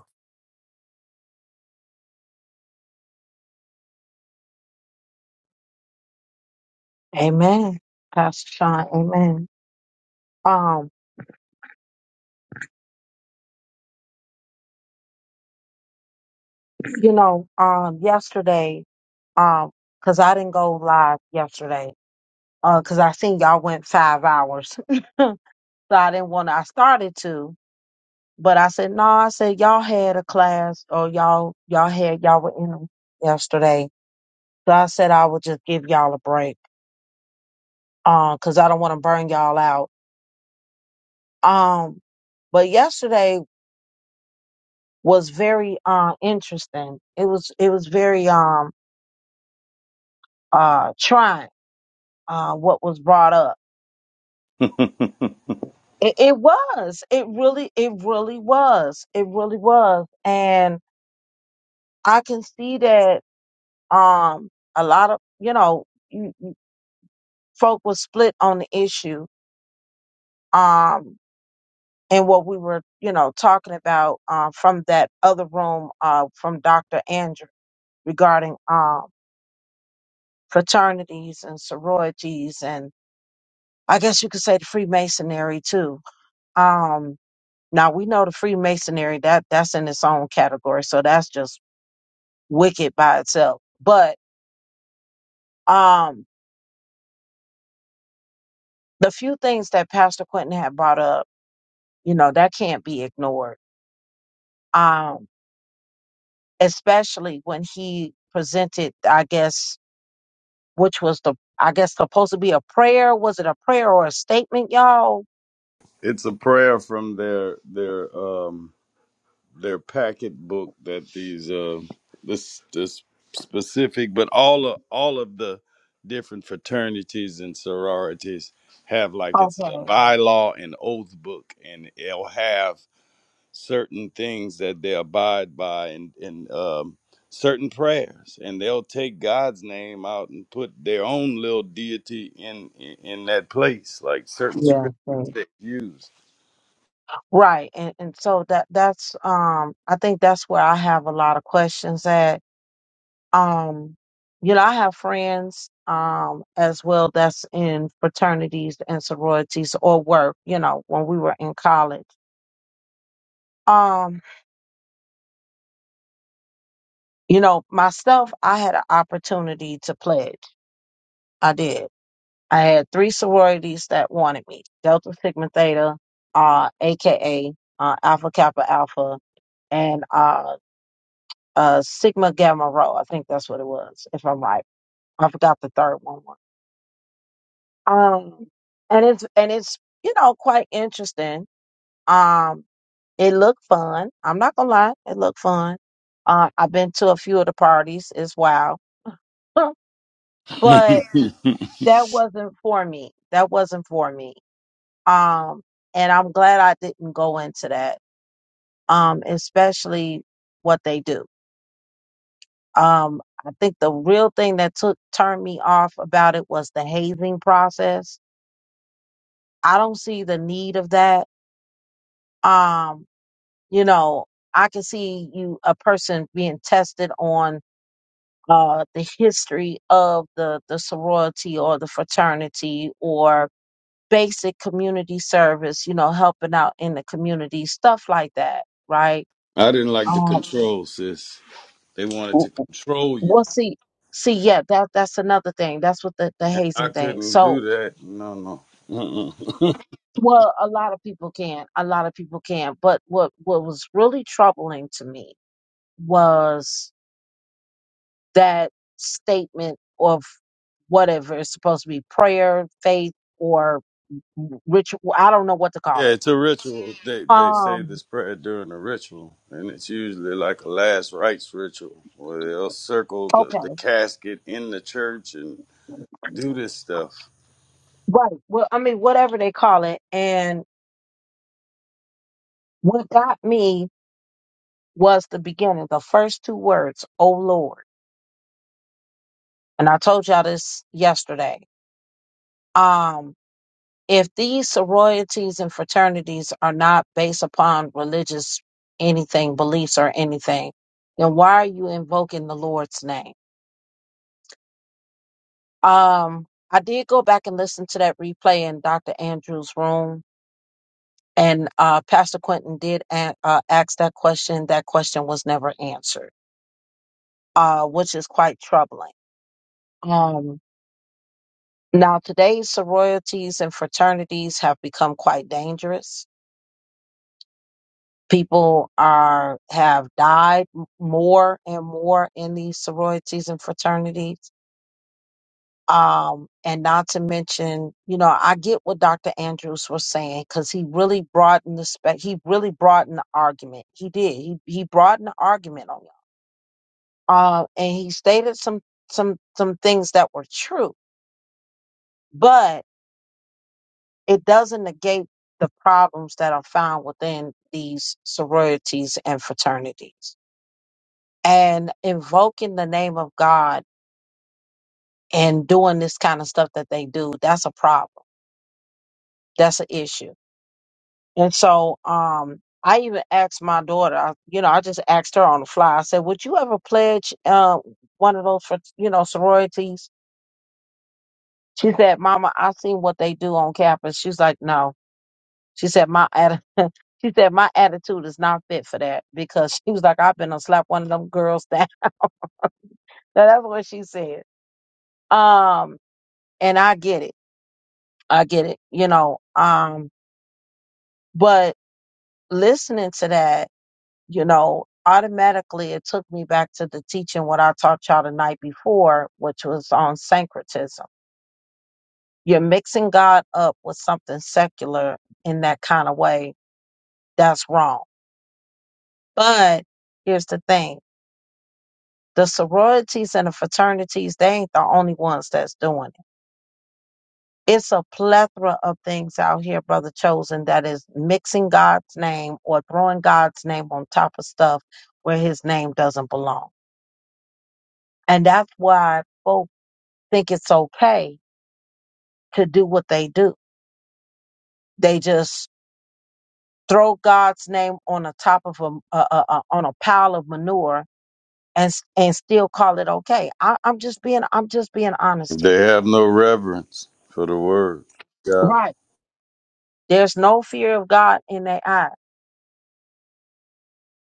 Speaker 1: Amen. Pastor Sean, amen. Um, you know, um, yesterday, um, cause I didn't go live yesterday, uh, cause I seen y'all went five hours. [laughs] so I didn't want to, I started to, but I said, no, I said, y'all had a class or y'all, y'all had, y'all were in 'em yesterday. So I said, I would just give y'all a break, um, cause I don't want to burn y'all out. Um, but yesterday was very, uh, interesting. It was, it was very, um, uh trying uh what was brought up
Speaker 3: [laughs]
Speaker 1: it, it was it really it really was it really was and i can see that um a lot of you know you- folk was split on the issue um and what we were you know talking about uh, from that other room uh from dr andrew regarding um fraternities and sororities and i guess you could say the freemasonry too um Now we know the Freemasonry that that's in its own category, so that's just wicked by itself. But um, the few things that Pastor Quentin had brought up, you know, that can't be ignored. Um, especially when he presented, I guess, which was the I guess supposed to be a prayer. Was it a prayer or a statement, y'all?
Speaker 3: it's a prayer from their their um. their packet book that these uh this this specific but all of all of the different fraternities and sororities have like it's a
Speaker 1: Okay.
Speaker 3: bylaw and oath book and it'll have certain things that they abide by and and um certain prayers and they'll take God's name out and put their own little deity in in, in that place like certain
Speaker 1: Yeah.
Speaker 3: scriptures
Speaker 1: thanks.
Speaker 3: they use
Speaker 1: Right. And and so that that's um I think that's where I have a lot of questions at Um, you know, I have friends um as well that's in fraternities and sororities or work, you know, when we were in college. Um, you know, myself, I had an opportunity to pledge. I did. I had three sororities that wanted me. Delta Sigma Theta, uh, aka uh, Alpha Kappa Alpha, and uh, uh, Sigma Gamma Rho. I think that's what it was, if I'm right. I forgot the third one. Um, and it's and it's you know quite interesting. Um, it looked fun. I'm not gonna lie, it looked fun. Uh, I've been to a few of the parties as well, [laughs]
Speaker 3: [laughs]
Speaker 1: but that wasn't for me. That wasn't for me. Um, and I'm glad I didn't go into that. Um, especially what they do. Um, I think the real thing that took turned me off about it was the hazing process. I don't see the need of that. Um, you know i can see you a person being tested on uh the history of the the sorority or the fraternity or basic community service you know helping out in the community stuff like that right
Speaker 3: I didn't like the
Speaker 1: um
Speaker 3: control sis They wanted
Speaker 1: w-
Speaker 3: to
Speaker 1: w-
Speaker 3: control you,
Speaker 1: we see see yeah that that's another thing that's what the, the
Speaker 3: and I
Speaker 1: hazing thing
Speaker 3: couldn't do
Speaker 1: so
Speaker 3: that. No, no. Mm-mm.
Speaker 1: well a lot of people can a lot of people can but what what was really troubling to me was that statement of whatever it's supposed to be prayer, faith, or ritual. I don't know what to
Speaker 3: Yeah,
Speaker 1: call it.
Speaker 3: it's a ritual. They they say
Speaker 1: Um,
Speaker 3: this prayer during a ritual, and it's usually like a last rites ritual where they'll circle the, the
Speaker 1: okay,
Speaker 3: casket in the church and do this stuff.
Speaker 1: right. Well, I mean, whatever they call it. And what got me was the beginning, the first two words, oh Lord. And I told y'all this yesterday. Um, if these sororities and fraternities are not based upon religious anything, beliefs or anything, then why are you invoking the Lord's name? Um, I did go back and listen to that replay in Dr. Andrew's room, and uh, Pastor Quentin did a- uh, ask that question. That question was never answered, uh, which is quite troubling. Um, now, today's sororities and fraternities have become quite dangerous. People are have died m- more and more in these sororities and fraternities. um, and not to mention, you know, I get what Dr. Andrews was saying because he really broadened the spec. He really broadened the argument. He did. He he broadened the argument on y'all. Uh, and he stated some some some things that were true, but it doesn't negate the problems that are found within these sororities and fraternities. And invoking the name of God and doing this kind of stuff that they do, that's a problem. That's an issue And so um I even asked my daughter, I, you know, I just asked her on the fly. I said, "Would you ever pledge uh, one of those for, you know, sororities?" She said, "Mama, I seen what they do on campus." She's like, "No." She said, "My atti- [laughs] she said my attitude is not fit for that because she was like, I've been to slap one of them girls down." [laughs] That's what she said. Um, and I get it. I get it. You know, um, but listening to that you know, automatically it took me back to the teaching what I taught y'all the night before, which was on syncretism. You're mixing God up with something secular in that kind of way. That's wrong. But here's the thing the sororities and the fraternities, they ain't the only ones that's doing it. It's a plethora of things out here, Brother Chosen, that is mixing God's name or throwing God's name on top of stuff where his name doesn't belong. And that's why folks think it's okay to do what they do. They just throw God's name on the top of a, a, a, a- on a pile of manure and s- and still call it okay. I, I'm just being I'm just being honest
Speaker 3: They
Speaker 1: here.
Speaker 3: have no reverence for the word. Yeah.
Speaker 1: Right. There's no fear of God in their eye.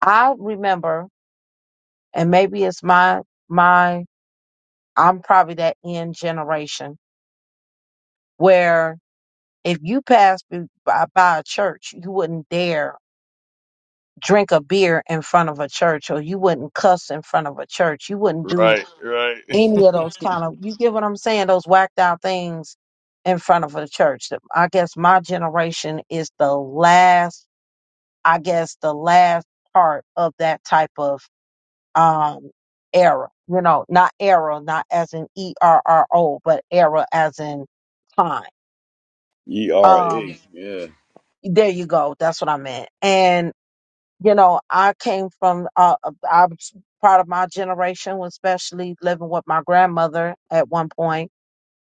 Speaker 1: I remember, and maybe it's my my I'm probably that end generation where if you passed b- by, by a church, you wouldn't dare drink a beer in front of a church or you wouldn't cuss in front of a church. You wouldn't do
Speaker 3: Right, right. [laughs]
Speaker 1: any of those kind of, you get what I'm saying? Those whacked out things in front of a church. I guess my generation is the last, I guess the last part of that type of, um, era, you know, not era, not as in E R R O, but era as in time.
Speaker 3: E R
Speaker 1: Um,
Speaker 3: A. Yeah.
Speaker 1: there you go. That's what I meant. And you know, I came from, uh, uh, I was part of my generation, especially living with my grandmother at one point,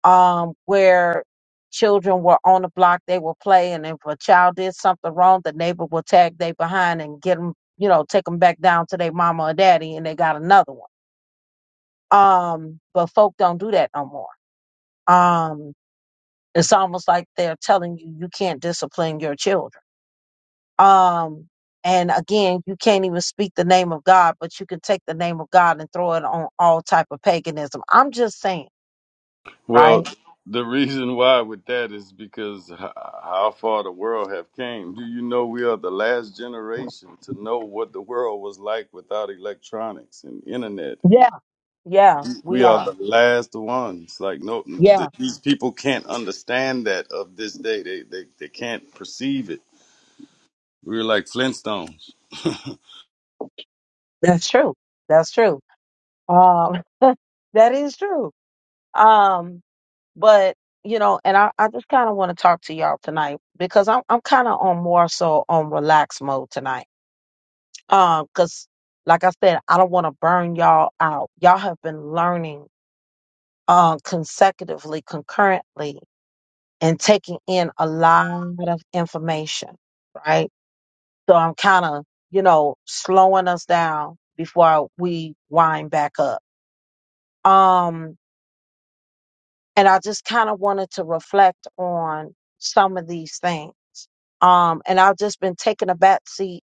Speaker 1: um, where children were on the block, they were playing, and if a child did something wrong, the neighbor would tag they behind and get them, you know, take them back down to their mama or daddy, and they got another one. Um, but folk don't do that no more. Um, it's almost like they're telling you you can't discipline your children Um, and again, you can't even speak the name of God, but you can take the name of God and throw it on all type of paganism. I'm just saying,
Speaker 3: Well,
Speaker 1: right?
Speaker 3: the reason why with that is because h- how far the world have came. Do you know we are the last generation to know what the world was like without electronics and internet?
Speaker 1: Yeah,
Speaker 3: And
Speaker 1: yeah, we
Speaker 3: we are
Speaker 1: are.
Speaker 3: the last ones. Like no,
Speaker 1: Yeah,
Speaker 3: th- these people can't understand that of this day. They they they can't perceive it. We were like Flintstones.
Speaker 1: that's true. That's true. Um, [laughs] that is true. Um, but you know, and I, I just kind of want to talk to y'all tonight because I'm I'm kind of on more so on relax mode tonight. Um, because like I said, I don't want to burn y'all out. Y'all have been learning uh, consecutively, concurrently, and taking in a lot of information, right? So I'm kind of, you know, slowing us down before we wind back up. Um, and I just kind of wanted to reflect on some of these things. Um, and I've just been taking a back seat,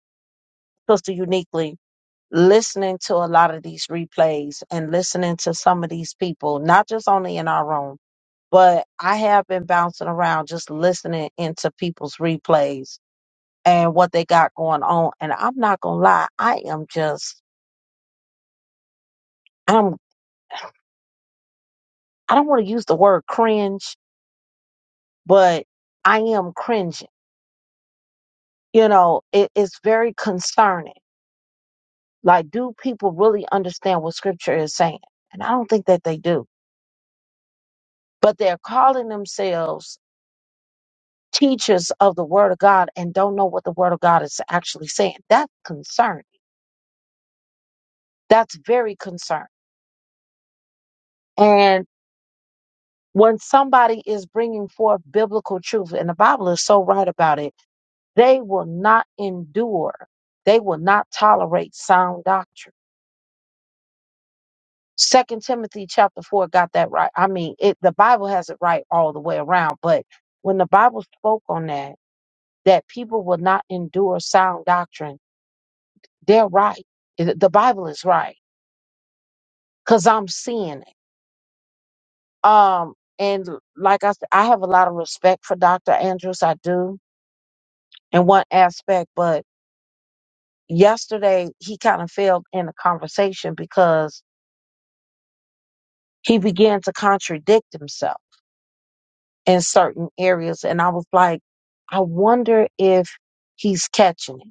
Speaker 1: Sister Uniquely, listening to a lot of these replays and listening to some of these people, not just only in our room but I have been bouncing around just listening into people's replays and what they got going on. And I'm not gonna lie, I am just I'm I don't want to use the word cringe, but I am cringing. You know, it, it's very concerning. Like, do people really understand what scripture is saying? And I don't think that they do. But they're calling themselves teachers of the word of God and don't know what the word of God is actually saying. That's concerning. That's very concerning. And when somebody is bringing forth biblical truth, and the Bible is so right about it, they will not endure. They will not tolerate sound doctrine. Second Timothy chapter four got that right. I mean, it the Bible has it right all the way around. But when the Bible spoke on that, that people will not endure sound doctrine, they're right. It- The Bible is right because I'm seeing it. Um, and like I said, I have a lot of respect for Dr. Andrews. I do in one aspect, but yesterday he kind of failed in the conversation because he began to contradict himself in certain areas and i was like i wonder if he's catching it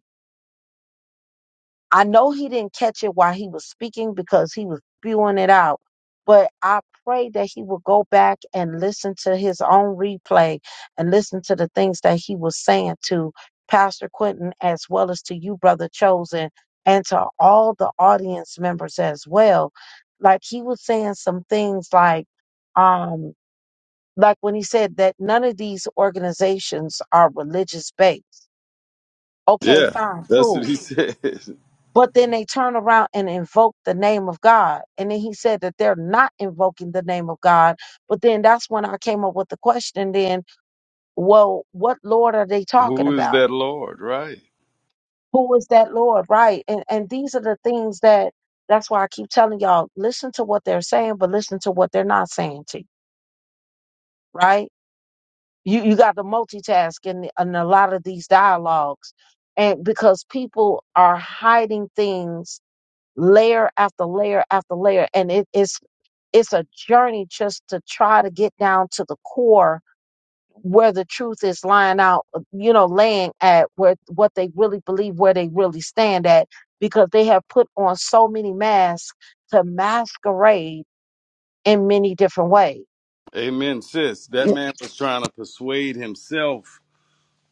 Speaker 1: I know he didn't catch it while he was speaking because he was spewing it out. But I pray that he will go back and listen to his own replay and listen to the things that he was saying to Pastor Quentin as well as to you, Brother Chosen, and to all the audience members as well. Like he was saying some things like, um, like when he said that none of these organizations are religious based. Okay,
Speaker 3: Yeah,
Speaker 1: fine,
Speaker 3: that's what
Speaker 1: cool
Speaker 3: he said. [laughs]
Speaker 1: but then they turn around and invoke the name of God. And then he said that they're not invoking the name of God. But then that's when I came up with the question then, well, what Lord are they talking
Speaker 3: Who is
Speaker 1: about?
Speaker 3: that Lord? Right.
Speaker 1: Who is that Lord? Right. And and these are the things that that's why I keep telling y'all, listen to what they're saying, but listen to what they're not saying to you, right? You you got to multitask in, in a lot of these dialogues. And because people are hiding things layer after layer after layer and it is it's a journey just to try to get down to the core where the truth is lying out uh, you know laying at where what they really believe where they really stand at because they have put on so many masks to masquerade in many different ways
Speaker 3: Amen, sis. That
Speaker 1: You-
Speaker 3: man was trying to persuade himself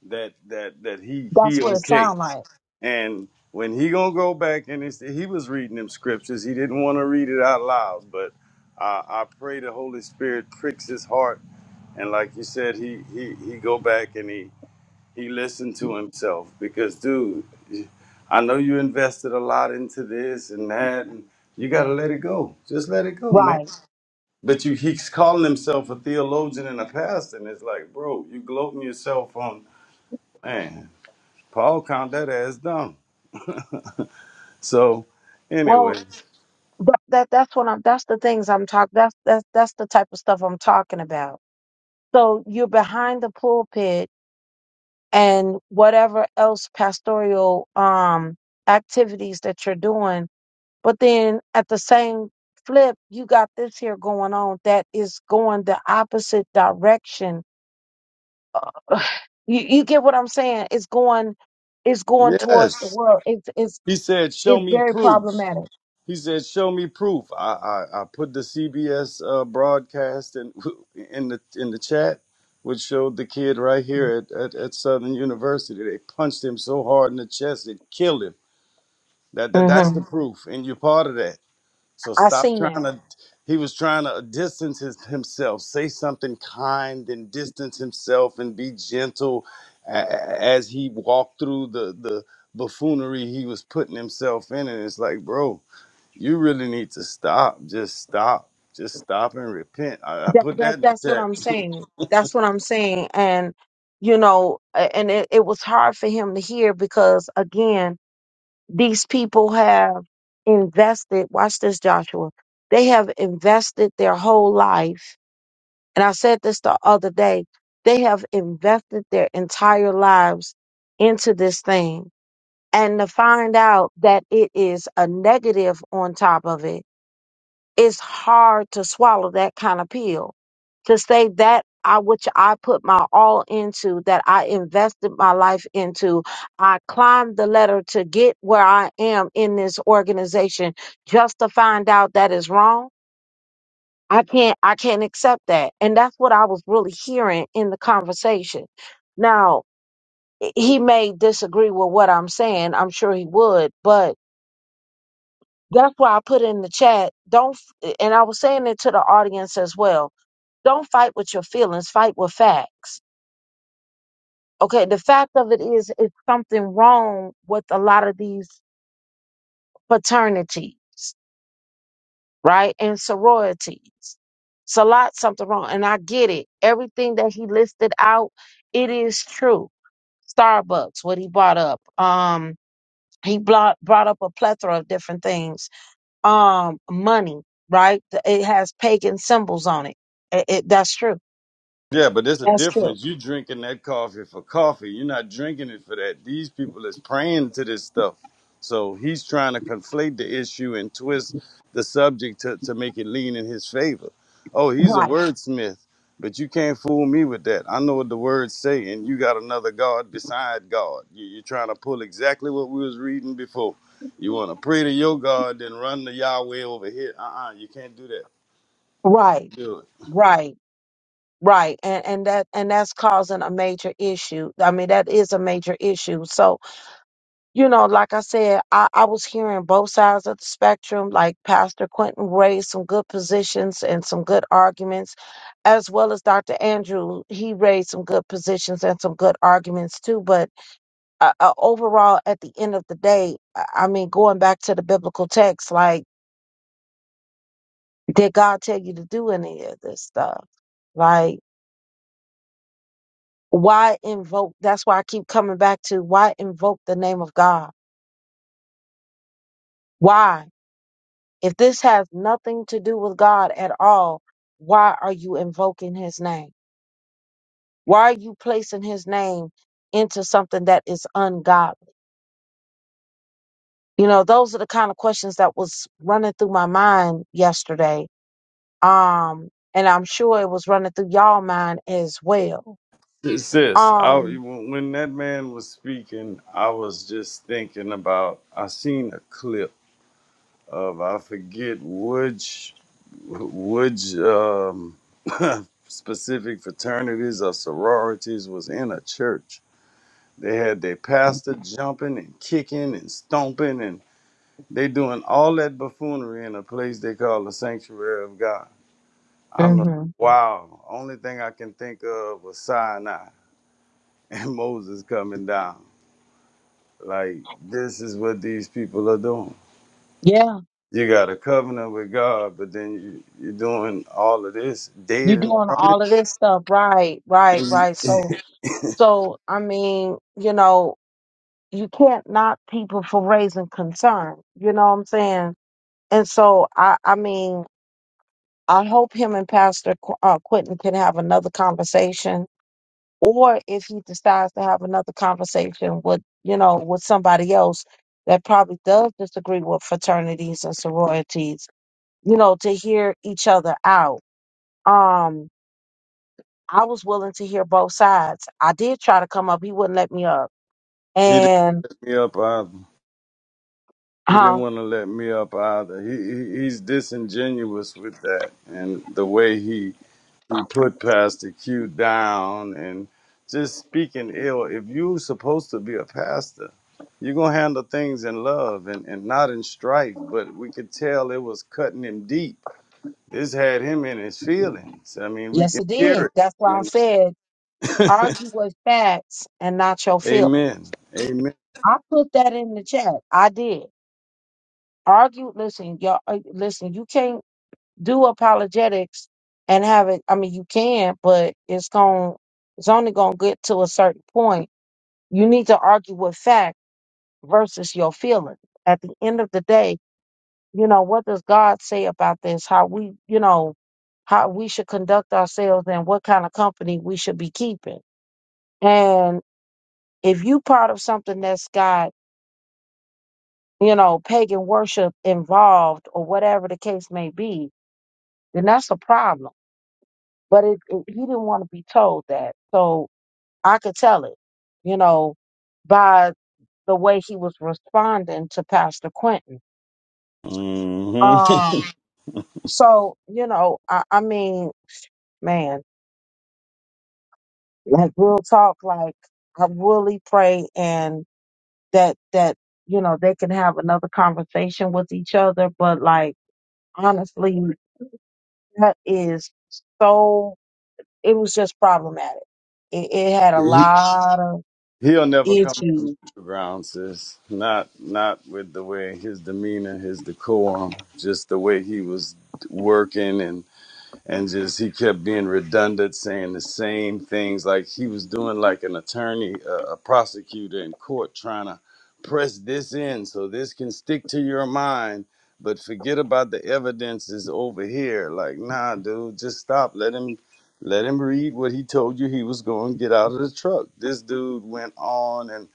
Speaker 3: that that that he
Speaker 1: that's
Speaker 3: he
Speaker 1: what it
Speaker 3: okay.
Speaker 1: sounds like
Speaker 3: And when he gonna go back and it's, he was reading them scriptures, he didn't want to read it out loud. But I, I pray the Holy Spirit pricks his heart, and like you said, he he he go back and he he listened to himself because, dude, I know you invested a lot into this and that, and you gotta let it go. Just let it go, man.
Speaker 1: right
Speaker 3: But you he's calling himself a theologian and a pastor, and it's like, bro, you gloating yourself on, man. Paul count that as dumb. So,
Speaker 1: well
Speaker 3: anyways,
Speaker 1: that, that that's what i'm that's the things i'm talking that's that's that's the type of stuff i'm talking about so you're behind the pulpit and whatever else pastoral um activities that you're doing but then at the same flip you got this here going on that is going the opposite direction [sighs] you, you get what i'm saying it's going it's going towards the
Speaker 3: yes,
Speaker 1: world it's it's
Speaker 3: he said, "Show
Speaker 1: it's
Speaker 3: me
Speaker 1: very
Speaker 3: proof."
Speaker 1: problematic
Speaker 3: He said, "Show me proof." I I, I put the CBS uh, broadcast in [laughs] in the in the chat, which showed the kid right here at, at, at Southern University. They punched him so hard in the chest it killed him. That, that that's the
Speaker 1: hmm
Speaker 3: proof, and you're part of that. So
Speaker 1: i
Speaker 3: stop
Speaker 1: seen
Speaker 3: trying
Speaker 1: that.
Speaker 3: to. He was trying to distance his, himself, say something kind, and distance himself and be gentle a- a- as he walked through the the buffoonery he was putting himself in. And it's like, bro, you really need to stop. Just stop. Just stop and repent. I, I
Speaker 1: that
Speaker 3: put
Speaker 1: that
Speaker 3: that in
Speaker 1: that's what
Speaker 3: the
Speaker 1: i'm
Speaker 3: chat.
Speaker 1: saying that's what i'm saying and you know a- and it, it was hard for him to hear because again These people have invested, watch this, Joshua. They have invested their whole life. And I said this the other day. They have invested their entire lives into this thing. And to find out that it is a negative on top of it it's hard to swallow that kind of pill to say that I which I put my all into, that I invested my life into. I climbed the ladder to get where I am in this organization just to find out that is wrong. I can't I can't accept that. And that's what I was really hearing in the conversation. Now, h- he may disagree with what I'm saying. I'm sure he would, but that's why I put in the chat. Don't f- and I was saying it to the audience as well Don't fight with your feelings, fight with facts. Okay, the fact of it is, it's something wrong with a lot of these fraternities, right? And sororities. It's a lot something wrong. And I get it. Everything that he listed out, it is true. Starbucks, what he brought up. Um, he brought brought up a plethora of different things. Um, money, right? The- It has pagan symbols on it. It, it that's true.
Speaker 3: Yeah, but there's a
Speaker 1: That's true.
Speaker 3: difference. You drinking that coffee for coffee. You're not drinking it for that. These people is praying to this stuff. So he's trying to conflate the issue and twist the subject to, to make it lean in his favor. Oh, he's a
Speaker 1: Right,
Speaker 3: wordsmith, but you can't fool me with that. I know what the words say, and you got another God beside God. You, you're trying to pull exactly what we was reading before. You want to pray to your God, then run to Yahweh over here. Uh-uh, you can't do that.
Speaker 1: right,
Speaker 3: Do it.
Speaker 1: right. Right. And and that and that's causing a major issue. I mean, that is a major issue. So, you know, like I said, I, I was hearing both sides of the spectrum, like Pastor Quentin raised some good positions and some good arguments, as well as Dr. Andrew, he raised some good positions and some good arguments too. But uh, uh, overall, at the end of the day, I I mean, going back to the biblical text, like, did God tell you to do any of this stuff? Like, Why invoke? That's why I keep coming back to why invoke the name of God? Why? If this has nothing to do with God at all, why are you invoking his name? Why are you placing his name into something that is ungodly? You know, those are the kind of questions that was running through my mind yesterday. Um, and I'm sure it was running through y'all mind as well.
Speaker 3: Sis, I,
Speaker 1: Um,
Speaker 3: when that man was speaking, I was just thinking about. I seen a clip of I forget which which um, [laughs] specific fraternities or sororities was in a church. They had their pastor jumping and kicking and stomping, and they doing all that buffoonery in a place they call the sanctuary of God. I'm like,
Speaker 1: mhm.
Speaker 3: wow. Only thing I can think of was Sinai and [laughs] Moses coming down. Like this is what these people are doing.
Speaker 1: yeah,
Speaker 3: You got a covenant with God, but then you, you're doing all of this dead
Speaker 1: you
Speaker 3: in
Speaker 1: doing
Speaker 3: front of him.
Speaker 1: all of this stuff, right?
Speaker 3: And
Speaker 1: Right,
Speaker 3: you-
Speaker 1: right. So So, I mean, you know, you can't knock people for raising concern. You know what I'm saying? And so, I, I mean, I hope him and Pastor Qu- uh, Quentin can have another conversation, or if he decides to have another conversation with, you know, with somebody else that probably does disagree with fraternities and sororities, you know, to hear each other out. Um, I was willing to hear both sides. I did try to come up; he wouldn't let me up,
Speaker 3: he didn't
Speaker 1: and
Speaker 3: let me up either. He
Speaker 1: huh?
Speaker 3: didn't want to let me up either. He, he he's disingenuous with that and the way he he put Pastor Q down and just speaking ill. If you supposed to be a pastor, you're gonna handle things in love and, and not in strife. But we could tell it was cutting him deep This had him in his feelings. I mean, we
Speaker 1: Yes,
Speaker 3: can
Speaker 1: it did.
Speaker 3: hear
Speaker 1: That's why I
Speaker 3: it.
Speaker 1: said
Speaker 3: And-
Speaker 1: argue with facts and not your
Speaker 3: [laughs]
Speaker 1: feelings.
Speaker 3: Amen. Amen.
Speaker 1: I put that in the chat. I did argue. Listen, y'all. uh, Listen, you can't do apologetics and have it. I mean, you can, but it's going It's only gonna get to a certain point. You need to argue with fact versus your feelings. At the end of the day, you know what does God say about this? How we, you know, how we should conduct ourselves and what kind of company we should be keeping. and if you part of something that's got you know pagan worship involved or whatever the case may be then that's a problem but it, it, he didn't want to be told that so i could tell it you know by the way he was responding to pastor quentin
Speaker 3: hmm
Speaker 1: um so you know i, I mean man like real talk like i really pray and that that you know they can have another conversation with each other but like honestly That is so, it was just problematic. It, it had a
Speaker 3: He-
Speaker 1: lot of
Speaker 3: He'll never come on the
Speaker 1: issues.
Speaker 3: neutral ground, sis. Not not with the way his demeanor, his decorum, just the way he was working and. and just he kept being redundant, saying the same things. Like he was doing like an attorney, uh, a prosecutor in court, trying to press this in so this can stick to your mind. But forget about the evidence is over here. Like, nah, dude, just stop. Let him, let him read what he told you he was going to get out of the truck. This dude went on, and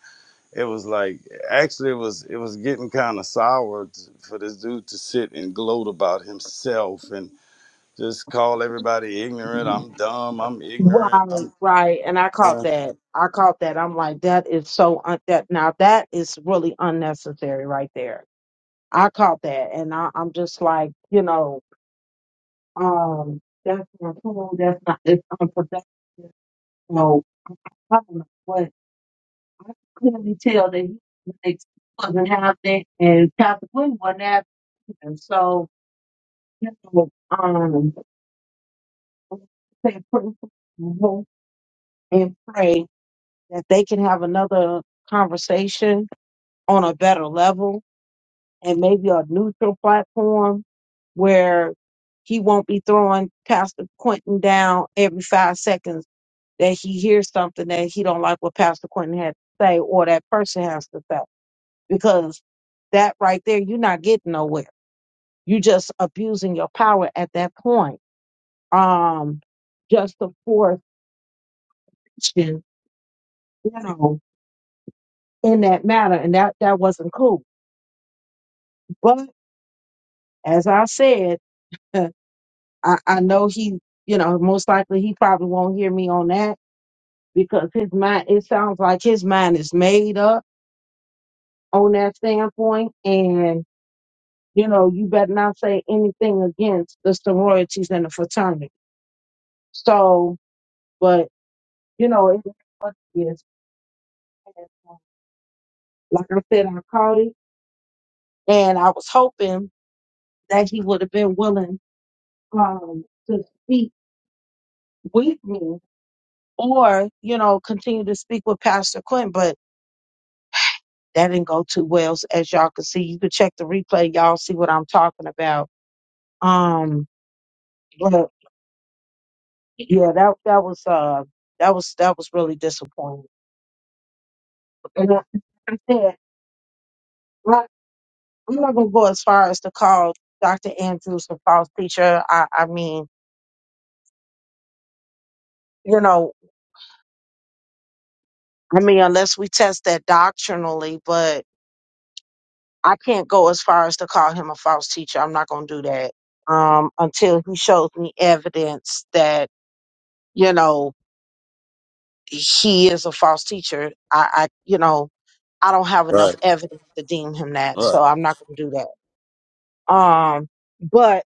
Speaker 3: it was like, actually, it was it was getting kind of sour t- for this dude to sit and gloat about himself and just call everybody ignorant. I'm dumb. I'm ignorant.
Speaker 1: Right,
Speaker 3: I'm
Speaker 1: right. And I
Speaker 3: yeah.
Speaker 1: caught that. I caught that. I'm like, that is so, un- that now that is really unnecessary right there. I caught that. And I, I'm just like, you know, um, that's not cool. That's not, it's unproductive. So, I don't know what, I could clearly tell that he wasn't having it and Pastor Glenn wasn't having it. And so, you know, um, say pray for people and pray that they can have another conversation on a better level and maybe a neutral platform where he won't be throwing Pastor Quentin down every five seconds that he hears something that he don't like what Pastor Quentin had to say or that person has to say. Because that right there, you're not getting nowhere. You're just abusing your power at that point. Um, just to force action, you know, in that matter, and that that wasn't cool. But as I said, uh, I, I know he, you know, most likely he probably won't hear me on that because his mind. It sounds like his mind is made up on that standpoint, and you know, you better not say anything against the sororities and the fraternity. So, but you know, it is what it is. And, uh, Like I said, I called him, and I was hoping that he would have been willing um, to speak with me or you know continue to speak with pastor quinn but that didn't go too well so as y'all can see you can check the replay y'all see what i'm talking about um but yeah that that was uh that was that was really disappointing and like i said like, i'm not gonna go as far as to call dr andrews a false teacher i i mean you know i mean unless we test that doctrinally I can't go as far as to call him a false teacher. I'm not going to do that um, until he shows me evidence that you know he is a false teacher. I, I, you know, I don't have enough
Speaker 3: right.
Speaker 1: evidence to deem him that,
Speaker 3: Right.
Speaker 1: so I'm not going to do that. Um, but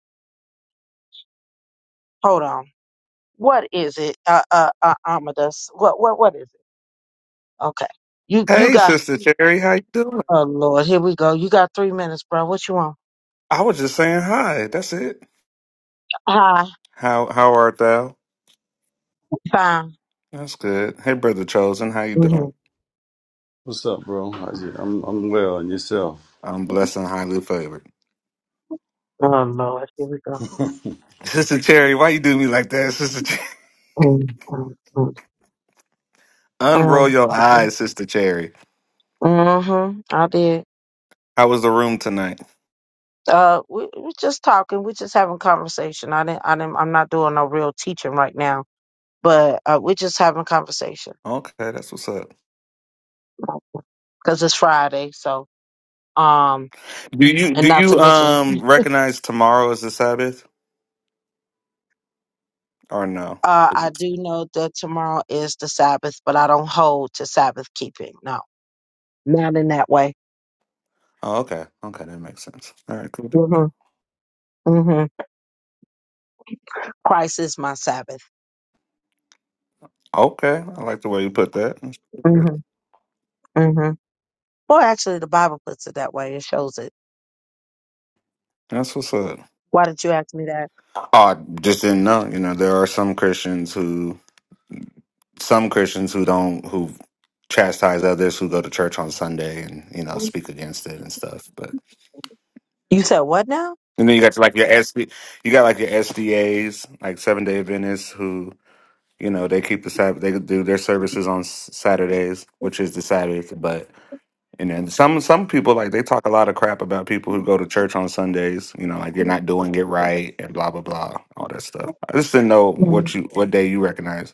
Speaker 1: hold on, what is it, uh, uh, uh, Amadeus? What, what, what is it? Okay, you, you
Speaker 6: Hey,
Speaker 1: got.
Speaker 6: Sister Cherry, how you doing?
Speaker 1: Oh Lord, here we go. You got three minutes, bro. What you want?
Speaker 6: I was just saying hi. That's it.
Speaker 1: Hi,
Speaker 6: How how art thou?
Speaker 1: fine.
Speaker 6: That's good. Hey, brother chosen, how you
Speaker 1: hmm
Speaker 6: doing?
Speaker 3: What's up, bro? How's you- I'm I'm well, and yourself?
Speaker 6: I'm blessed and highly favored.
Speaker 1: Oh Lord, here we go.
Speaker 6: Sister Cherry, why you do me like that, Sister? Cherry?
Speaker 1: Mm-hmm. Mm-hmm.
Speaker 6: [laughs] Unroll
Speaker 1: Um,
Speaker 6: your eyes, Sister Cherry.
Speaker 1: mm-hmm. I did.
Speaker 6: How was the room tonight?
Speaker 1: Uh, we we just talking. We just having conversation. I didn't. I didn't. I'm not doing no real teaching right now, but uh, we're just having conversation
Speaker 6: Okay, that's what's up.
Speaker 1: because it's Friday. So, um,
Speaker 6: Do you
Speaker 1: and
Speaker 6: do
Speaker 1: not to
Speaker 6: you
Speaker 1: mention,
Speaker 6: um recognize tomorrow as the Sabbath or no?
Speaker 1: uh, I do know that tomorrow is the Sabbath, but I don't hold to Sabbath keeping. No, not in that way.
Speaker 6: Oh, okay, okay, that makes sense. All right, cool.
Speaker 1: Mm-hmm. Mm-hmm. Christ is my Sabbath.
Speaker 6: Okay, I like the way you put that. That's good.
Speaker 1: Mm-hmm. Mm-hmm. Well, actually, the Bible puts it that way. It shows it.
Speaker 6: That's what's up.
Speaker 1: Why did you ask me that?
Speaker 6: I just didn't know. You know, there are some Christians who some Christians who don't who chastise others who go to church on Sunday and you know
Speaker 1: You
Speaker 6: speak against it and stuff. But
Speaker 1: said what now?
Speaker 6: and then you got like your SD, you got like your SDAs, like Seven Day Adventists, who you know they keep the Sabbath, they do their services on S- Saturdays, which is the Sabbath. But and then some some people like they talk a lot of crap about people who go to church on Sundays. You know, like you're not doing it right and blah blah blah, all that stuff. I just didn't know
Speaker 1: No.
Speaker 6: what you what day you recognize.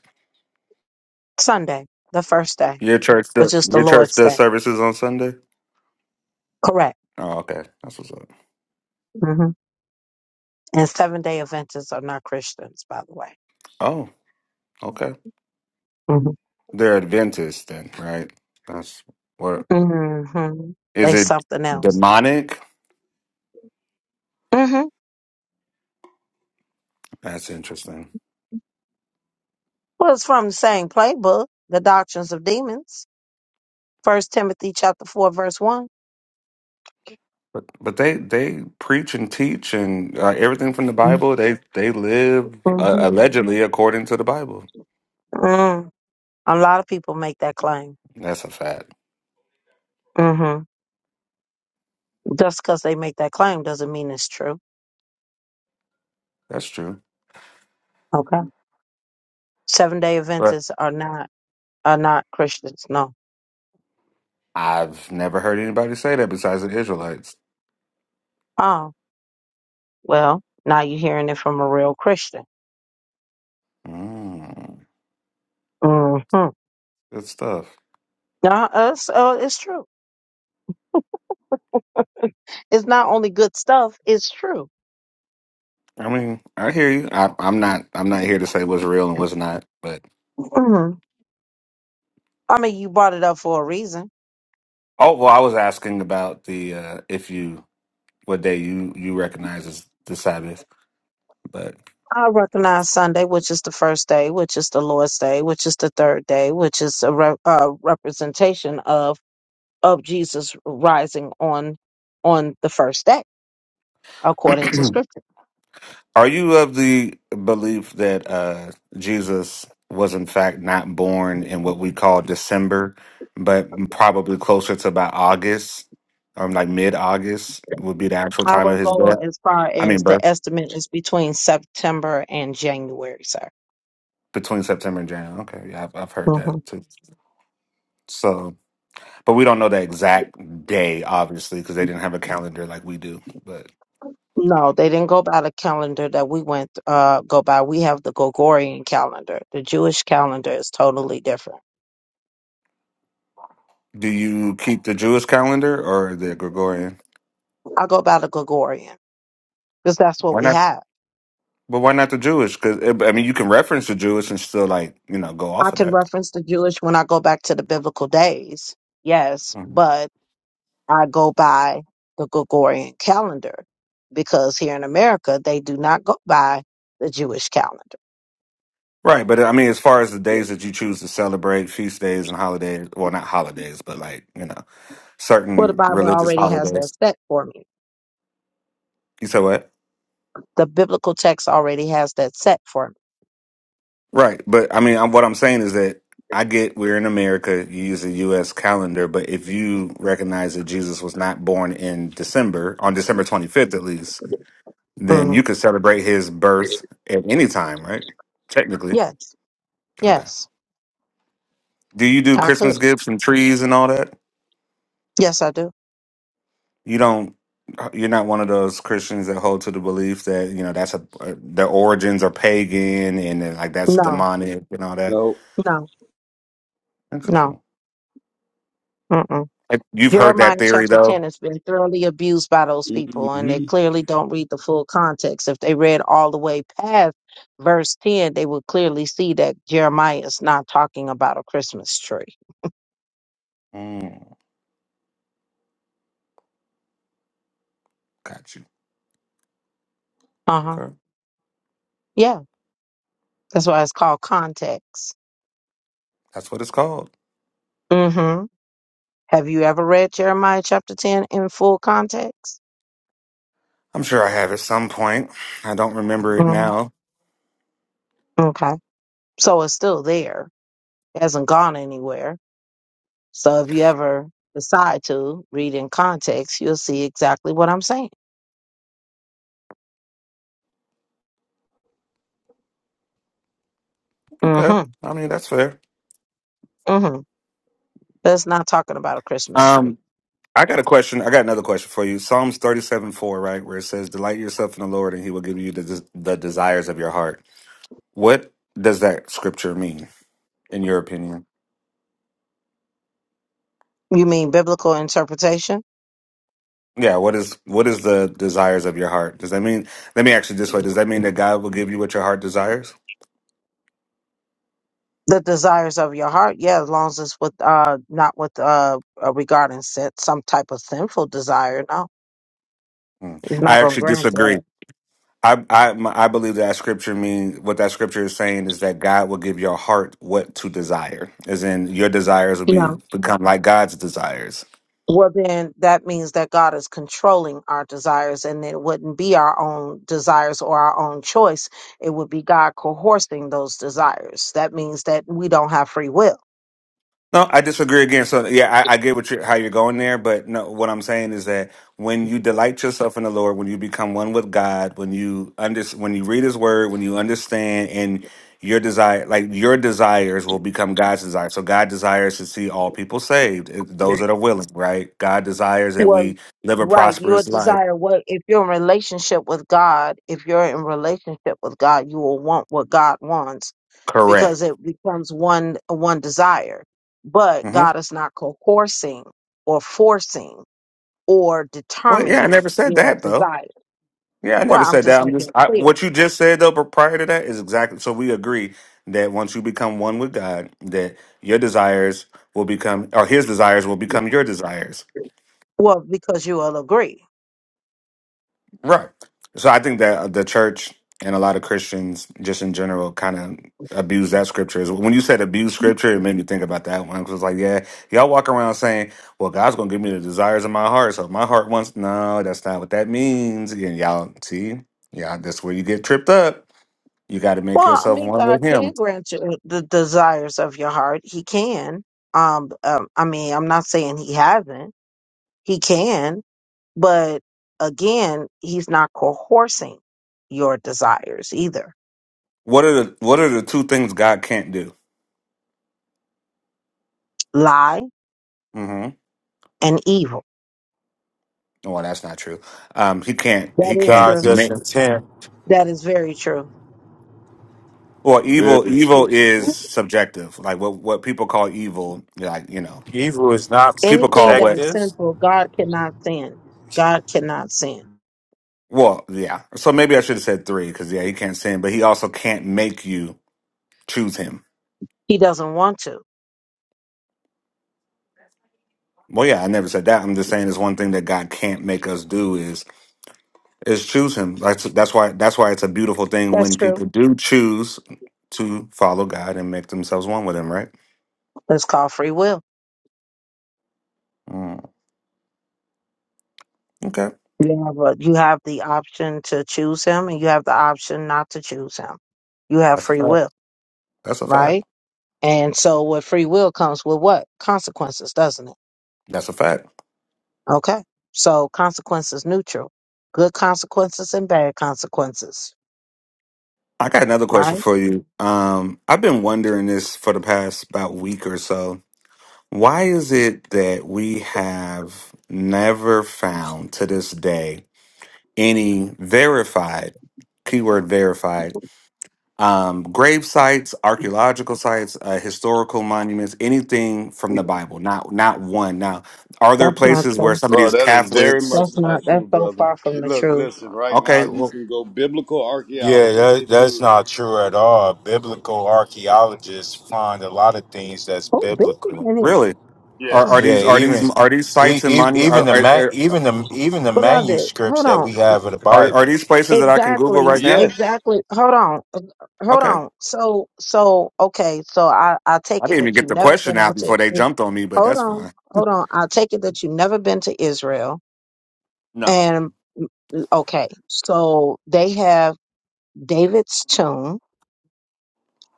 Speaker 1: Sunday, the first day,
Speaker 6: Your church,
Speaker 1: which
Speaker 6: do-
Speaker 1: is the
Speaker 6: your church
Speaker 1: Lord's
Speaker 6: does
Speaker 1: day.
Speaker 6: services on Sunday.
Speaker 1: Correct.
Speaker 6: Oh, okay, that's what's up.
Speaker 1: hmm And seven day Adventists are not Christians, by the way.
Speaker 6: Oh, okay.
Speaker 1: hmm
Speaker 6: They're Adventists then, right? That's what
Speaker 1: hmm
Speaker 6: is
Speaker 1: They
Speaker 6: it
Speaker 1: something else.
Speaker 6: demonic?
Speaker 1: hmm
Speaker 6: That's interesting.
Speaker 1: Well, it's from the same playbook, the doctrines of demons. First Timothy chapter four, verse one.
Speaker 6: But but they they preach and teach and uh, everything from the Bible. They they live uh,
Speaker 1: Mm-hmm.
Speaker 6: allegedly according to the Bible.
Speaker 1: Mm. A lot of people make that claim.
Speaker 6: That's a fact.
Speaker 1: hmm Just because they make that claim doesn't mean it's true.
Speaker 6: That's true.
Speaker 1: Okay. Seven day
Speaker 6: But
Speaker 1: Adventists are not are not Christians. No.
Speaker 6: I've never heard anybody say that besides the Israelites.
Speaker 1: Well, now you're hearing it from a real Christian.
Speaker 6: Mm,
Speaker 1: hmm
Speaker 6: good stuff.
Speaker 1: Now, us, uh, it's true. It's not only good stuff, it's true.
Speaker 6: I mean, I hear you. I, I'm not. I'm not here to say what's real and what's not. But
Speaker 1: hmm I mean, you brought it up for a reason.
Speaker 6: oh well, I was asking about the uh, if you what day you you recognize as the Sabbath. But
Speaker 1: I recognize Sunday, which is the first day, which is the Lord's day, which is the third day, which is a re- uh, representation of of Jesus rising on on the first day, according to
Speaker 6: [clears throat]
Speaker 1: Scripture.
Speaker 6: are you of the belief that uh, Jesus was in fact not born in what we call December, but probably closer to about August, or like mid August would be the actual
Speaker 1: I
Speaker 6: time of
Speaker 1: would
Speaker 6: his
Speaker 1: go
Speaker 6: death?
Speaker 1: as far
Speaker 6: I
Speaker 1: as
Speaker 6: mean, birth
Speaker 1: the estimate is between September and January, sir.
Speaker 6: between September and January. Okay, yeah, I've, I've heard that
Speaker 1: Mhm.
Speaker 6: too. So. But we don't know the exact day, obviously, because they didn't have a calendar like we do. But
Speaker 1: No, they didn't go by the calendar that we went uh go by. We have the Gregorian calendar. The Jewish calendar is totally different.
Speaker 6: do you keep the Jewish calendar or the Gregorian?
Speaker 1: I go by the Gregorian because that's what
Speaker 6: Why
Speaker 1: we
Speaker 6: not?
Speaker 1: have.
Speaker 6: But why not the Jewish? Because I mean, you can reference the Jewish and still like you know go
Speaker 1: I
Speaker 6: off of
Speaker 1: can
Speaker 6: that.
Speaker 1: reference the Jewish when I go back to the biblical days, yes,
Speaker 6: Mhm.
Speaker 1: but I go by the Gregorian calendar because here in America they do not go by the Jewish calendar.
Speaker 6: Right, but I mean, as far as the days that you choose to celebrate, feast days and holidays, well, not holidays, but like, you know,
Speaker 1: Well, the
Speaker 6: certain
Speaker 1: Bible
Speaker 6: religious
Speaker 1: already has that
Speaker 6: holidays.
Speaker 1: set for me.
Speaker 6: You said what?
Speaker 1: The biblical text already has that set for me.
Speaker 6: Right, but I mean, I'm, what I'm saying is that I get we're in America. You use the U.S. calendar, but if you recognize that Jesus was not born in December, on December 25th at least, then you
Speaker 1: Mm.
Speaker 6: could celebrate his birth at any time, right? Technically,
Speaker 1: Yes,
Speaker 6: okay.
Speaker 1: yes,
Speaker 6: Do you do
Speaker 1: I could.
Speaker 6: Christmas gifts and trees and all that?
Speaker 1: Yes, I do.
Speaker 6: You don't. uh, You're not one of those Christians that hold to the belief that you know that's a uh, the origins are pagan and then, like that's
Speaker 1: No,
Speaker 6: demonic and all that.
Speaker 3: No.
Speaker 1: no, no.
Speaker 6: Interesting.
Speaker 1: Mm-mm.
Speaker 6: You've heard that
Speaker 1: Jeremiah
Speaker 6: theory
Speaker 1: chapter 10
Speaker 6: though.
Speaker 1: has been thoroughly abused by those people, and they
Speaker 3: hmm
Speaker 1: clearly don't read the full context. If they read all the way past verse 10, they would clearly see that Jeremiah is not talking about a Christmas tree.
Speaker 6: Hmm. Got you.
Speaker 1: Uh huh.
Speaker 6: Okay.
Speaker 1: Yeah, that's why it's called context.
Speaker 6: That's what it's called.
Speaker 1: Mm hmm. Have you ever read Jeremiah chapter 10 in full context?
Speaker 6: I'm sure I have at some point. I don't remember it
Speaker 1: hmm
Speaker 6: now.
Speaker 1: Okay. So it's still there. It hasn't gone anywhere. So if you ever decide to read in context, you'll see exactly what I'm saying.
Speaker 6: Okay.
Speaker 1: Mm-hmm.
Speaker 6: I mean, that's fair.
Speaker 1: Mm-hmm. That's not talking about a Christmas tree.
Speaker 6: Um, I got a question. I got another question for you. Psalms 37 4, right? Where it says, Delight yourself in the Lord and he will give you the, des- the desires of your heart. What does that scripture mean, in your opinion?
Speaker 1: You mean biblical interpretation?
Speaker 6: Yeah, what is what is the desires of your heart? Does that mean let me ask you this way, does that mean that God will give you what your heart desires?
Speaker 1: The desires of your heart, yeah, as long as it's with uh not with uh uh, regarding set some type of sinful desire, no.
Speaker 6: Hmm.
Speaker 1: He's
Speaker 6: I
Speaker 1: not gonna
Speaker 6: actually
Speaker 1: grant
Speaker 6: disagree.
Speaker 1: that.
Speaker 6: I I my, I believe that scripture means what that scripture is saying is that God will give your heart what to desire, as in your desires will
Speaker 1: No.
Speaker 6: be become like God's desires.
Speaker 1: Well, then that means that God is controlling our desires, and it wouldn't be our own desires or our own choice. It would be God coercing those desires. That means that we don't have free will.
Speaker 6: No, I disagree again. So yeah, I, I get what you how you're going there, but no, what I'm saying is that when you delight yourself in the Lord, when you become one with God, when you under when you read His Word, when you understand, and your desire like your desires will become God's desire. So God desires to see all people saved, eh, those that are willing, right? God desires that
Speaker 1: Well,
Speaker 6: we live a
Speaker 1: right. Your
Speaker 6: prosperous life.
Speaker 1: desire, what if you're in relationship with God, if you're in relationship with God, you will want what God wants because
Speaker 6: Correct.
Speaker 1: it becomes one one desire. But
Speaker 6: hmm
Speaker 1: God is not coercing or forcing. or
Speaker 6: Well, yeah, I
Speaker 1: determining
Speaker 6: never said
Speaker 1: your
Speaker 6: that though.
Speaker 1: desire.
Speaker 6: Yeah, I never
Speaker 1: Well, I'm
Speaker 6: said that.
Speaker 1: just
Speaker 6: I'm just
Speaker 1: making it
Speaker 6: I,
Speaker 1: clear.
Speaker 6: what you just said though. But prior to that is exactly so we agree that once you become one with God, that your desires will become or His desires will become your desires.
Speaker 1: Well, because you will agree.
Speaker 6: Right. So I think that uh, the church and a lot of Christians, just in general, kind of abuse that scripture. As- When you said abuse scripture, it made me think about that one. 'Cause it's like, yeah, y'all walk around saying, "Well, God's gonna give me the desires of my heart." So if my heart wants no, that's not what that means. And y'all see, yeah, that's where you get tripped up. You got to make
Speaker 1: Well, I
Speaker 6: yourself
Speaker 1: mean,
Speaker 6: one
Speaker 1: God
Speaker 6: with
Speaker 1: can
Speaker 6: Him.
Speaker 1: grant you the desires of your heart. He can. Um, um, I mean, I'm not saying he hasn't. He can, but again, he's not coercing your desires either.
Speaker 6: What are the What are the two things God can't do?
Speaker 1: Lie
Speaker 6: hmm
Speaker 1: and evil.
Speaker 6: Well, that's not true. Um, he can't.
Speaker 1: That
Speaker 6: He
Speaker 1: is
Speaker 6: can't
Speaker 5: God's
Speaker 1: true.
Speaker 6: make.
Speaker 5: intent.
Speaker 1: That is very true.
Speaker 6: Well, evil.
Speaker 3: Very
Speaker 6: Evil
Speaker 3: true.
Speaker 6: is subjective. Like what what people call evil. Like you know,
Speaker 5: Evil is not
Speaker 6: people
Speaker 1: Anything
Speaker 6: call
Speaker 1: that
Speaker 6: what.
Speaker 1: is
Speaker 5: subjective.
Speaker 1: sinful, God cannot sin. God cannot sin.
Speaker 6: Well, yeah. So maybe I should have said three because yeah, he can't sin, but he also can't make you choose him.
Speaker 1: He doesn't want to.
Speaker 6: Well, yeah, I never said that. I'm just saying it's one thing that God can't make us do is. is choose him. That's that's why that's why it's a beautiful thing
Speaker 1: That's
Speaker 6: when
Speaker 1: true.
Speaker 6: people do choose to follow God and make themselves one with him, right?
Speaker 1: It's called free will.
Speaker 6: Mm, okay.
Speaker 1: You have a, you have the option to choose him, and you have the option not to choose him. You have
Speaker 6: That's a
Speaker 1: free
Speaker 6: fact.
Speaker 1: will,
Speaker 6: That's a fact.
Speaker 1: right? And so, with free will comes with what consequences, doesn't it?
Speaker 6: That's a fact.
Speaker 1: Okay. So consequences neutral, good consequences and bad consequences,
Speaker 6: I got another question
Speaker 1: right?
Speaker 6: for you. Um I've been wondering this for the past about week or so. Why is it that we have never found to this day any verified keyword verified um, grave sites, archaeological sites, uh, historical monuments, anything from
Speaker 1: Yeah.
Speaker 6: the Bible. Not not one. Now, are there
Speaker 1: That's not
Speaker 6: places where
Speaker 1: true.
Speaker 6: some of
Speaker 3: Oh,
Speaker 6: these
Speaker 3: that is very
Speaker 6: Catholics?
Speaker 3: much
Speaker 1: That's not.
Speaker 3: not
Speaker 1: That's
Speaker 3: true,
Speaker 1: so
Speaker 3: brother.
Speaker 1: far from
Speaker 3: You
Speaker 1: the
Speaker 3: look,
Speaker 1: truth.
Speaker 3: listen. Right now,
Speaker 6: Okay,
Speaker 3: you
Speaker 6: well,
Speaker 3: can go biblical
Speaker 5: Yeah,
Speaker 3: archaeology.
Speaker 5: that,
Speaker 3: It,
Speaker 5: that's
Speaker 3: dude. It,
Speaker 5: not true at all. Biblical archaeologists find a lot of things that's
Speaker 1: Oh, this is
Speaker 5: biblical.
Speaker 1: in here,
Speaker 6: really, are
Speaker 1: Huh.
Speaker 6: are
Speaker 3: yes.
Speaker 5: Yeah,
Speaker 6: these are
Speaker 5: even
Speaker 6: these are these
Speaker 5: e-
Speaker 6: sites and
Speaker 5: e-
Speaker 6: monuments?
Speaker 5: even
Speaker 6: Are
Speaker 5: the
Speaker 6: are,
Speaker 5: man,
Speaker 6: there-
Speaker 5: even the even the
Speaker 1: beloved.
Speaker 5: manuscripts
Speaker 1: Hold
Speaker 5: that we
Speaker 1: on.
Speaker 5: have of the
Speaker 6: are are
Speaker 5: Bible.
Speaker 6: these places that I can Google
Speaker 1: Exactly,
Speaker 6: right now?
Speaker 3: Yes.
Speaker 1: exactly. Hold on, uh, hold
Speaker 6: Okay,
Speaker 1: on. So, so okay. So I I
Speaker 6: I
Speaker 1: take it
Speaker 6: didn't even
Speaker 1: that
Speaker 6: get
Speaker 1: you've
Speaker 6: the
Speaker 1: never
Speaker 6: question
Speaker 1: been over
Speaker 6: out before
Speaker 1: to.
Speaker 6: they
Speaker 1: yeah,
Speaker 6: jumped on me, but
Speaker 1: Hold
Speaker 6: that's
Speaker 1: on,
Speaker 6: fine.
Speaker 1: hold on. I take it that you've never been to Israel.
Speaker 6: No,
Speaker 1: And okay, so they have David's tomb,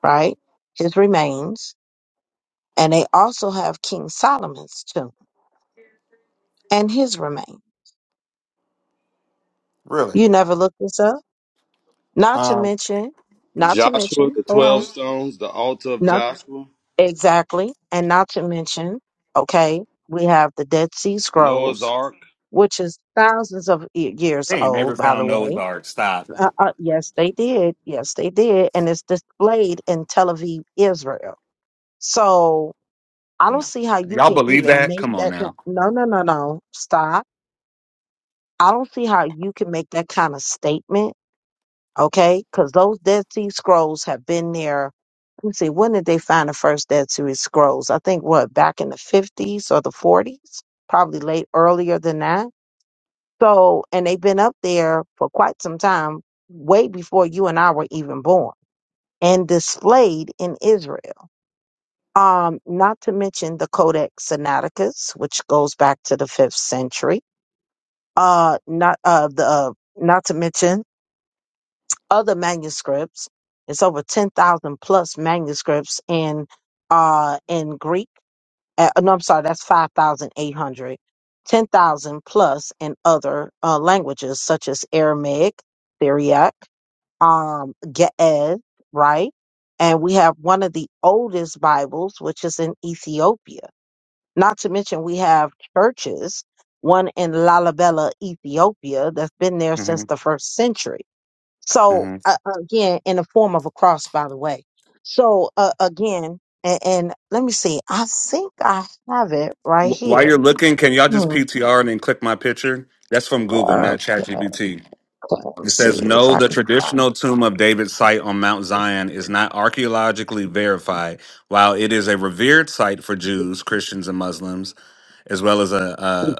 Speaker 1: right? His remains, and they also have King Solomon's tomb and his remains.
Speaker 6: really,
Speaker 1: You never looked this up. Not to
Speaker 6: um,
Speaker 1: mention, not to
Speaker 3: Joshua,
Speaker 1: mention.
Speaker 3: the
Speaker 1: Hold
Speaker 3: twelve
Speaker 1: on.
Speaker 3: stones, the altar of Joshua,
Speaker 1: Exactly. And not to mention, okay, we have the Dead Sea
Speaker 3: Noah's
Speaker 1: Scrolls,
Speaker 3: Ark.
Speaker 1: which is thousands of y- years
Speaker 6: they ain't never
Speaker 1: old, by the
Speaker 6: found Noah's
Speaker 1: way.
Speaker 6: Ark. Stop.
Speaker 1: Uh, uh, yes, they did. Yes, they did. And it's displayed in Tel Aviv, Israel. So I
Speaker 6: Nah,
Speaker 1: don't see how you
Speaker 6: y'all
Speaker 1: can
Speaker 6: believe
Speaker 1: even
Speaker 6: that?
Speaker 1: make
Speaker 6: Come on
Speaker 1: that.
Speaker 6: now.
Speaker 1: No, no, no, no. Stop. I don't see how you can make that kind of statement okay? Because those Dead Sea Scrolls have been there. Let me see, when did they find the first Dead Sea Scrolls? I think what, back in the 50s or the 40s? Probably late, earlier than that. So, and they've been up there for quite some time, way before you and I were even born, and displayed in Israel. Um, not to mention the Codex Sinaiticus, which goes back to the fifth century. Uh, not uh, the uh, not to mention other manuscripts. It's over 10,000 plus manuscripts in uh in Greek. Uh, no, I'm sorry, that's 5,800. 10,000 plus in other uh, languages such as Aramaic, Syriac, um Ge'ez, right? And we have one of the oldest Bibles which is in Ethiopia. Not to mention we have churches, one in Lalibela, Ethiopia that's been there since
Speaker 6: hmm
Speaker 1: the 1st century so uh, again, in the form of a cross, by the way. So uh, again, and, and let me see. I think I have it right
Speaker 6: Wh- While
Speaker 1: here.
Speaker 6: you're looking, can y'all just
Speaker 1: Hmm.
Speaker 6: PTR and then click my picture? That's from Google,
Speaker 1: Uh,
Speaker 6: not ChatGPT.
Speaker 1: okay, let me
Speaker 6: It
Speaker 1: see
Speaker 6: says,
Speaker 1: if
Speaker 6: no,
Speaker 1: I
Speaker 6: the
Speaker 1: can find.
Speaker 6: traditional tomb of David site on Mount Zion is not archaeologically verified, while it is a revered site for Jews, Christians, and Muslims, as well as
Speaker 1: it.
Speaker 6: a,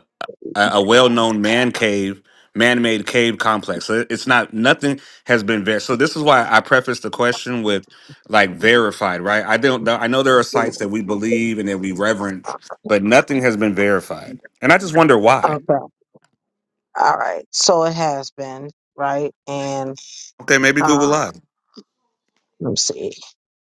Speaker 6: a, a well-known man cave, man-made cave complex. So it's not nothing has been verified. So this is why I prefaced the question with like verified, right? I don't. I know there are sites that we believe and that we reverence, but nothing has been verified, and I just wonder why.
Speaker 1: Okay. All right. So it has been right, and
Speaker 6: Okay, maybe Google
Speaker 1: uh,
Speaker 6: lied.
Speaker 1: let me see.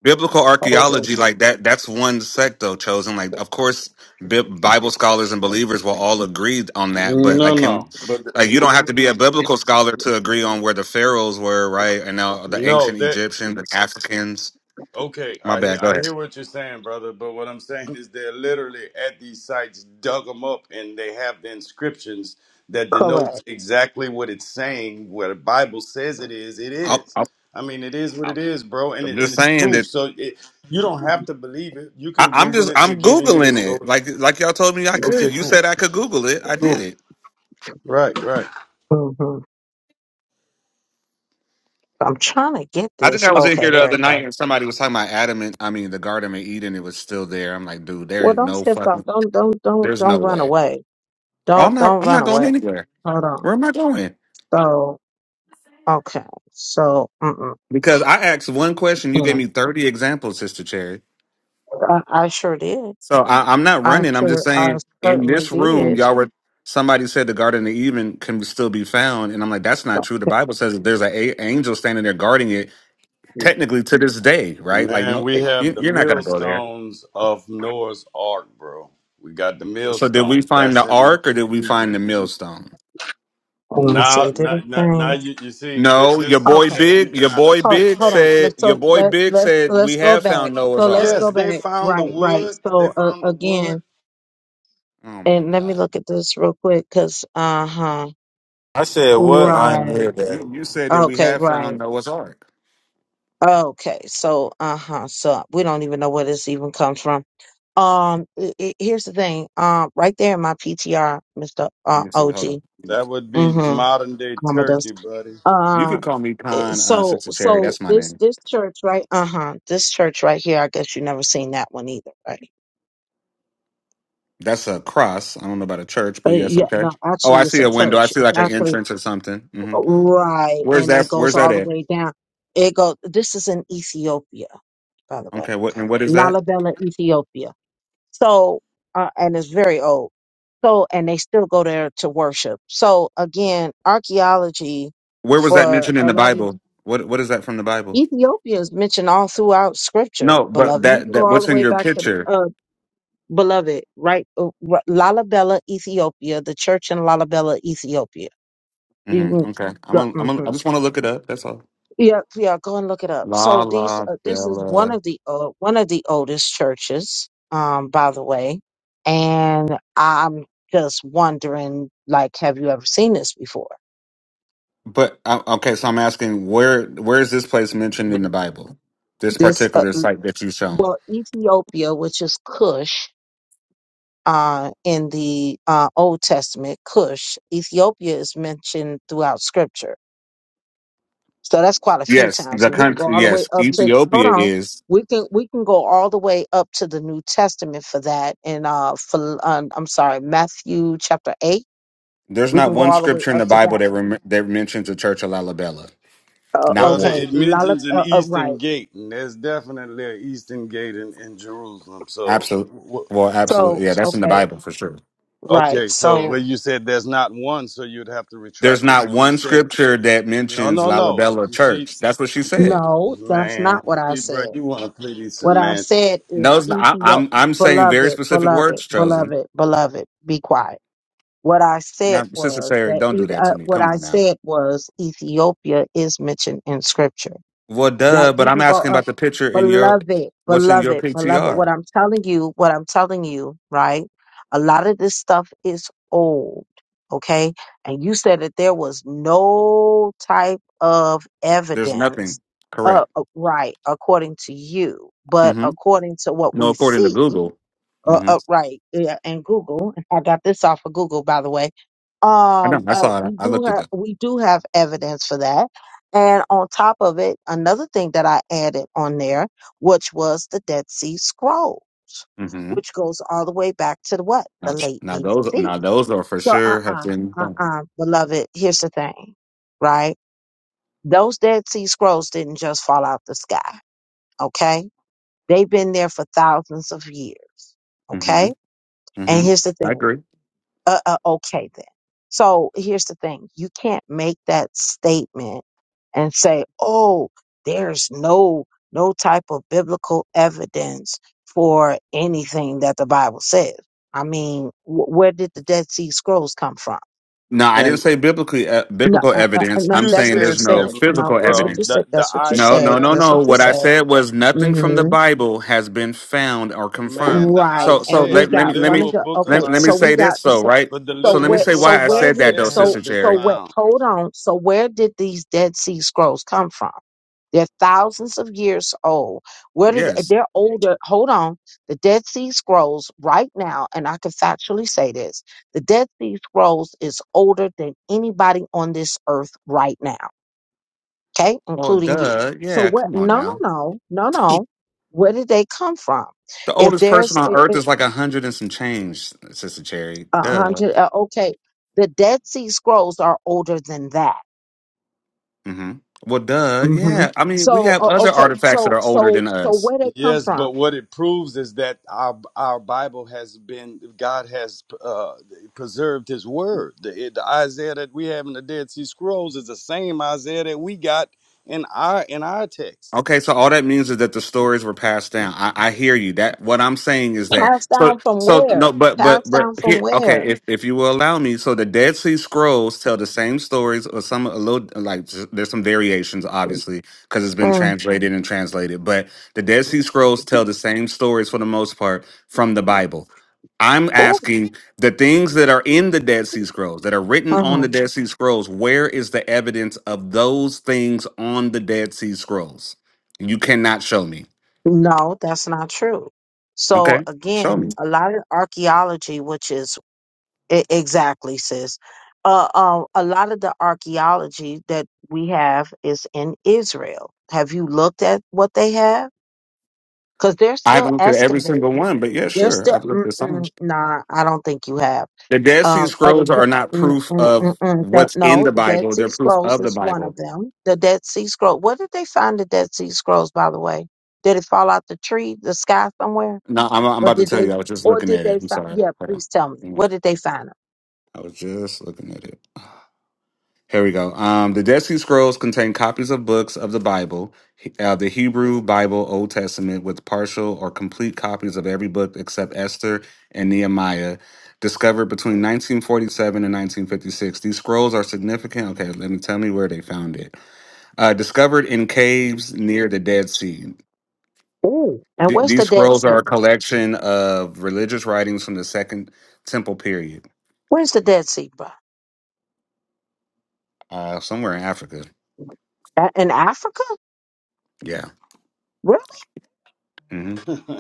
Speaker 6: biblical archaeology like that that's one sect though chosen like of course Bi- bible scholars and believers will all agree on that but
Speaker 3: No,
Speaker 6: like can we
Speaker 3: no, but
Speaker 6: like you don't have to be a biblical scholar to agree on where the pharaohs were right and now the
Speaker 3: no.
Speaker 6: ancient
Speaker 3: there
Speaker 6: egyptians the africans
Speaker 3: Okay,
Speaker 6: my
Speaker 3: I he-
Speaker 6: bad go
Speaker 3: I
Speaker 6: ahead
Speaker 3: hear what you're saying, brother. But what I'm saying is they're literally at these sites dug them up, and they have the inscriptions that denotes
Speaker 1: Correct.
Speaker 3: exactly what it's saying. What the Bible says it is, it
Speaker 6: I'll,
Speaker 3: is.
Speaker 6: I'll,
Speaker 3: I mean, it is what it
Speaker 6: I'll-
Speaker 3: is, bro, and
Speaker 6: i'm
Speaker 3: it, and
Speaker 6: just
Speaker 3: it's
Speaker 6: saying
Speaker 3: proof.
Speaker 6: that
Speaker 3: So it, you don't have to believe it. You
Speaker 6: I,
Speaker 3: can
Speaker 6: i'm
Speaker 3: Google
Speaker 6: just
Speaker 3: it. We're
Speaker 6: i'm
Speaker 3: giving you the
Speaker 6: googling it
Speaker 3: source.
Speaker 6: like like y'all told me i could
Speaker 3: Okay,
Speaker 6: you
Speaker 3: cool,
Speaker 6: said i could google it i did
Speaker 3: cool.
Speaker 6: it
Speaker 3: Right, right.
Speaker 1: hmm I'm trying to get
Speaker 6: I think
Speaker 1: this.
Speaker 6: I was in here
Speaker 1: Okay,
Speaker 6: the
Speaker 1: there
Speaker 6: other
Speaker 1: we go.
Speaker 6: night and somebody was talking about Adam and I mean the Garden of Eden. It was still there. I'm like, dude, there is
Speaker 1: Well, don't
Speaker 6: no
Speaker 1: shift
Speaker 6: fucking
Speaker 1: off. Don't don't don't
Speaker 6: There's no
Speaker 1: don't run
Speaker 6: way.
Speaker 1: away.
Speaker 6: Oh, I'm
Speaker 1: Don't
Speaker 6: not.
Speaker 1: don't
Speaker 6: I'm
Speaker 1: run
Speaker 6: not going
Speaker 1: away.
Speaker 6: anywhere.
Speaker 1: Hold on.
Speaker 6: Where am I going?
Speaker 1: So okay. So mm-mm,
Speaker 6: Because I asked one question, you
Speaker 1: you
Speaker 6: gave
Speaker 1: know,
Speaker 6: me thirty examples, Sister Cherry.
Speaker 1: I, I sure did.
Speaker 6: So I, I'm not
Speaker 1: I
Speaker 6: running. I'm just
Speaker 1: sure I
Speaker 6: saying in
Speaker 1: certainly
Speaker 6: this room,
Speaker 1: did.
Speaker 6: y'all were. Somebody said the Garden of Eden can still be found, and I'm like, that's not true. The
Speaker 1: Okay.
Speaker 6: Bible says that there's an a- angel standing there guarding it, technically to this day, right? Like,
Speaker 3: Man,
Speaker 6: no,
Speaker 3: we have
Speaker 6: you,
Speaker 3: the
Speaker 6: you're not gonna go there.
Speaker 3: millstones of Noah's Ark, bro. We got the
Speaker 6: So, did we
Speaker 3: millstones.
Speaker 6: find
Speaker 3: That's
Speaker 6: the ark or did we
Speaker 3: in.
Speaker 6: find the millstone?
Speaker 1: Let me
Speaker 3: Now,
Speaker 1: see. Did
Speaker 3: now,
Speaker 1: it
Speaker 3: now, now
Speaker 1: change?
Speaker 3: you, you see, th-
Speaker 6: No, your
Speaker 3: this is the
Speaker 6: boy
Speaker 1: Okay.
Speaker 3: thing. You're
Speaker 6: Big, your
Speaker 3: trying to
Speaker 6: boy
Speaker 1: Hold
Speaker 3: split
Speaker 6: Big
Speaker 1: hold
Speaker 3: hairs.
Speaker 1: on.
Speaker 6: said,
Speaker 1: Let's
Speaker 6: your
Speaker 1: so
Speaker 6: boy
Speaker 1: let
Speaker 6: Big
Speaker 1: let's
Speaker 6: said
Speaker 1: let's
Speaker 6: we
Speaker 1: go
Speaker 6: have
Speaker 1: back.
Speaker 6: found
Speaker 1: So
Speaker 6: Noah's
Speaker 1: let's
Speaker 6: Ark.
Speaker 3: Yes,
Speaker 1: go back.
Speaker 3: they found the
Speaker 1: Right right.
Speaker 3: wood. They
Speaker 1: So uh,
Speaker 3: found the wood.
Speaker 1: again,
Speaker 6: Oh my
Speaker 1: and let me
Speaker 6: God.
Speaker 1: look at this real quick because uh huh.
Speaker 5: I said, "What? I ain't
Speaker 1: Right.
Speaker 5: hear
Speaker 6: You
Speaker 5: that."
Speaker 6: you said that we
Speaker 1: Okay.
Speaker 6: have
Speaker 1: Right.
Speaker 6: found Noah's Ark.
Speaker 1: Okay. So uh huh. So we don't even know where this even comes from. Um, it, it, here's the thing. Um, right there in my PTR, Mister
Speaker 6: Let
Speaker 1: uh,
Speaker 6: me see. Hold on.
Speaker 1: OG.
Speaker 6: Let
Speaker 3: That would
Speaker 6: me
Speaker 3: be
Speaker 1: Mm-hmm.
Speaker 6: PTR.
Speaker 3: modern day
Speaker 1: Commodus.
Speaker 3: Turkey, buddy.
Speaker 6: You
Speaker 1: Uh,
Speaker 6: could call me
Speaker 1: it-
Speaker 6: Con uh,
Speaker 1: so
Speaker 6: Sister Cherry.
Speaker 1: so
Speaker 6: That's my
Speaker 1: this
Speaker 6: name.
Speaker 1: this church right. Uh huh. This church right here. I guess you never seen that one either, right?
Speaker 6: That's a cross. I don't know about a church, but
Speaker 1: Uh,
Speaker 6: yes,
Speaker 1: yeah.
Speaker 6: okay.
Speaker 1: No,
Speaker 6: Oh, I
Speaker 1: actually, it's
Speaker 6: see
Speaker 1: a
Speaker 6: a window. I
Speaker 1: church.
Speaker 6: see
Speaker 1: It's
Speaker 6: like an
Speaker 1: actually
Speaker 6: entrance or something. hmm
Speaker 1: right,
Speaker 6: Where's
Speaker 1: and it
Speaker 6: that?
Speaker 1: goes
Speaker 6: Where's that
Speaker 1: all the
Speaker 6: at?
Speaker 1: way down. It goes. This is in Ethiopia, by the way.
Speaker 6: Okay. What and what is that?
Speaker 1: Lalabella, Ethiopia. So, uh, and it's very old. So, and they still go there to worship. So, again, archaeology
Speaker 6: Where was that
Speaker 1: for
Speaker 6: mentioned in
Speaker 1: a
Speaker 6: the
Speaker 1: lot of
Speaker 6: Bible? What What is that from the Bible?
Speaker 1: Ethiopia is mentioned all throughout scripture,
Speaker 6: No, but
Speaker 1: beloved. You
Speaker 6: that
Speaker 1: can
Speaker 6: that
Speaker 1: go all
Speaker 6: what's
Speaker 1: the
Speaker 6: in
Speaker 1: way
Speaker 6: your
Speaker 1: back to the
Speaker 6: picture?
Speaker 1: uh, beloved, right? Uh, r- Lalabella, Ethiopia, the church in Lalabella, Ethiopia. You
Speaker 6: hmm
Speaker 1: can
Speaker 6: Okay. I'm
Speaker 1: go,
Speaker 6: a, I'm a,
Speaker 1: mhm.
Speaker 6: I just want to look it up. That's all.
Speaker 1: Yeah, yeah, go and look it up.
Speaker 6: La
Speaker 1: So these,
Speaker 6: la
Speaker 1: uh, this is one
Speaker 6: bella.
Speaker 1: of the uh, one of the oldest churches, um, by the way, and I'm just wondering, like, have you ever seen this before?
Speaker 6: But uh, okay, so I'm asking where where is this place mentioned in the Bible? This
Speaker 1: This, uh,
Speaker 6: particular site that you've shown.
Speaker 1: well, Ethiopia, which is Cush, uh, in the uh, Old Testament, Cush, Ethiopia is mentioned throughout Scripture. So that's quite a few
Speaker 6: Yes,
Speaker 1: times.
Speaker 6: the
Speaker 1: And we can go
Speaker 6: country.
Speaker 1: all the way
Speaker 6: Yes,
Speaker 1: up to hold
Speaker 6: Ethiopia
Speaker 1: on.
Speaker 6: is.
Speaker 1: We can we can go all the way up to the New Testament for that. And uh for um, I'm sorry, Matthew chapter eight.
Speaker 6: There's
Speaker 1: We
Speaker 6: not
Speaker 1: can go
Speaker 6: one
Speaker 1: all the way
Speaker 6: scripture in
Speaker 1: up
Speaker 6: the
Speaker 1: to
Speaker 6: Bible
Speaker 1: that.
Speaker 6: that rem- that mentions the Church of Lalabella.
Speaker 1: Uh,
Speaker 6: Not
Speaker 3: Brother,
Speaker 1: okay,
Speaker 6: one.
Speaker 3: it
Speaker 1: Lala,
Speaker 3: mentions an
Speaker 1: uh, uh,
Speaker 3: Eastern
Speaker 1: right.
Speaker 3: Gate, and there's definitely an Eastern Gate in, in Jerusalem. So,
Speaker 6: Absolutely.
Speaker 3: wh- wh-
Speaker 6: Well, absolutely.
Speaker 1: So
Speaker 6: Yeah,
Speaker 3: so-
Speaker 6: that's in the
Speaker 1: okay,
Speaker 3: so-
Speaker 6: Bible for sure.
Speaker 1: right.
Speaker 3: okay, so
Speaker 1: So
Speaker 3: where you said there's not one, so you'd have to
Speaker 6: There's
Speaker 3: retract what
Speaker 6: not
Speaker 3: you
Speaker 6: one
Speaker 3: just said.
Speaker 6: scripture that
Speaker 3: No,
Speaker 6: mentions
Speaker 3: no, no.
Speaker 6: Lalabella
Speaker 3: You see,
Speaker 6: Church. That's what she said.
Speaker 1: no, that's
Speaker 3: man,
Speaker 1: not what I
Speaker 3: see, bro,
Speaker 1: said.
Speaker 3: you want to play these
Speaker 1: What I
Speaker 3: semantics.
Speaker 1: said is
Speaker 6: No, it's not, I,
Speaker 1: Ethiopia,
Speaker 6: I'm I'm saying very
Speaker 1: beloved,
Speaker 6: specific
Speaker 1: beloved,
Speaker 6: words chosen.
Speaker 1: beloved, beloved. Be quiet. What I
Speaker 6: Now,
Speaker 1: said
Speaker 6: Sister
Speaker 1: was
Speaker 6: Sarah,
Speaker 1: that
Speaker 6: don't do
Speaker 1: Eth-
Speaker 6: that to
Speaker 1: uh,
Speaker 6: me.
Speaker 1: what
Speaker 6: Come
Speaker 1: I
Speaker 6: on now.
Speaker 1: said was Ethiopia is mentioned in scripture.
Speaker 6: Well,
Speaker 1: That
Speaker 6: duh, but
Speaker 1: you
Speaker 6: I'm
Speaker 1: can go
Speaker 6: asking
Speaker 1: up,
Speaker 6: about the picture in your
Speaker 1: beloved,
Speaker 6: what's in your
Speaker 1: beloved, beloved. What
Speaker 6: PTR.
Speaker 1: I'm telling you, what I'm telling you, right? A lot of this stuff is old, okay? And you said that there was no type of
Speaker 6: There's
Speaker 1: evidence,
Speaker 6: nothing.
Speaker 1: uh,
Speaker 6: Correct.
Speaker 1: uh, right? According to you, but
Speaker 6: Mm-hmm.
Speaker 1: according to what
Speaker 6: No,
Speaker 1: we
Speaker 6: according to
Speaker 1: see
Speaker 6: Google.
Speaker 1: uh,
Speaker 6: Mm-hmm.
Speaker 1: upright yeah, and Google. I got this off of Google, by the way.
Speaker 6: I
Speaker 1: Um,
Speaker 6: know. I
Speaker 1: uh,
Speaker 6: saw it.
Speaker 1: we
Speaker 6: I
Speaker 1: do
Speaker 6: looked it
Speaker 1: have
Speaker 6: up.
Speaker 1: we do have evidence for that, and on top of it, another thing that I added on there, which was the Dead Sea Scroll,
Speaker 6: Mm-hmm.
Speaker 1: which goes all the way back to the what
Speaker 6: Now,
Speaker 1: the late
Speaker 6: now those,
Speaker 1: BC.
Speaker 6: now those are for
Speaker 1: So, uh,
Speaker 6: sure have
Speaker 1: uh-uh,
Speaker 6: been.
Speaker 1: uh, uh, beloved. Here's the thing, right? Those Dead Sea Scrolls didn't just fall out the sky. Okay, they've been there for thousands of years.
Speaker 6: Mm-hmm.
Speaker 1: Okay, and
Speaker 6: Mm-hmm.
Speaker 1: here's the
Speaker 6: I
Speaker 1: thing.
Speaker 6: agree.
Speaker 1: Uh, uh, okay then. So here's the thing. You can't make that statement and say, oh, there's no, no type of biblical evidence for anything that the Bible says. I mean, wh- where did the Dead Sea Scrolls come from?
Speaker 6: No, I didn't
Speaker 3: and?
Speaker 6: say biblically uh,
Speaker 1: No,
Speaker 6: biblical
Speaker 1: uh, uh, uh,
Speaker 6: evidence.
Speaker 1: no,
Speaker 6: I'm
Speaker 3: You
Speaker 1: that's
Speaker 6: saying
Speaker 1: what you
Speaker 6: there's
Speaker 3: said
Speaker 6: no
Speaker 1: said.
Speaker 3: biblical,
Speaker 1: No,
Speaker 6: physical
Speaker 1: that's what
Speaker 3: bro.
Speaker 1: you
Speaker 6: evidence.
Speaker 3: The
Speaker 1: said.
Speaker 3: the
Speaker 1: That's what you
Speaker 6: No, no,
Speaker 1: said.
Speaker 6: no,
Speaker 3: Isaiah,
Speaker 1: That's
Speaker 6: no.
Speaker 1: what you
Speaker 6: What I
Speaker 1: said.
Speaker 6: said was nothing from the
Speaker 1: hmm
Speaker 6: Bible has been found or
Speaker 3: man,
Speaker 6: confirmed.
Speaker 3: the
Speaker 1: Right.
Speaker 6: So, so
Speaker 1: And
Speaker 3: Isaiah,
Speaker 1: we
Speaker 6: let,
Speaker 3: the
Speaker 6: let
Speaker 1: got
Speaker 6: me let
Speaker 1: one
Speaker 6: me
Speaker 1: of
Speaker 3: literal
Speaker 1: the,
Speaker 3: book of
Speaker 6: let,
Speaker 1: okay,
Speaker 6: let me
Speaker 1: so
Speaker 3: Isaiah.
Speaker 1: we
Speaker 6: say
Speaker 1: got,
Speaker 6: this though,
Speaker 1: so
Speaker 6: right?
Speaker 3: But the
Speaker 1: So
Speaker 6: So let
Speaker 3: literal
Speaker 6: me
Speaker 1: where
Speaker 6: say
Speaker 3: book
Speaker 1: so
Speaker 6: why
Speaker 3: of
Speaker 6: I
Speaker 1: where
Speaker 6: said
Speaker 1: did
Speaker 6: that
Speaker 3: Isaiah
Speaker 6: though,
Speaker 3: has
Speaker 6: Sister
Speaker 1: so
Speaker 3: been
Speaker 1: so
Speaker 6: Jerry.
Speaker 1: what
Speaker 3: found.
Speaker 1: hold on. So where did these Dead Sea Scrolls come from? They're thousands of years old. Where did they,
Speaker 6: Yes.
Speaker 1: they're older? Hold on. The Dead Sea Scrolls right now, and I can factually say this, the Dead Sea Scrolls is older than anybody on this earth right now. Okay,
Speaker 6: Well,
Speaker 1: including you.
Speaker 6: duh.
Speaker 1: So
Speaker 6: Yeah.
Speaker 1: what
Speaker 6: Come on
Speaker 1: no no
Speaker 6: now.
Speaker 1: no no no.
Speaker 6: The
Speaker 1: Where did they come from? If
Speaker 6: oldest person
Speaker 1: there's
Speaker 6: on
Speaker 1: a,
Speaker 6: Earth
Speaker 1: a
Speaker 6: is like a hundred and some change, Sister Cherry.
Speaker 1: a
Speaker 6: Duh.
Speaker 1: hundred uh, okay, the Dead Sea Scrolls are older than that
Speaker 6: hmm Well, duh.
Speaker 1: hmm
Speaker 6: Yeah. I mean, we
Speaker 1: So,
Speaker 6: have
Speaker 1: o-
Speaker 6: other
Speaker 1: okay,
Speaker 6: artifacts that
Speaker 1: so
Speaker 6: are older
Speaker 1: so
Speaker 6: than
Speaker 1: so
Speaker 6: us.
Speaker 1: where they come
Speaker 3: Yes,
Speaker 1: from?
Speaker 3: but what it proves is that our our Bible has been God has uh, preserved His Word. The, the Isaiah that we have in the Dead Sea Scrolls is the same Isaiah that we got in our in our text.
Speaker 6: Okay, so all that means is that the stories were passed down. I, I hear you. That what I'm saying is that
Speaker 1: Passed
Speaker 6: so
Speaker 1: down from
Speaker 6: so no,
Speaker 1: where?
Speaker 6: but but
Speaker 1: Passed
Speaker 6: but
Speaker 1: down from
Speaker 6: here okay,
Speaker 1: where?
Speaker 6: if if you will allow me, so the Dead Sea Scrolls tell the same stories or some a little like j- there's some variations obviously because it's been
Speaker 1: Mm.
Speaker 6: translated and translated, but the Dead Sea Scrolls tell the same stories for the most part from the Bible. I'm
Speaker 1: Oh,
Speaker 6: asking the things that are in the Dead Sea Scrolls, that are written on the
Speaker 1: mhm.
Speaker 6: Dead Sea Scrolls, where is the evidence of those things on the Dead Sea Scrolls? You cannot show me.
Speaker 1: no, that's not true. So
Speaker 6: Okay, show me.
Speaker 1: again, a lot of archaeology, which is e- exactly, sis, uh, uh, a lot of the archaeology that we have is in Israel. Have you looked at what they have? Because they're
Speaker 6: I
Speaker 1: still
Speaker 6: haven't looked at every single
Speaker 1: excavating.
Speaker 6: one, but yeah,
Speaker 1: They're
Speaker 6: sure,
Speaker 1: still,
Speaker 6: I've looked at some.
Speaker 1: mm-mm, nah, I don't think you have.
Speaker 6: The Dead Sea
Speaker 1: Um, other,
Speaker 6: Scrolls
Speaker 1: t-
Speaker 6: are not
Speaker 1: mm,
Speaker 6: proof
Speaker 1: mm, mm,
Speaker 6: of
Speaker 1: mm, don't-
Speaker 6: what's in
Speaker 1: no,
Speaker 6: the
Speaker 1: the Dead
Speaker 6: Bible;
Speaker 1: Sea
Speaker 6: they're proof
Speaker 1: Scrolls
Speaker 6: of the
Speaker 1: is one of
Speaker 6: Bible.
Speaker 1: them. The Dead Sea Scroll. Where did they find the Dead Sea Scrolls? By the way, did it fall out the tree, the sky somewhere,
Speaker 6: No, I'm, I'm
Speaker 1: or
Speaker 6: about to
Speaker 1: did
Speaker 6: tell you.
Speaker 1: they,
Speaker 6: I was just
Speaker 1: or
Speaker 6: looking
Speaker 1: did
Speaker 6: at it.
Speaker 1: they
Speaker 6: I'm
Speaker 1: find?
Speaker 6: sorry.
Speaker 1: Yeah,
Speaker 6: Hold on.
Speaker 1: please tell me.
Speaker 6: Mm-hmm.
Speaker 1: Where did they find them?
Speaker 6: I was just looking at it. Here we go. Um, the Dead Sea Scrolls contain copies of books of the Bible, he- uh, the Hebrew Bible, Old Testament, with partial or complete copies of every book except Esther and Nehemiah, discovered between 1947 and 1956. These scrolls are significant. Okay, let me tell me where they found it. Uh, discovered in caves near the Dead Sea.
Speaker 1: Ooh. And
Speaker 6: Th-
Speaker 1: where's
Speaker 6: these
Speaker 1: the Dead
Speaker 6: scrolls are
Speaker 1: Sea?
Speaker 6: a collection of religious writings from the Second Temple period,
Speaker 1: Where's the Dead Sea, bro?
Speaker 6: uh, somewhere in Africa.
Speaker 1: A- In Africa?
Speaker 6: Yeah.
Speaker 1: Really?
Speaker 6: Mm-hmm.
Speaker 3: [laughs]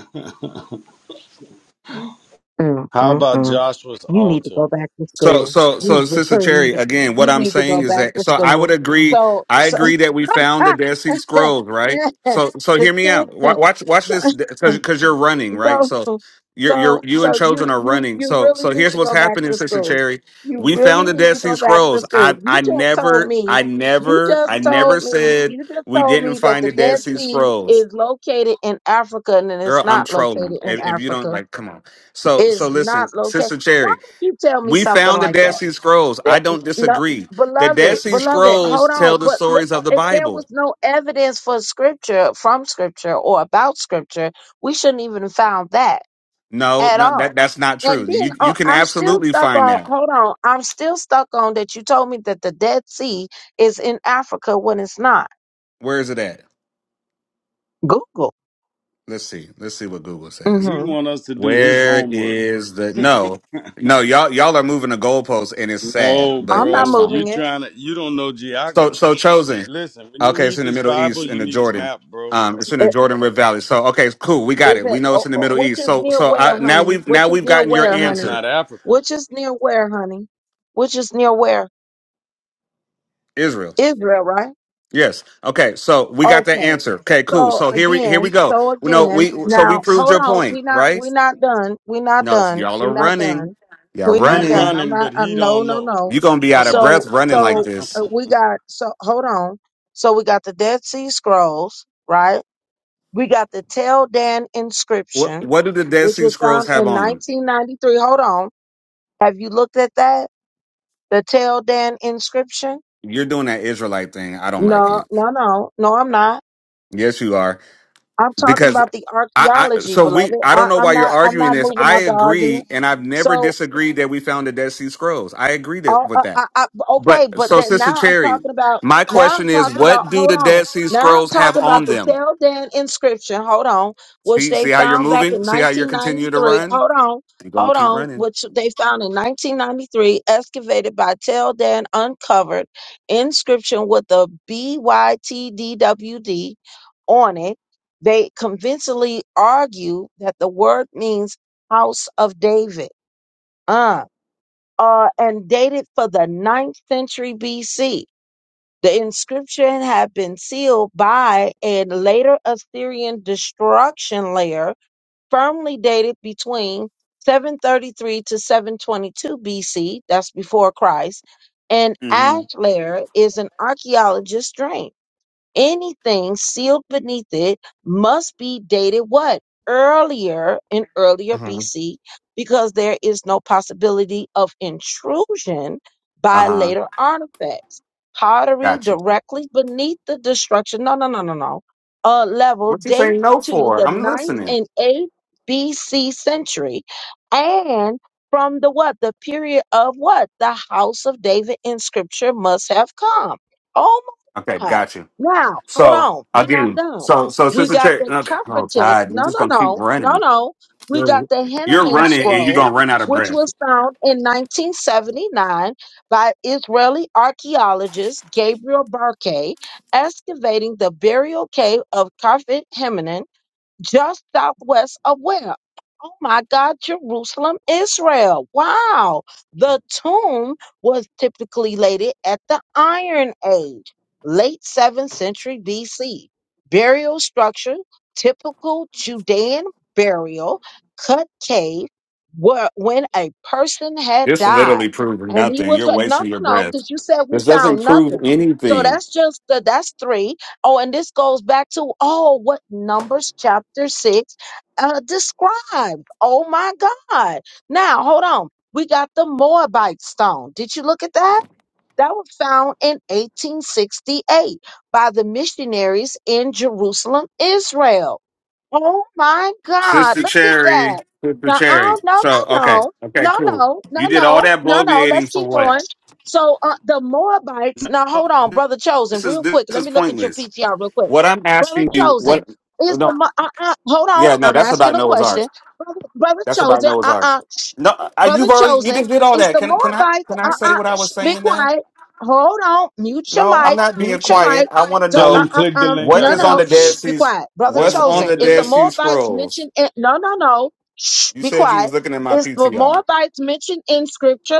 Speaker 1: Mm,
Speaker 3: How
Speaker 1: mm,
Speaker 3: about
Speaker 1: mm.
Speaker 3: Joshua's
Speaker 1: You need to
Speaker 3: altar?
Speaker 1: go back to
Speaker 6: So,
Speaker 1: school.
Speaker 6: so, so,
Speaker 1: You
Speaker 6: Sister
Speaker 1: really need
Speaker 6: Cherry,
Speaker 1: to.
Speaker 6: again, what
Speaker 1: You
Speaker 6: I'm
Speaker 1: need to
Speaker 6: saying
Speaker 1: go
Speaker 6: is
Speaker 1: back
Speaker 6: that,
Speaker 1: to
Speaker 6: so I would
Speaker 1: school.
Speaker 6: agree,
Speaker 1: So,
Speaker 6: I
Speaker 1: so
Speaker 6: agree that we found the Dead Sea
Speaker 1: [laughs]
Speaker 6: Scrolls, right? So, so
Speaker 1: the
Speaker 6: hear me out. Wa-
Speaker 1: ten.
Speaker 6: Watch, watch this,
Speaker 1: [laughs]
Speaker 6: because, because you're running, right? So,
Speaker 1: So,
Speaker 6: you're, you're,
Speaker 1: so,
Speaker 6: you and
Speaker 1: so you,
Speaker 6: Chosen are
Speaker 1: you,
Speaker 6: running.
Speaker 1: you
Speaker 6: So,
Speaker 1: really
Speaker 6: so
Speaker 1: need
Speaker 6: here's
Speaker 1: to
Speaker 6: what's
Speaker 1: go back
Speaker 6: happening,
Speaker 1: to
Speaker 6: Sister
Speaker 1: school.
Speaker 6: Cherry.
Speaker 1: You
Speaker 6: We found
Speaker 1: really
Speaker 6: the
Speaker 1: need
Speaker 6: Dead
Speaker 1: to
Speaker 6: Sea
Speaker 1: go back to
Speaker 6: Scrolls.
Speaker 1: school.
Speaker 6: I,
Speaker 1: You
Speaker 6: I
Speaker 1: just told
Speaker 6: never,
Speaker 1: me,
Speaker 6: I
Speaker 1: you
Speaker 6: never,
Speaker 1: just
Speaker 6: I never
Speaker 1: told me,
Speaker 6: said
Speaker 1: you just
Speaker 6: we
Speaker 1: told
Speaker 6: didn't
Speaker 1: me that
Speaker 6: find
Speaker 1: the
Speaker 6: the Dead
Speaker 1: Dead
Speaker 6: Sea
Speaker 1: Sea
Speaker 6: Scrolls.
Speaker 1: is located in Africa and that
Speaker 6: Girl,
Speaker 1: it's
Speaker 6: I'm
Speaker 1: not
Speaker 6: trolling.
Speaker 1: located in
Speaker 6: If, if you don't
Speaker 1: Africa.
Speaker 6: like, come on. So, so
Speaker 1: It's
Speaker 6: listen,
Speaker 1: not located.
Speaker 6: Sister
Speaker 1: Why
Speaker 6: Cherry.
Speaker 1: would you tell me
Speaker 6: We
Speaker 1: something
Speaker 6: found the
Speaker 1: like
Speaker 6: Dead
Speaker 1: that?
Speaker 6: Sea Scrolls. I
Speaker 1: That
Speaker 6: don't
Speaker 1: no,
Speaker 6: disagree. The Dead
Speaker 1: beloved,
Speaker 6: Sea
Speaker 1: beloved,
Speaker 6: Scrolls
Speaker 1: hold on.
Speaker 6: tell the
Speaker 1: But look,
Speaker 6: stories of the
Speaker 1: if there was
Speaker 6: Bible.
Speaker 1: no evidence for scripture from scripture or about scripture, we shouldn't even found that
Speaker 6: No,
Speaker 1: at
Speaker 6: no
Speaker 1: all.
Speaker 6: that that's not
Speaker 1: And
Speaker 6: true.
Speaker 1: then
Speaker 6: You you
Speaker 1: oh,
Speaker 6: can
Speaker 1: I'm still
Speaker 6: absolutely
Speaker 1: stuck
Speaker 6: find
Speaker 1: on,
Speaker 6: that.
Speaker 1: hold on, I'm still stuck on that you told me that the Dead Sea is in Africa when it's not.
Speaker 6: Where is it at?
Speaker 1: Google.
Speaker 6: Let's see. Let's see what Google says.
Speaker 3: He
Speaker 1: hmm
Speaker 3: want us to do his
Speaker 6: Where
Speaker 3: homework.
Speaker 6: is the no? No, y'all y'all are moving the goalposts and it's sad,
Speaker 3: No,
Speaker 6: but
Speaker 1: I'm not
Speaker 3: bro,
Speaker 6: that's
Speaker 3: you
Speaker 6: fine.
Speaker 1: moving it.
Speaker 3: trying to? You don't know
Speaker 6: So so
Speaker 3: geography.
Speaker 6: chosen.
Speaker 3: Listen, when you
Speaker 6: Okay, it's
Speaker 3: read
Speaker 6: in the
Speaker 3: this
Speaker 6: Middle
Speaker 3: Bible,
Speaker 6: East in
Speaker 3: you
Speaker 6: the
Speaker 3: need a
Speaker 6: Jordan.
Speaker 3: map, bro.
Speaker 6: Um, it's in the
Speaker 1: it
Speaker 6: Jordan River Valley. So okay, cool. We got
Speaker 1: is
Speaker 6: it. We
Speaker 1: it,
Speaker 6: know it's
Speaker 1: oh,
Speaker 6: in the
Speaker 1: oh,
Speaker 6: Middle
Speaker 1: which
Speaker 6: East.
Speaker 1: is
Speaker 6: So
Speaker 1: near
Speaker 6: so
Speaker 1: where,
Speaker 6: I now
Speaker 1: honey?
Speaker 6: we've now
Speaker 1: Which is
Speaker 6: we've
Speaker 1: near
Speaker 6: gotten your
Speaker 1: where,
Speaker 3: But that's
Speaker 1: honey?
Speaker 6: answer.
Speaker 3: not Africa.
Speaker 1: Which is near where, honey? Which is near where?
Speaker 6: Israel.
Speaker 1: Israel, right?
Speaker 6: Yes. Okay. So we got that
Speaker 1: Okay.
Speaker 6: answer. Okay. Cool.
Speaker 1: So
Speaker 6: So here we here we
Speaker 1: again,
Speaker 6: go.
Speaker 1: so
Speaker 6: We know
Speaker 1: again,
Speaker 6: we so we
Speaker 1: now
Speaker 6: proved
Speaker 1: hold
Speaker 6: your
Speaker 1: on.
Speaker 6: point,
Speaker 1: We're not
Speaker 6: right?
Speaker 1: we're not done. We're not
Speaker 6: No, it's,
Speaker 1: done.
Speaker 6: y'all
Speaker 1: We're
Speaker 6: are
Speaker 1: not
Speaker 6: running.
Speaker 1: done.
Speaker 6: Y'all
Speaker 1: We're
Speaker 3: We
Speaker 1: not
Speaker 6: running.
Speaker 1: done. I'm
Speaker 3: running,
Speaker 1: not
Speaker 3: but he
Speaker 1: I'm no
Speaker 3: don't
Speaker 1: no
Speaker 3: know.
Speaker 1: no.
Speaker 6: You're gonna be out
Speaker 3: Come
Speaker 6: of
Speaker 3: on,
Speaker 6: breath
Speaker 1: So
Speaker 6: running like
Speaker 1: so
Speaker 3: [laughs]
Speaker 1: uh,
Speaker 6: this.
Speaker 1: we got so hold on. So we got the Dead Sea Scrolls, right? We got the Tel Dan
Speaker 6: What
Speaker 1: inscription,
Speaker 6: What do the Dead
Speaker 1: which
Speaker 6: Sea
Speaker 1: was
Speaker 6: Scrolls
Speaker 1: found
Speaker 6: have
Speaker 1: in
Speaker 6: on them?
Speaker 1: 1993. Hold on. Have you looked at that? The Tel Dan inscription?
Speaker 6: You're doing that Israelite thing. I don't like
Speaker 1: No,
Speaker 6: it.
Speaker 1: no, no. No, I'm not.
Speaker 6: Yes, you are
Speaker 1: I'm talking
Speaker 6: because.
Speaker 1: about the
Speaker 6: I, I
Speaker 1: archaeology,
Speaker 6: so we
Speaker 1: beloved.
Speaker 6: I don't
Speaker 1: I,
Speaker 6: know
Speaker 1: I'm
Speaker 6: why you're
Speaker 1: not. I'm
Speaker 6: arguing
Speaker 1: not
Speaker 6: this.
Speaker 1: moving
Speaker 6: I
Speaker 1: out the
Speaker 6: agree,
Speaker 1: argument.
Speaker 6: and I've never
Speaker 1: So
Speaker 6: disagreed that we found the Dead Sea Scrolls. I agree that,
Speaker 1: Oh,
Speaker 6: with
Speaker 1: uh,
Speaker 6: that.
Speaker 1: I, I, okay,
Speaker 6: But
Speaker 1: but
Speaker 6: so,
Speaker 1: that
Speaker 6: Sister
Speaker 1: now I'm
Speaker 6: Cherry,
Speaker 1: talking about.
Speaker 6: my
Speaker 1: Now
Speaker 6: question
Speaker 1: I'm
Speaker 6: is,
Speaker 1: talking about.
Speaker 6: what do
Speaker 1: Hold
Speaker 6: the
Speaker 1: on.
Speaker 6: Dead Sea
Speaker 1: Now I'm
Speaker 6: Scrolls have
Speaker 1: talking about
Speaker 6: on
Speaker 1: the
Speaker 6: them?
Speaker 1: Tel Dan inscription. Hold on, which
Speaker 6: See,
Speaker 1: they
Speaker 6: see how you're
Speaker 1: found back
Speaker 6: moving.
Speaker 1: in
Speaker 6: See how you're continuing to
Speaker 1: 1993.
Speaker 6: run.
Speaker 1: Hold on,
Speaker 6: You're gonna
Speaker 1: hold
Speaker 6: keep
Speaker 1: on,
Speaker 6: running.
Speaker 1: which they found in 1993, excavated by Tel Dan uncovered inscription with the BYTDWD on it. They convincingly argue that the word means house of David. uh uh, and dated for the ninth century BC. The inscription had been sealed by a later Assyrian destruction layer, firmly dated between 733 to 722 BC, that's before Christ, and
Speaker 6: Mm-hmm.
Speaker 1: ash layer is an archaeologist's dream anything sealed beneath it must be dated what? Earlier in earlier
Speaker 6: Uh-huh.
Speaker 1: BC, because there is no possibility of intrusion by
Speaker 6: Uh-huh.
Speaker 1: later artifacts. Pottery
Speaker 6: Got you.
Speaker 1: directly beneath the destruction, no, no, no, no, no, uh, level
Speaker 6: What you
Speaker 1: date
Speaker 6: saying no
Speaker 1: to
Speaker 6: for?
Speaker 1: the
Speaker 6: I'm
Speaker 1: ninth
Speaker 6: listening.
Speaker 1: and 8th BC century and from the what? The period of what? The house of David in scripture must have come. Oh
Speaker 6: Okay,
Speaker 1: my God.
Speaker 6: got you.
Speaker 1: Now, hold
Speaker 6: So
Speaker 1: on. We're not
Speaker 6: again,
Speaker 1: done.
Speaker 6: so so
Speaker 1: We
Speaker 6: Sister
Speaker 1: got
Speaker 6: Cherry.
Speaker 1: the
Speaker 6: Okay. Oh
Speaker 1: Cufferton.
Speaker 6: God, you're
Speaker 1: No,
Speaker 6: just
Speaker 1: no,
Speaker 6: gonna keep
Speaker 1: no, no,
Speaker 6: running.
Speaker 1: no. We got
Speaker 6: You're,
Speaker 1: the
Speaker 6: you're
Speaker 1: Henneman
Speaker 6: running and you're
Speaker 1: Scrolls,
Speaker 6: gonna run out of
Speaker 1: which
Speaker 6: breath.
Speaker 1: was found in 1979 by Israeli archaeologist Gabriel Barkay, excavating the burial cave of Kafit just southwest of where? Oh my God, Jerusalem, Israel. Wow. The tomb was typically laid at the Iron Age, late 7th century BC. Burial structure, typical Judean burial, cut cave, where when a person had
Speaker 6: This
Speaker 1: died.
Speaker 6: literally proves
Speaker 1: And he
Speaker 6: nothing.
Speaker 1: was
Speaker 6: You're
Speaker 1: like, no,
Speaker 6: wasting
Speaker 1: no,
Speaker 6: your
Speaker 1: no,
Speaker 6: breath.
Speaker 1: because you said we
Speaker 6: This doesn't
Speaker 1: found
Speaker 6: prove
Speaker 1: nothing. So
Speaker 6: anything.
Speaker 1: that's just the, that's three. Oh, and this goes back to oh, what Numbers chapter six uh, described. Oh my God! Now hold on, we got the Moabite stone. Did you look at that? That was found in 1868 by the missionaries in Jerusalem, Israel. Oh my God,
Speaker 6: Sister
Speaker 1: look at
Speaker 6: Cherry,
Speaker 1: that.
Speaker 6: Sister
Speaker 1: Now,
Speaker 6: Cherry.
Speaker 1: oh, no,
Speaker 6: So okay,
Speaker 1: no,
Speaker 6: okay,
Speaker 1: no, no,
Speaker 6: cool.
Speaker 1: no, no,
Speaker 6: You did
Speaker 1: no,
Speaker 6: all that
Speaker 1: no, no. Let's
Speaker 6: bloviating for
Speaker 1: keep going.
Speaker 6: what?
Speaker 1: So uh, the Moabites, now hold on, Brother Chosen,
Speaker 6: This is
Speaker 1: real
Speaker 6: this
Speaker 1: quick. Let
Speaker 6: is
Speaker 1: me look at your
Speaker 6: pointless.
Speaker 1: PTR real quick.
Speaker 6: What I'm
Speaker 1: Brother
Speaker 6: asking you,
Speaker 1: Chosen,
Speaker 6: what?
Speaker 1: is the,
Speaker 6: No,
Speaker 1: Mo- uh, uh, hold on,
Speaker 6: yeah, no,
Speaker 1: I'm
Speaker 6: that's
Speaker 1: asking
Speaker 6: about
Speaker 1: a
Speaker 6: Noah's Ark.
Speaker 1: question. Brother, Brother
Speaker 6: That's about
Speaker 1: Chosen,
Speaker 6: Noah's Ark.
Speaker 1: uh-uh, shh.
Speaker 6: No, I,
Speaker 1: Brother
Speaker 6: you've already you
Speaker 1: Chosen,
Speaker 6: just did all
Speaker 1: is
Speaker 6: that.
Speaker 1: the
Speaker 6: Can can I
Speaker 1: Moabites,
Speaker 6: can I say
Speaker 1: uh-uh,
Speaker 6: what I
Speaker 1: shh,
Speaker 6: was
Speaker 1: be
Speaker 6: saying now?
Speaker 1: quiet. Hold on, mute your
Speaker 6: No, I'm
Speaker 1: mic,
Speaker 6: not being
Speaker 1: mute your
Speaker 6: quiet.
Speaker 1: mic.
Speaker 6: I want to
Speaker 1: So,
Speaker 3: tell
Speaker 1: uh,
Speaker 6: know
Speaker 3: him
Speaker 1: uh,
Speaker 3: click the
Speaker 1: um,
Speaker 3: link
Speaker 6: what
Speaker 3: I
Speaker 1: no,
Speaker 6: is on
Speaker 3: got,
Speaker 1: no,
Speaker 6: the Dead
Speaker 3: sis.
Speaker 1: shh, be
Speaker 6: Sea.
Speaker 1: quiet. Brother
Speaker 3: Tell
Speaker 6: What's
Speaker 3: him
Speaker 6: on
Speaker 3: click
Speaker 1: Chosen,
Speaker 6: the
Speaker 3: the
Speaker 1: is the
Speaker 6: Dead
Speaker 3: link.
Speaker 6: Sea
Speaker 1: Moabites
Speaker 6: Scrolls?
Speaker 1: mentioned in, no, no, no, shh,
Speaker 6: You
Speaker 1: be
Speaker 6: said you
Speaker 1: quiet.
Speaker 6: was looking at my
Speaker 1: Is the
Speaker 6: PTI.
Speaker 1: Moabites mentioned in scripture,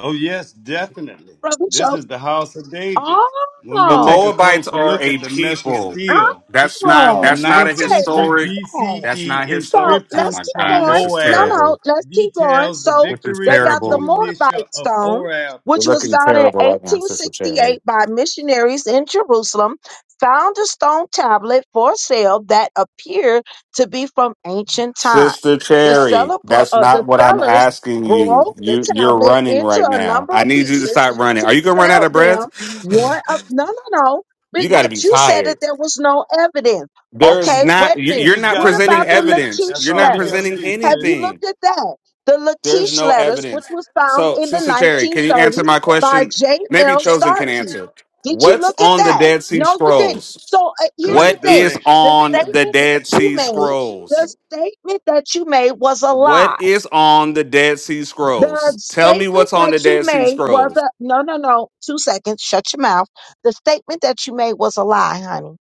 Speaker 3: Oh yes, definitely.
Speaker 1: Brother
Speaker 3: This
Speaker 1: Chosen?
Speaker 3: is the house of David. When
Speaker 6: The
Speaker 3: we take
Speaker 1: Oh,
Speaker 3: a
Speaker 6: Moabites
Speaker 3: closer
Speaker 6: are
Speaker 3: look
Speaker 6: a
Speaker 3: at the mesh of
Speaker 6: people.
Speaker 3: steel.
Speaker 6: That's
Speaker 3: from
Speaker 6: not
Speaker 3: the
Speaker 1: oh,
Speaker 6: that's not
Speaker 3: ninth
Speaker 6: a
Speaker 1: okay,
Speaker 3: century
Speaker 6: historic.
Speaker 1: look.
Speaker 6: That's
Speaker 3: BCE
Speaker 6: not
Speaker 1: So
Speaker 6: historic. Oh
Speaker 3: inscription
Speaker 1: let's
Speaker 6: my
Speaker 1: keep
Speaker 6: god,
Speaker 3: from
Speaker 1: going.
Speaker 6: this is
Speaker 1: No,
Speaker 3: Moab
Speaker 1: no,
Speaker 6: terrible.
Speaker 1: let's keep going.
Speaker 3: details the
Speaker 1: So
Speaker 6: This is
Speaker 1: they
Speaker 3: victories of
Speaker 1: got the
Speaker 6: terrible.
Speaker 3: King Misha
Speaker 1: Moabite
Speaker 3: of
Speaker 1: stone,
Speaker 3: Orab.
Speaker 1: which
Speaker 6: You're
Speaker 1: was
Speaker 6: looking
Speaker 1: found in
Speaker 6: terrible right now, Sister Cherry.
Speaker 1: 1868 by missionaries in Jerusalem, found a stone tablet for sale that appeared to be from ancient time.
Speaker 6: Sister
Speaker 1: The
Speaker 6: Cherry,
Speaker 1: seller, bro-
Speaker 6: that's
Speaker 1: uh,
Speaker 6: not
Speaker 1: the
Speaker 6: what I'm
Speaker 1: sellers
Speaker 6: asking you.
Speaker 1: broke the
Speaker 6: You you're
Speaker 1: tablet
Speaker 6: running right
Speaker 1: into a
Speaker 6: now.
Speaker 1: number of
Speaker 6: I need you to
Speaker 1: pieces
Speaker 6: stop running.
Speaker 1: to
Speaker 6: Are you gonna run out
Speaker 1: sell
Speaker 6: of
Speaker 1: them. One of
Speaker 6: breath? [sighs]
Speaker 1: no, no, no. But
Speaker 6: You got to be
Speaker 1: but you said that
Speaker 6: tired.
Speaker 1: there was no evidence.
Speaker 6: There is
Speaker 1: Okay, wait
Speaker 6: not.
Speaker 1: a
Speaker 6: you-
Speaker 3: He
Speaker 1: minute.
Speaker 6: You're
Speaker 3: just
Speaker 6: not
Speaker 3: got
Speaker 1: What
Speaker 3: to
Speaker 6: presenting
Speaker 1: about
Speaker 3: click the
Speaker 1: the
Speaker 3: link.
Speaker 6: evidence.
Speaker 3: That's
Speaker 1: Lachish
Speaker 6: You're
Speaker 3: all
Speaker 6: not
Speaker 3: he got to
Speaker 1: letters?
Speaker 6: presenting
Speaker 3: do,
Speaker 1: Have you
Speaker 3: sis.
Speaker 6: anything.
Speaker 1: looked at that? The
Speaker 6: There's
Speaker 1: Lachish
Speaker 6: no
Speaker 1: letters, which
Speaker 6: evidence.
Speaker 1: was found
Speaker 6: So,
Speaker 1: in the
Speaker 6: Sister Cherry, can you answer
Speaker 1: 1930s
Speaker 6: my
Speaker 1: by
Speaker 6: question? Maybe
Speaker 1: J.L.
Speaker 6: Chosen can
Speaker 1: Starkey.
Speaker 6: answer.
Speaker 1: Did you
Speaker 6: What's
Speaker 1: look at
Speaker 6: on the
Speaker 1: that?
Speaker 6: Dead Sea
Speaker 1: No, you didn't.
Speaker 6: Scrolls?
Speaker 1: So uh, here's the
Speaker 3: Click
Speaker 6: What
Speaker 3: the
Speaker 1: thing
Speaker 6: is
Speaker 3: link.
Speaker 1: the
Speaker 6: on the
Speaker 1: statement
Speaker 6: Dead
Speaker 1: that you
Speaker 6: Sea
Speaker 1: made, the
Speaker 6: Scrolls?
Speaker 1: statement that you made was a
Speaker 6: What
Speaker 1: lie.
Speaker 6: is on the Dead Sea
Speaker 1: The
Speaker 6: Scrolls? Tell me
Speaker 1: statement
Speaker 6: what's on
Speaker 1: that
Speaker 6: the
Speaker 1: you
Speaker 6: Dead Sea
Speaker 1: made was
Speaker 6: Scrolls.
Speaker 1: a no, no, no. Two seconds. Shut your mouth. The statement that you made was a lie, honey.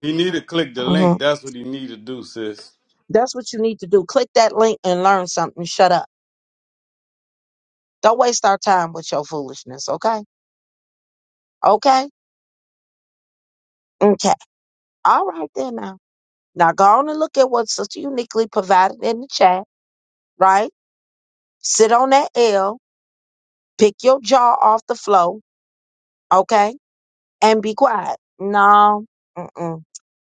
Speaker 3: He need to click the
Speaker 1: hmm
Speaker 3: link. That's what he need to do, sis.
Speaker 1: That's what you need to do. Click that link and learn something. Shut up. Don't waste our time with your foolishness, okay? Okay? Okay. All right then now. Now go on and look at what Sister Uniquely provided in the chat, right? Sit on that L, pick your jaw off the floor, okay? And be quiet. No, mm-mm.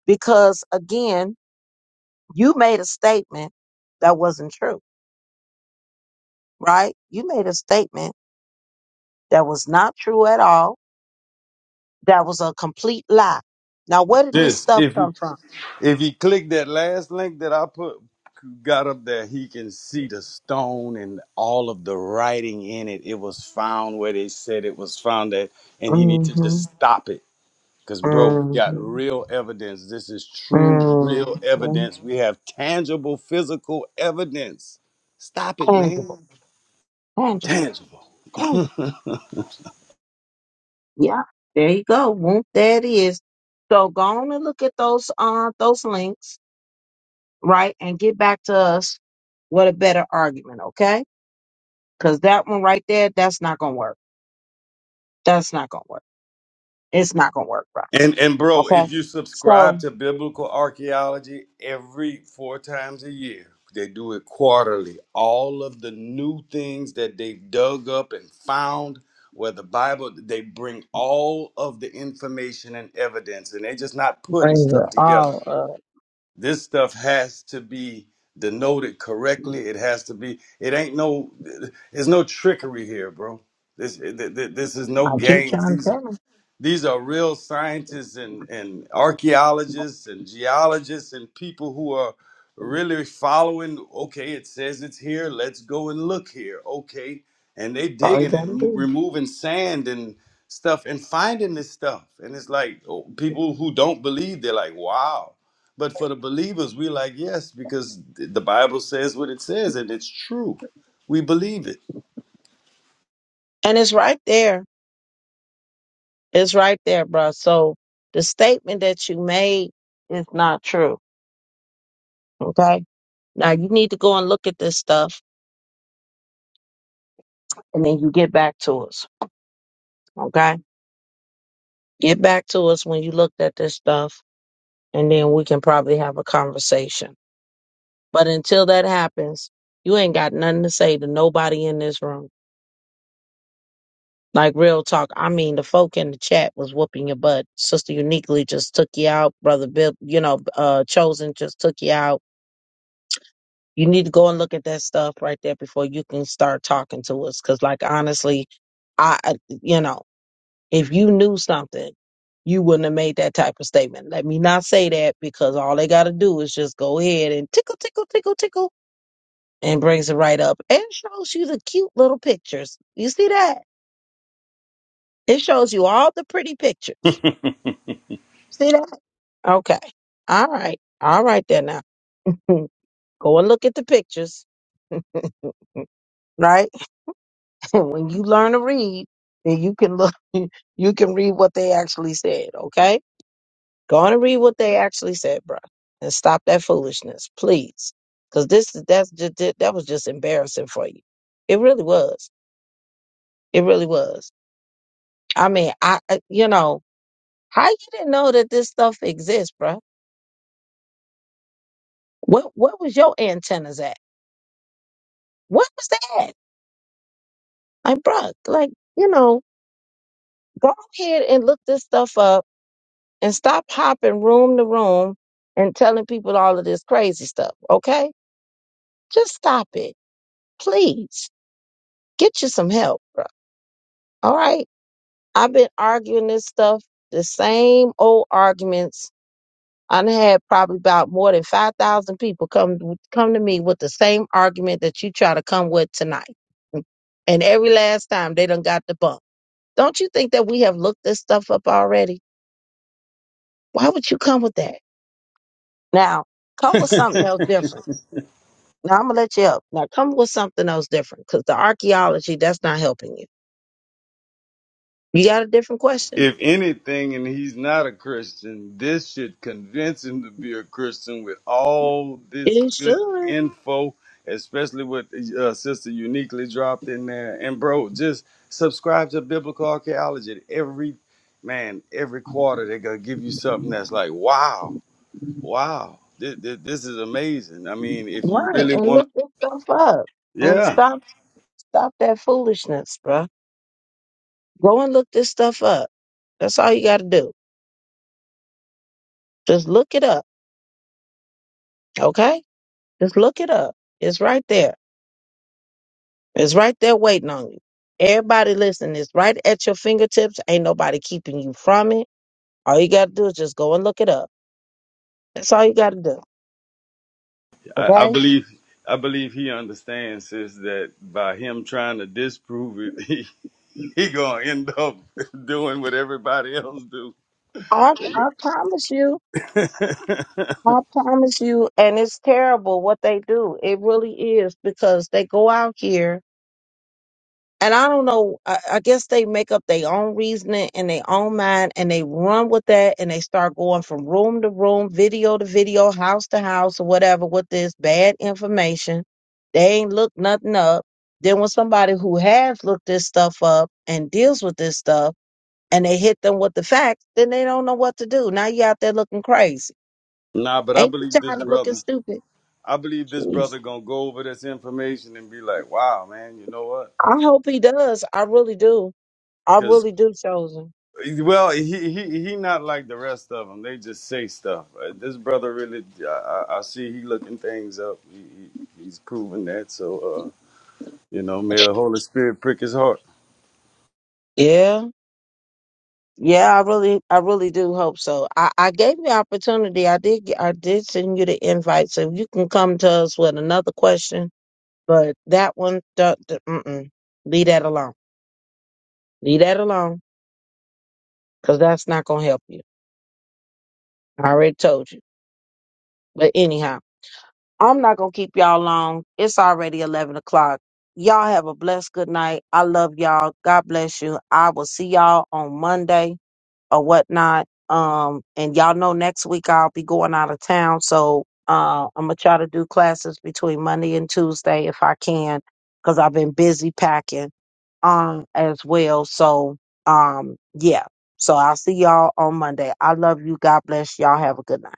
Speaker 1: because again, you made a statement that wasn't true, right? You made a statement that was not true at all. That was a complete lie. Now, where did this
Speaker 3: This
Speaker 1: stuff
Speaker 3: if he
Speaker 1: come from?
Speaker 3: if he click that last link that I put got up there, he can see the stone and all of the writing in it. It was found where they said it was found at, and he need to just
Speaker 1: hmm
Speaker 3: stop it Because, bro, we got
Speaker 1: hmm
Speaker 3: real evidence. This is true, real
Speaker 1: Mm-hmm.
Speaker 3: evidence. We have tangible, physical evidence. Stop it,
Speaker 1: Tangible,
Speaker 3: man.
Speaker 1: tangible,
Speaker 3: Tangible.
Speaker 1: tangible.
Speaker 3: [laughs]
Speaker 1: Yeah, there you go. Won't that is. So go on and look at those uh those links, right, and get back to us with a better argument, okay? Because that one right there, that's not gonna work. That's not gonna work. It's not gonna work, right?
Speaker 3: and and bro,
Speaker 1: Okay.
Speaker 3: if you subscribe
Speaker 1: So
Speaker 3: to biblical archaeology every four times a year, they do it quarterly. All of the new things that they've dug up and found where the Bible, they bring all of the information and evidence, and they're just not putting
Speaker 1: bring
Speaker 3: stuff
Speaker 1: it
Speaker 3: together.
Speaker 1: all up.
Speaker 3: this stuff has to be denoted correctly. It has to be. It ain't no. There's no trickery here, bro. This th- th- this is no
Speaker 1: I keep
Speaker 3: games.
Speaker 1: trying to
Speaker 3: These
Speaker 1: tell them.
Speaker 3: these are real scientists and, and archaeologists and geologists and people who are really following. Okay, it says it's here. Let's go and look here. Okay. And they
Speaker 1: All you
Speaker 3: digging
Speaker 1: gotta
Speaker 3: and m-
Speaker 1: do.
Speaker 3: removing sand and stuff and finding this stuff. And it's like oh, people who don't believe, they're like, wow. But for the believers, we're like, yes, because th- the Bible says what it says and it's true. We believe
Speaker 1: And it's right there. It's right there, bruh. So the statement that you made is not true. Okay Now you need to go and look at this stuff and then you get back to us. Okay? Get back to us when you looked at this stuff and then we can probably have a conversation. But until that happens, you ain't got nothing to say to nobody in this room. Like real talk. I mean, the folk in the chat was whooping your butt. Sister Uniquely just took you out. Brother Bill, you know, uh, Chosen just took you out. You need to go and look at that stuff right there before you can start talking to us. Cause like honestly, I, I- you know. If you knew something, you wouldn't have made that type of statement. Let me not say that because all they got to do is just go ahead and tickle, tickle, tickle, tickle, and brings it right up and shows you the cute little pictures. You see that? It shows you all the pretty pictures.
Speaker 3: it.
Speaker 1: See that? Okay. All right. All right then now. [laughs] Go and look at the pictures, right? [laughs] when you learn to read, then you can look, [laughs] you can read what they actually said, okay? Go on and read what they actually said, bruh, and stop that foolishness, please. Because this that's just that was just embarrassing for you. It really was. It really was. I mean, I I- you know how you didn't know that this stuff exists, bruh. What what was your antennas at? What was that? Like, bruh, like you know, go ahead and look this stuff up and stop hopping room to room and telling people all of this crazy stuff. Okay, just stop it, please. Get you some help, bruh. All right. I've been arguing this stuff, the same old arguments. I done had probably about more than 5,000 people come come to me with the same argument that you try to come with tonight. And every last time they done got the bump. Don't you think that we have looked this stuff up already? Why would you come with that? Now, come with
Speaker 3: [laughs]
Speaker 1: something else different. Now, I'm going to let you up. Now, come with something else different because the archaeology, that's not helping you. You got a different question?
Speaker 3: if anything, and he's not a Christian, this should convince him to be a Christian with all this
Speaker 1: It
Speaker 3: good
Speaker 1: should.
Speaker 3: info, especially what uh, Sister Uniquely dropped in there. And bro, just subscribe to Biblical Archaeology. Every man, every quarter they're gonna give you something that's like, wow, wow, this, this, this is amazing. I mean, if you
Speaker 1: Right.
Speaker 3: really
Speaker 1: And
Speaker 3: want to,
Speaker 1: look this stuff up. And
Speaker 3: yeah,
Speaker 1: stop stop that foolishness, bruh. Go and look this stuff up. That's all you gotta do. Just look it up. Okay? Just look it up. It's right there. It's right there waiting on you. Everybody listen, it's right at your fingertips. Ain't nobody keeping you from it. All you gotta do is just go and look it up. That's all you gotta do.
Speaker 3: I, I
Speaker 1: Okay?
Speaker 3: believe I believe he understands, sis, that by him trying to disprove it, [laughs] [laughs] he gonna end up [laughs] doing what everybody else do.
Speaker 1: I I promise you.
Speaker 3: [laughs]
Speaker 1: I promise you, and it's terrible what they do. It really is because they go out here and I don't know. I, I guess they make up their own reasoning in their own mind, and they run with that, and they start going from room to room, video to video, house to house, or whatever with this bad information. They ain't looked nothing up. Then when somebody who has looked this stuff up and deals with this stuff, and they hit them with the facts, then they don't know what to do. Now you out there looking crazy.
Speaker 3: nah, but I
Speaker 1: Ain't you
Speaker 3: believe this
Speaker 1: tired of looking
Speaker 3: brother.
Speaker 1: stupid?
Speaker 3: I believe this
Speaker 1: Jeez.
Speaker 3: brother gonna go over this information and be like, "Wow, man, you know what?"
Speaker 1: I hope he does. I really do. I
Speaker 3: Because
Speaker 1: really do, chosen.
Speaker 3: well, he he he not like the rest of them. They just say stuff. Uh, This brother really, I, I I see he looking things up. He, he he's proven that. So uh, you know, may the Holy Spirit prick his heart.
Speaker 1: Yeah. Yeah, I really, I really do hope so. I, I gave you opportunity. I did, get- I did send you the invite, so you can come to us with another question. But that one, duh, duh, mm-mm. leave that alone. Leave that alone, cause that's not gonna help you. I already told you. But anyhow, I'm not gonna keep y'all long. It's already eleven o'clock. Y'all have a blessed good night. I love y'all. God bless you. I will see y'all on Monday. or whatnot. Um, and y'all know next week I'll be going out of town, so uh, I'm gonna try to do classes between Monday and Tuesday if I can, because I've been busy packing um as well. So um, yeah. So I'll see y'all on Monday. I love you. God bless y'all. Have a good night.